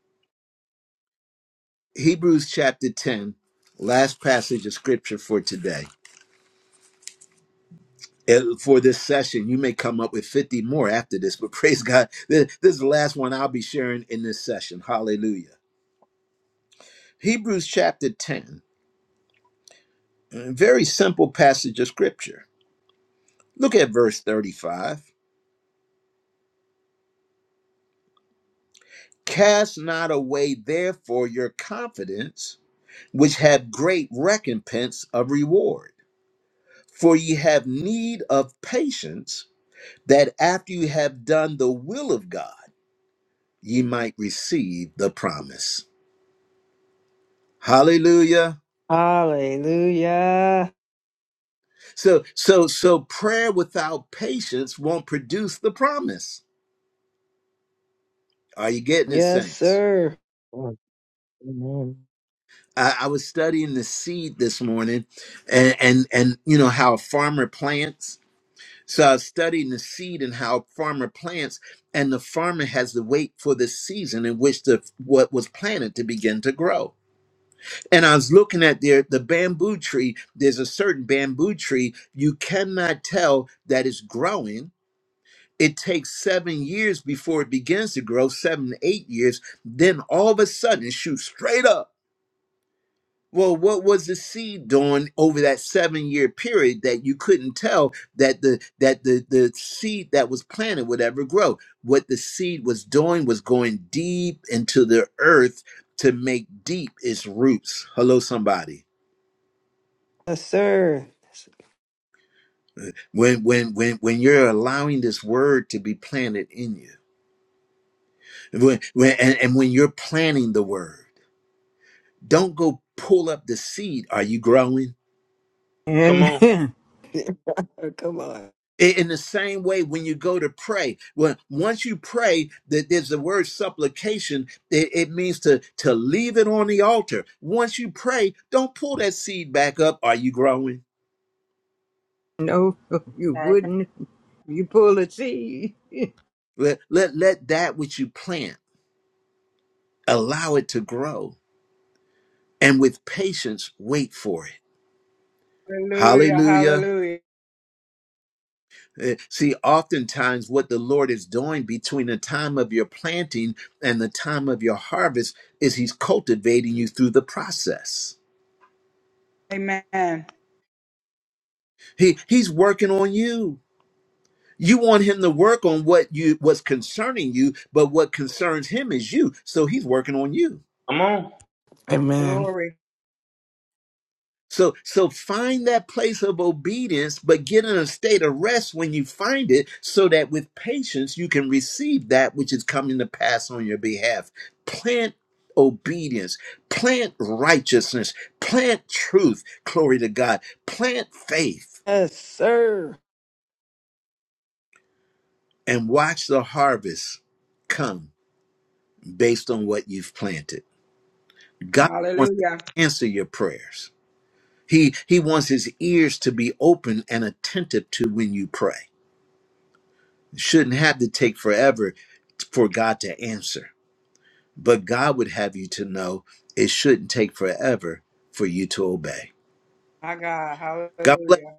Hebrews chapter 10, last passage of scripture for today. Eh, For this session, you may come up with 50 more after this, but [LAUGHS] praise God. This this is the last one I'll be sharing in this session. Hallelujah. Hebrews chapter 10, a very simple passage of scripture. Look at verse 35. Cast not away, therefore, your confidence, which have great recompense of reward. For ye have need of patience, that after you have done the will of God, ye might receive the promise. Hallelujah. Hallelujah. So so so prayer without patience won't produce the promise. Are you getting it, Yes, saints? sir. Yes. Amen. I, I was studying the seed this morning and, and and you know how a farmer plants. So I was studying the seed and how a farmer plants, and the farmer has to wait for the season in which the what was planted to begin to grow And I was looking at there the bamboo tree. There's a certain bamboo tree you cannot tell that it's growing. It takes seven years before it begins to grow, seven to eight years. Then all of a sudden, it shoots straight up. Well, what was the seed doing over that seven-year period that you couldn't tell that the that the the seed that was planted would ever grow? What the seed was doing was going deep into the earth to make deep its roots. Hello, somebody. Yes, sir. when when when when you're allowing this word to be planted in you when, when and, and when you're planting the word don't go pull up the seed are you growing Come Amen. on. [LAUGHS] [LAUGHS] Come on. I- in the same way when you go to pray when once you pray that there's the word supplication it, it means to to leave it on the altar once you pray don't pull that seed back up are you growing No, you Hallelujah. wouldn't. You pull a seed. [LAUGHS] let let, let that which you plant allow it to grow and with patience wait for it hallelujah Hallelujah. Eh, See, oftentimes what the Lord is doing between the time of your planting and the time of your harvest is He's cultivating you through the process. Amen. He He's working on you. You want Him to work on what you what's concerning you, but what concerns Him is you. So He's working on you. Come on. Amen. Glory. So so find that place of obedience, but get in a state of rest when you find it, so that with patience you can receive that which is coming to pass on your behalf. Plant obedience, plant righteousness, plant truth, glory to God, plant faith, Yes, sir. and watch the harvest come based on what you've planted. God wants to Hallelujah. answer your prayers. He he wants his ears to be open and attentive to when you pray. shouldn't have to take forever for God to answer. But God would have you to know it shouldn't take forever for you to obey. My God. God bless. you. Hallelujah.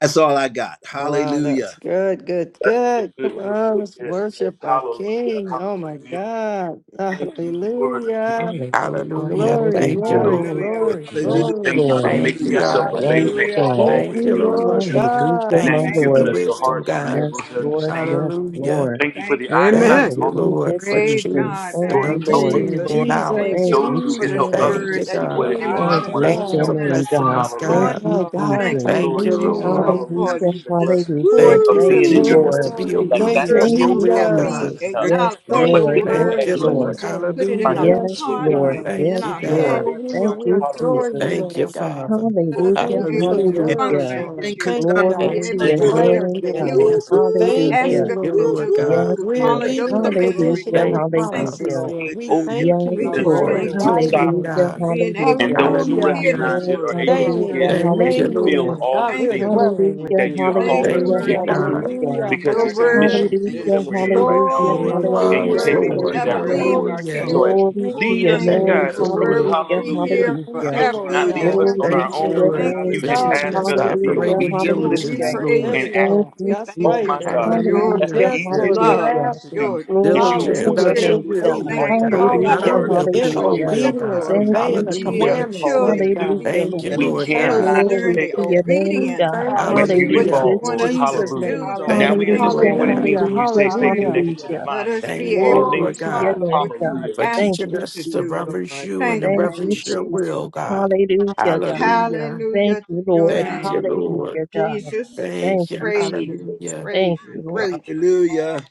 That's all I got. Wow, that's Hallelujah. good, good, That's good, good. good, Come good, on, good. let's Yes, yes. worship our Hallelujah. King. Oh my Hallelujah. God. Thank you. Hallelujah. Hallelujah. Hallelujah. Glory, Thank you, Hallelujah. glory, Lord. Hallelujah. glory, Yes, Hallelujah. glory. Lord. Thank you, Hallelujah. God. Yes, Hallelujah. Hallelujah. God. Thank Thank you, you, Lord Lord. Hallelujah, God. Thank my you Thank for you, the Lord. Jesus. wisdom, God. Yes, Lord. Yes, Hallelujah. Lord. Thank you, Jesus. Amen. Thank Hallelujah, you, Lord, for Jesus. Praise God. truth Thank and Thank you, Thank you, Thank you, Lord. you, Mm, Jesus. Jesus. understanding Lord. We thank Jesus, Thank knowledge. you, Lord, you, for Jesus, this Jesus. Lord. Thank word you, that you've God. glory given to us Oh, bless this Thank you your Hallelujah. for God. evening. name, blessing God. us, Thank Morning, you, God. My Lord. God, Thank Jesus. you. Thank you, Lord. hallelujah. Oh, Ah, Lord, Hallelujah, you just hallelujah. poured Thank you for Thank into you, us. Woo! [LAUGHS] teaching us to Lord. be Glory, thank obedient you, to Thank your you, who- will, that we God. Jesus. Jesus. Thank you, Yes, acknowledge Lord. Thank your you, Lord. Yes, Thank word Lord you, and Lord. Lord. Jesus. put it We in our Hallelujah. Yes, bless you, heart Lord. God. and Thank Yes, in you, our Thank you, God. Lord. head, Lord. Hallelujah. Thank Lord. We you, Thank you, adore Jesus. Lord. you, Thank you, Lord God. Father. Let us Thank Hallelujah, be you for able your to If Hallelujah. I word, hallelujah. Thank function you, Lord. can Thank Jesus. you, conduct and Glory be God. to Thank the able you, your full to accord, God. do Prayers name, what being hey, God. you whoop, answered. whoop, Thank Hallelujah. you, ask Thank us you, to Lord. whoop, Lord do, God. Yes, whoop. to We're follow Lord. your meeting the Glory, glory, commands, condition Hallelujah. of the Lord. Thank glory. you, Father. Thank you, promises, Hallelujah. Lord. Lord. We Hallelujah. thank Yes, you, You We are Lord. just We worthy, Lord. are Glory thank Lord. to you your for fighting. name, in. Hallelujah. God. being able Hallelujah. to Hallelujah. hear Hallelujah. this Oh, word, You Stay Lord, are in, hallelujah. worthy, today. Lord. Thank you, remain Hallelujah. Lord. in. God, we're Thank you, Lord dwelling Jesus. with Hallelujah. you. Thank you, Hallelujah. Thank Lord, you, Hallelujah, Worthy, God. worthy, Hallelujah. hallelujah, worthy because is your our God. hallelujah. word Thank you, is Hallelujah. Lord. true. Thank Hallelujah. You Glory, are Your glory, Hallelujah. wise, word Worthy, you, Lord. will glory. Lord. worthy, never Hallelujah. worthy is leave us, Holy our Hallelujah. Lord. King. Spirit, Glory thank to Oh, your you. thank you. name. Thank you, Your word Lord. will Hallelujah. be here Thank Hallelujah. you, forever, Lord Hallelujah. God. Lord. Worthy, Glory Answer worthy, Thank to you, prayer. your worthy. Lord, Thank name, you, for Hallelujah. God. God, teaching Jesus. we us to thank you, operate Hallelujah. in Lord Oh, Jesus. we Hallelujah. diligence, Thank you, Lord. Let praise it you, Jesus. Lord. Thank ask. We you, That's thank right, Jesus. you Lord. for Thank your you, Hallelujah. Hallelujah, Yes, Jesus. Yeah. Lord, we're love, hallelujah. [LAUGHS] asking. your, Glory your diligent to Hallelujah. your about spirit. your In name, We will, faith. God. thank Lord you Thank for you, God. Lord. Not loving Hallelujah, our Hallelujah. will, us but In now. your You hallelujah. will, do, obedience, God. Lord. Thank obeying you, the We are Hallelujah. Jesus. commandments, Yes, Thank Lord children. you, God. We, Hallelujah, Thank Jesus. Lord. you, Lord. We we're Lord thank God. supposed you to for learn Glory it. Lord, the to your yes. name, We obedience, God. thank you for it, Hallelujah. Hallelujah, what God. Hallelujah. you In want us to Jesus. Jesus' do, name. Lord. Thank Hallelujah. you, Thank Lord you, Hallelujah, God. Jesus. Hallelujah. hallelujah, Hallelujah. Hallelujah. hallelujah. Let us be Thank you, able to Glory. Glory to Lord to your God. God, follow what Thank name, you, God. you for Jesus. ask Thank us teaching you, to us to do, Jesus. reverence Lord. you and to Thank you, Thank Thank you, you, reverence Jesus. your Jesus. Jesus. will, God. Hallelujah, God. Hallelujah. Thank Hallelujah to you, your Lord. Thank Thank you, name, you, Lord. Lord. Hallelujah, Jesus. God. Jesus, Thank Thank you. you, praise you, Jesus. Hallelujah. praise Thank you, you, Lord. Lord. praise Hallelujah.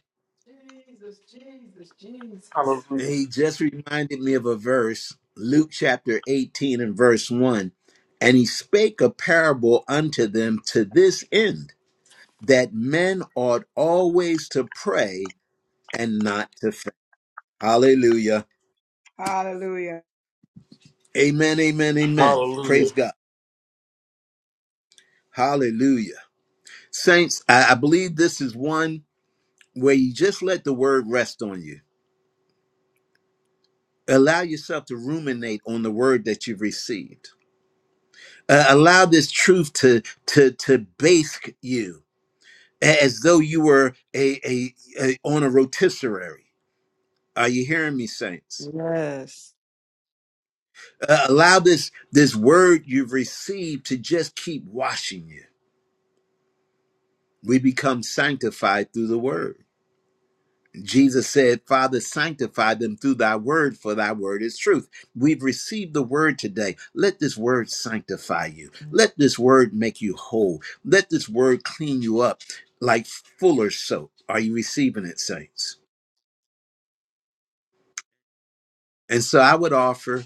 Jesus, Jesus, Jesus. And he just reminded me of a verse, Luke chapter 18 and verse 1. And he spake a parable unto them to this end, that men ought always to pray and not to faint. Hallelujah. Hallelujah. Amen, amen, amen. Hallelujah. Praise God. Hallelujah. Saints, I, I believe this is one where you just let the word rest on you. Allow yourself to ruminate on the word that you've received Uh, allow this truth to to to bask you a- as though you were a, a, a on a rotisserie. Are you hearing me, saints? Yes. Uh, allow this this word you've received to just keep washing you. We become sanctified through the word. Jesus said, Father, sanctify them through thy word, for thy word is truth. We've received the word today. Let this word sanctify you. Let this word make you whole. Let this word clean you up like fuller soap. Are you receiving it, saints? And so I would offer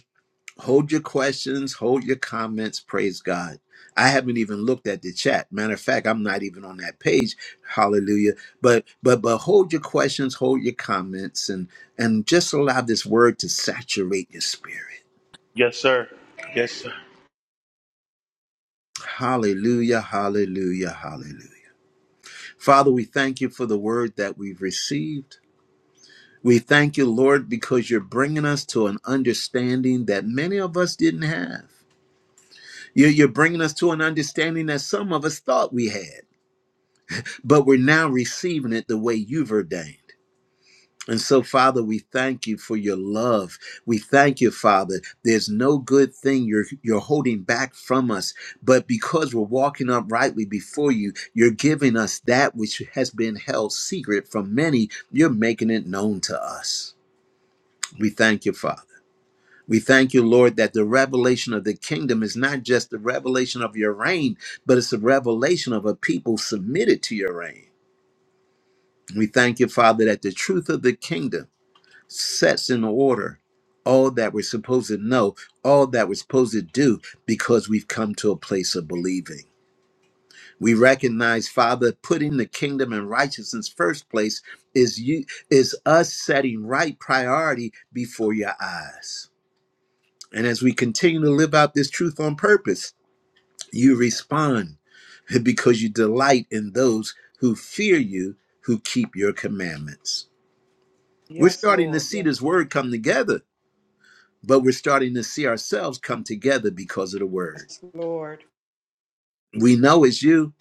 Hold your questions, hold your comments. Praise God. I haven't even looked at the chat. Matter of fact, I'm not even on that page. Hallelujah. But but but hold your questions, hold your comments, and and just allow this word to saturate your spirit. Hallelujah. Hallelujah. Hallelujah. Father, we thank you for the word that we've received. We thank you, Lord, because you're bringing us to an understanding that many of us didn't have. You're, you're bringing us to an understanding that some of us thought we had. but we're now receiving it the way you've ordained. And so, Father, we thank you for your love. We thank you, Father. There's no good thing you're you're holding back from us, but because we're walking uprightly before you, you're giving us that which has been held secret from many. You're making it known to us. We thank you, Father. We thank you, Lord, that the revelation of the kingdom is not just the revelation of your reign, but it's a revelation of a people submitted to your reign. We thank you, Father, that the truth of the kingdom sets in order all that we're supposed to know, all that we're supposed to do, because we've come to a place of believing. We recognize, Father, putting the kingdom and righteousness first place is you is us setting right priority before your eyes. And as we continue to live out this truth on purpose, you respond [LAUGHS] because you delight in those who fear you, who keep your commandments. We're Yes, starting to Lord. see Yes, this Lord. word come together, but we're starting to see ourselves come together because of the word. Yes, Lord. We know it's you.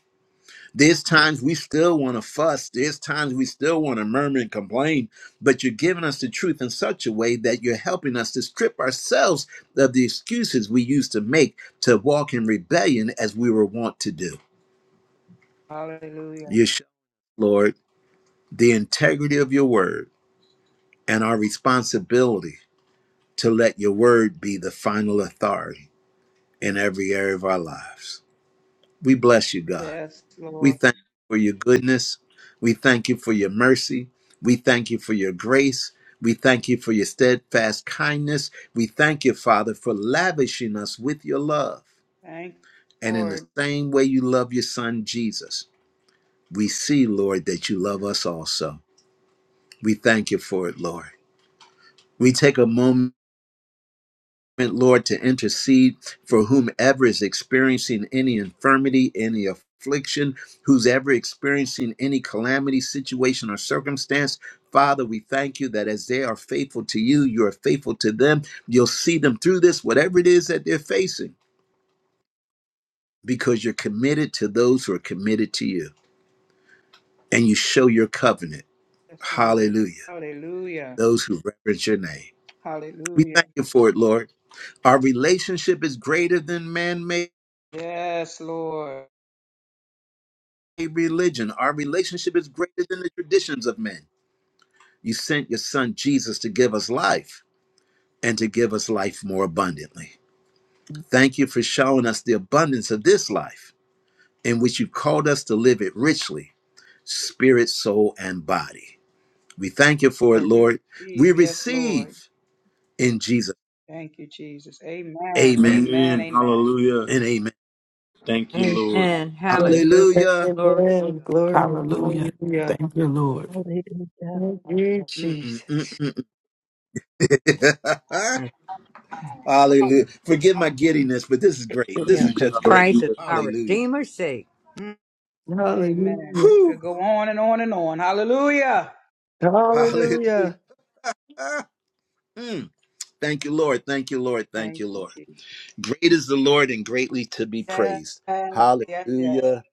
There's times we still want to fuss. There's times we still want to murmur and complain, but you're giving us the truth in such a way that you're helping us to strip ourselves of the excuses we used to make to walk in rebellion as we were wont to do. Hallelujah. You show, Lord, the integrity of your word and our responsibility to let your word be the final authority in every area of our lives. We bless you, God. Yes, We Lord. thank you for your goodness. We thank you for your mercy. We thank you for your grace. We thank you for your steadfast kindness. We thank you, Father, for lavishing us with your love. Thank you, And in the Lord. same way you love your son, Jesus, we see, Lord, that you love us also. We thank you for it, Lord. We take a moment. Lord, to intercede for whomever is experiencing any infirmity, any affliction, who's ever experiencing any calamity, situation, or circumstance. Father, we thank you that as they are faithful to you, you are faithful to them. You'll see them through this, whatever it is that they're facing, because you're committed to those who are committed to you. And you show your covenant. Yes, Lord. Hallelujah. Hallelujah. Those who reverence your name. We Hallelujah. thank you for it, Lord. Our relationship is greater than man made. Yes, Lord. a religion. Our relationship is greater than the traditions of men. You sent your son Jesus to give us life and to give us life more abundantly. Thank you for showing us the abundance of this life in which you called us to live it richly, spirit, soul, and body. We thank you for it, Lord, we Lord. We receive. Yes, Lord. receive in Jesus. Thank you, Jesus. Amen. Amen Amen. Amen. and amen. you. Amen. Amen. Hallelujah. Hallelujah. Glory. Glory. Hallelujah. Hallelujah. Thank you, Lord. Hallelujah. Thank you, Mm, Jesus. mm, mm, mm. [LAUGHS] Hallelujah. Forgive my giddiness, but this is great. This Yeah, is because just great. Christ is our Hallelujah. Redeemer's sake. Amen. Hallelujah. This could Whew. go on and on and on. Hallelujah. Hallelujah. Hallelujah. Ah, mm. Thank you, Lord. Thank you, Lord. Thank Thank you, you, Lord. Jesus. Great is the Lord and greatly to be Yes, praised. yes, yes. Hallelujah.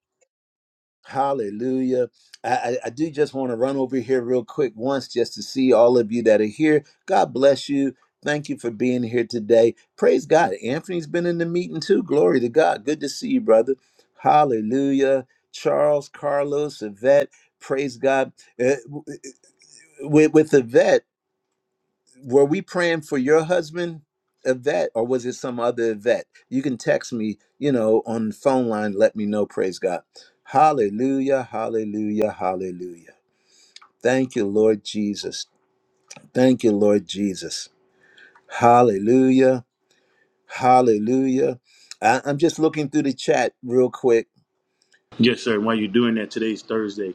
Hallelujah. I, I, I do just want to run over here real quick once just to see all of you that are here. God bless you. Thank you for being here today. Praise God. Anthony's been in the meeting too. Glory to God. Good to see you, brother. Hallelujah. Charles, Carlos, Yvette. Praise God. Uh, w- w- with, with Yvette. were we praying for your husband Yvette or was it some other Yvette? You can text me, you know, on the phone line, let me know, praise God. Hallelujah, hallelujah, hallelujah. Thank you, Lord Jesus. Thank you, Lord Jesus. Hallelujah, hallelujah. I, I'm just looking through the chat real quick Yes, sir. While you're doing that, today's Thursday.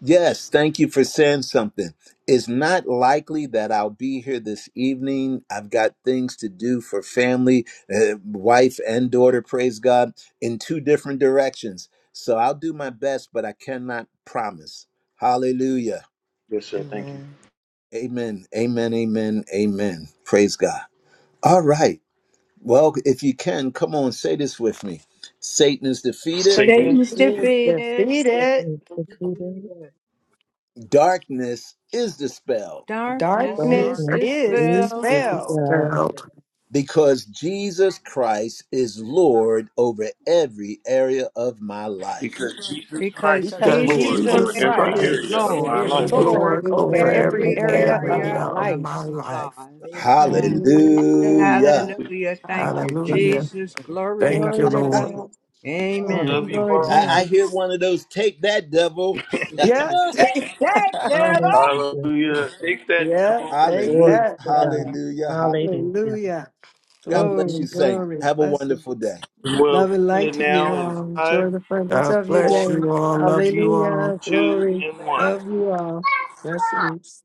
Yes, thank you for saying something. It's not likely that I'll be here this evening. I've got things to do for family, uh, wife, and daughter, praise God, in two different directions. So I'll do my best, but I cannot promise. Hallelujah. Yes, sir. Thank Amen. Amen. Amen. Amen. Amen. Praise God. All right. Well, if you can, come on, say this with me Satan is defeated, Satan Satan's is defeated. So defeated. good to see you. Jesus. darkness is dispelled All Darkness is dark Darkness Blessings is be dispelled to is dispelled God. dispelled. because Jesus Christ is Lord over every area of my life. because because because Jesus Does And Jesus Jesus Jesus Jesus Christ is Christ is Christ is Lord is Lord is Lord over Lord Lord over every over over over area every every of every every my area of my area life. of life. area my area of of life. my our life. lives. Thank- Amen. Amen. Hallelujah. Hallelujah. Hallelujah. Hallelujah. Thank you, Amen. [LAUGHS] Hallelujah. Jesus. Glory to Thank God. Thank you, Glory you, to Lord. Blessings. Jesus. God. Thank Amen. you, Lord Hallelujah, I, God. I hear Jesus. one of those take that devil. [LAUGHS] Yeah. Jesus. Dead [LAUGHS] Hallelujah, devil. Jesus. Yeah, take hallelujah. Glory that, to God. devil. Hallelujah. Hallelujah. Hallelujah. Hallelujah. God Thank you, bless Glory, you, Jesus. saints. glory, Have a blessings. wonderful day. you. Love and light to you all. Enjoy the presence God of your bless day. you all. Love you all. Hallelujah. Glory. Love you all. Blessings.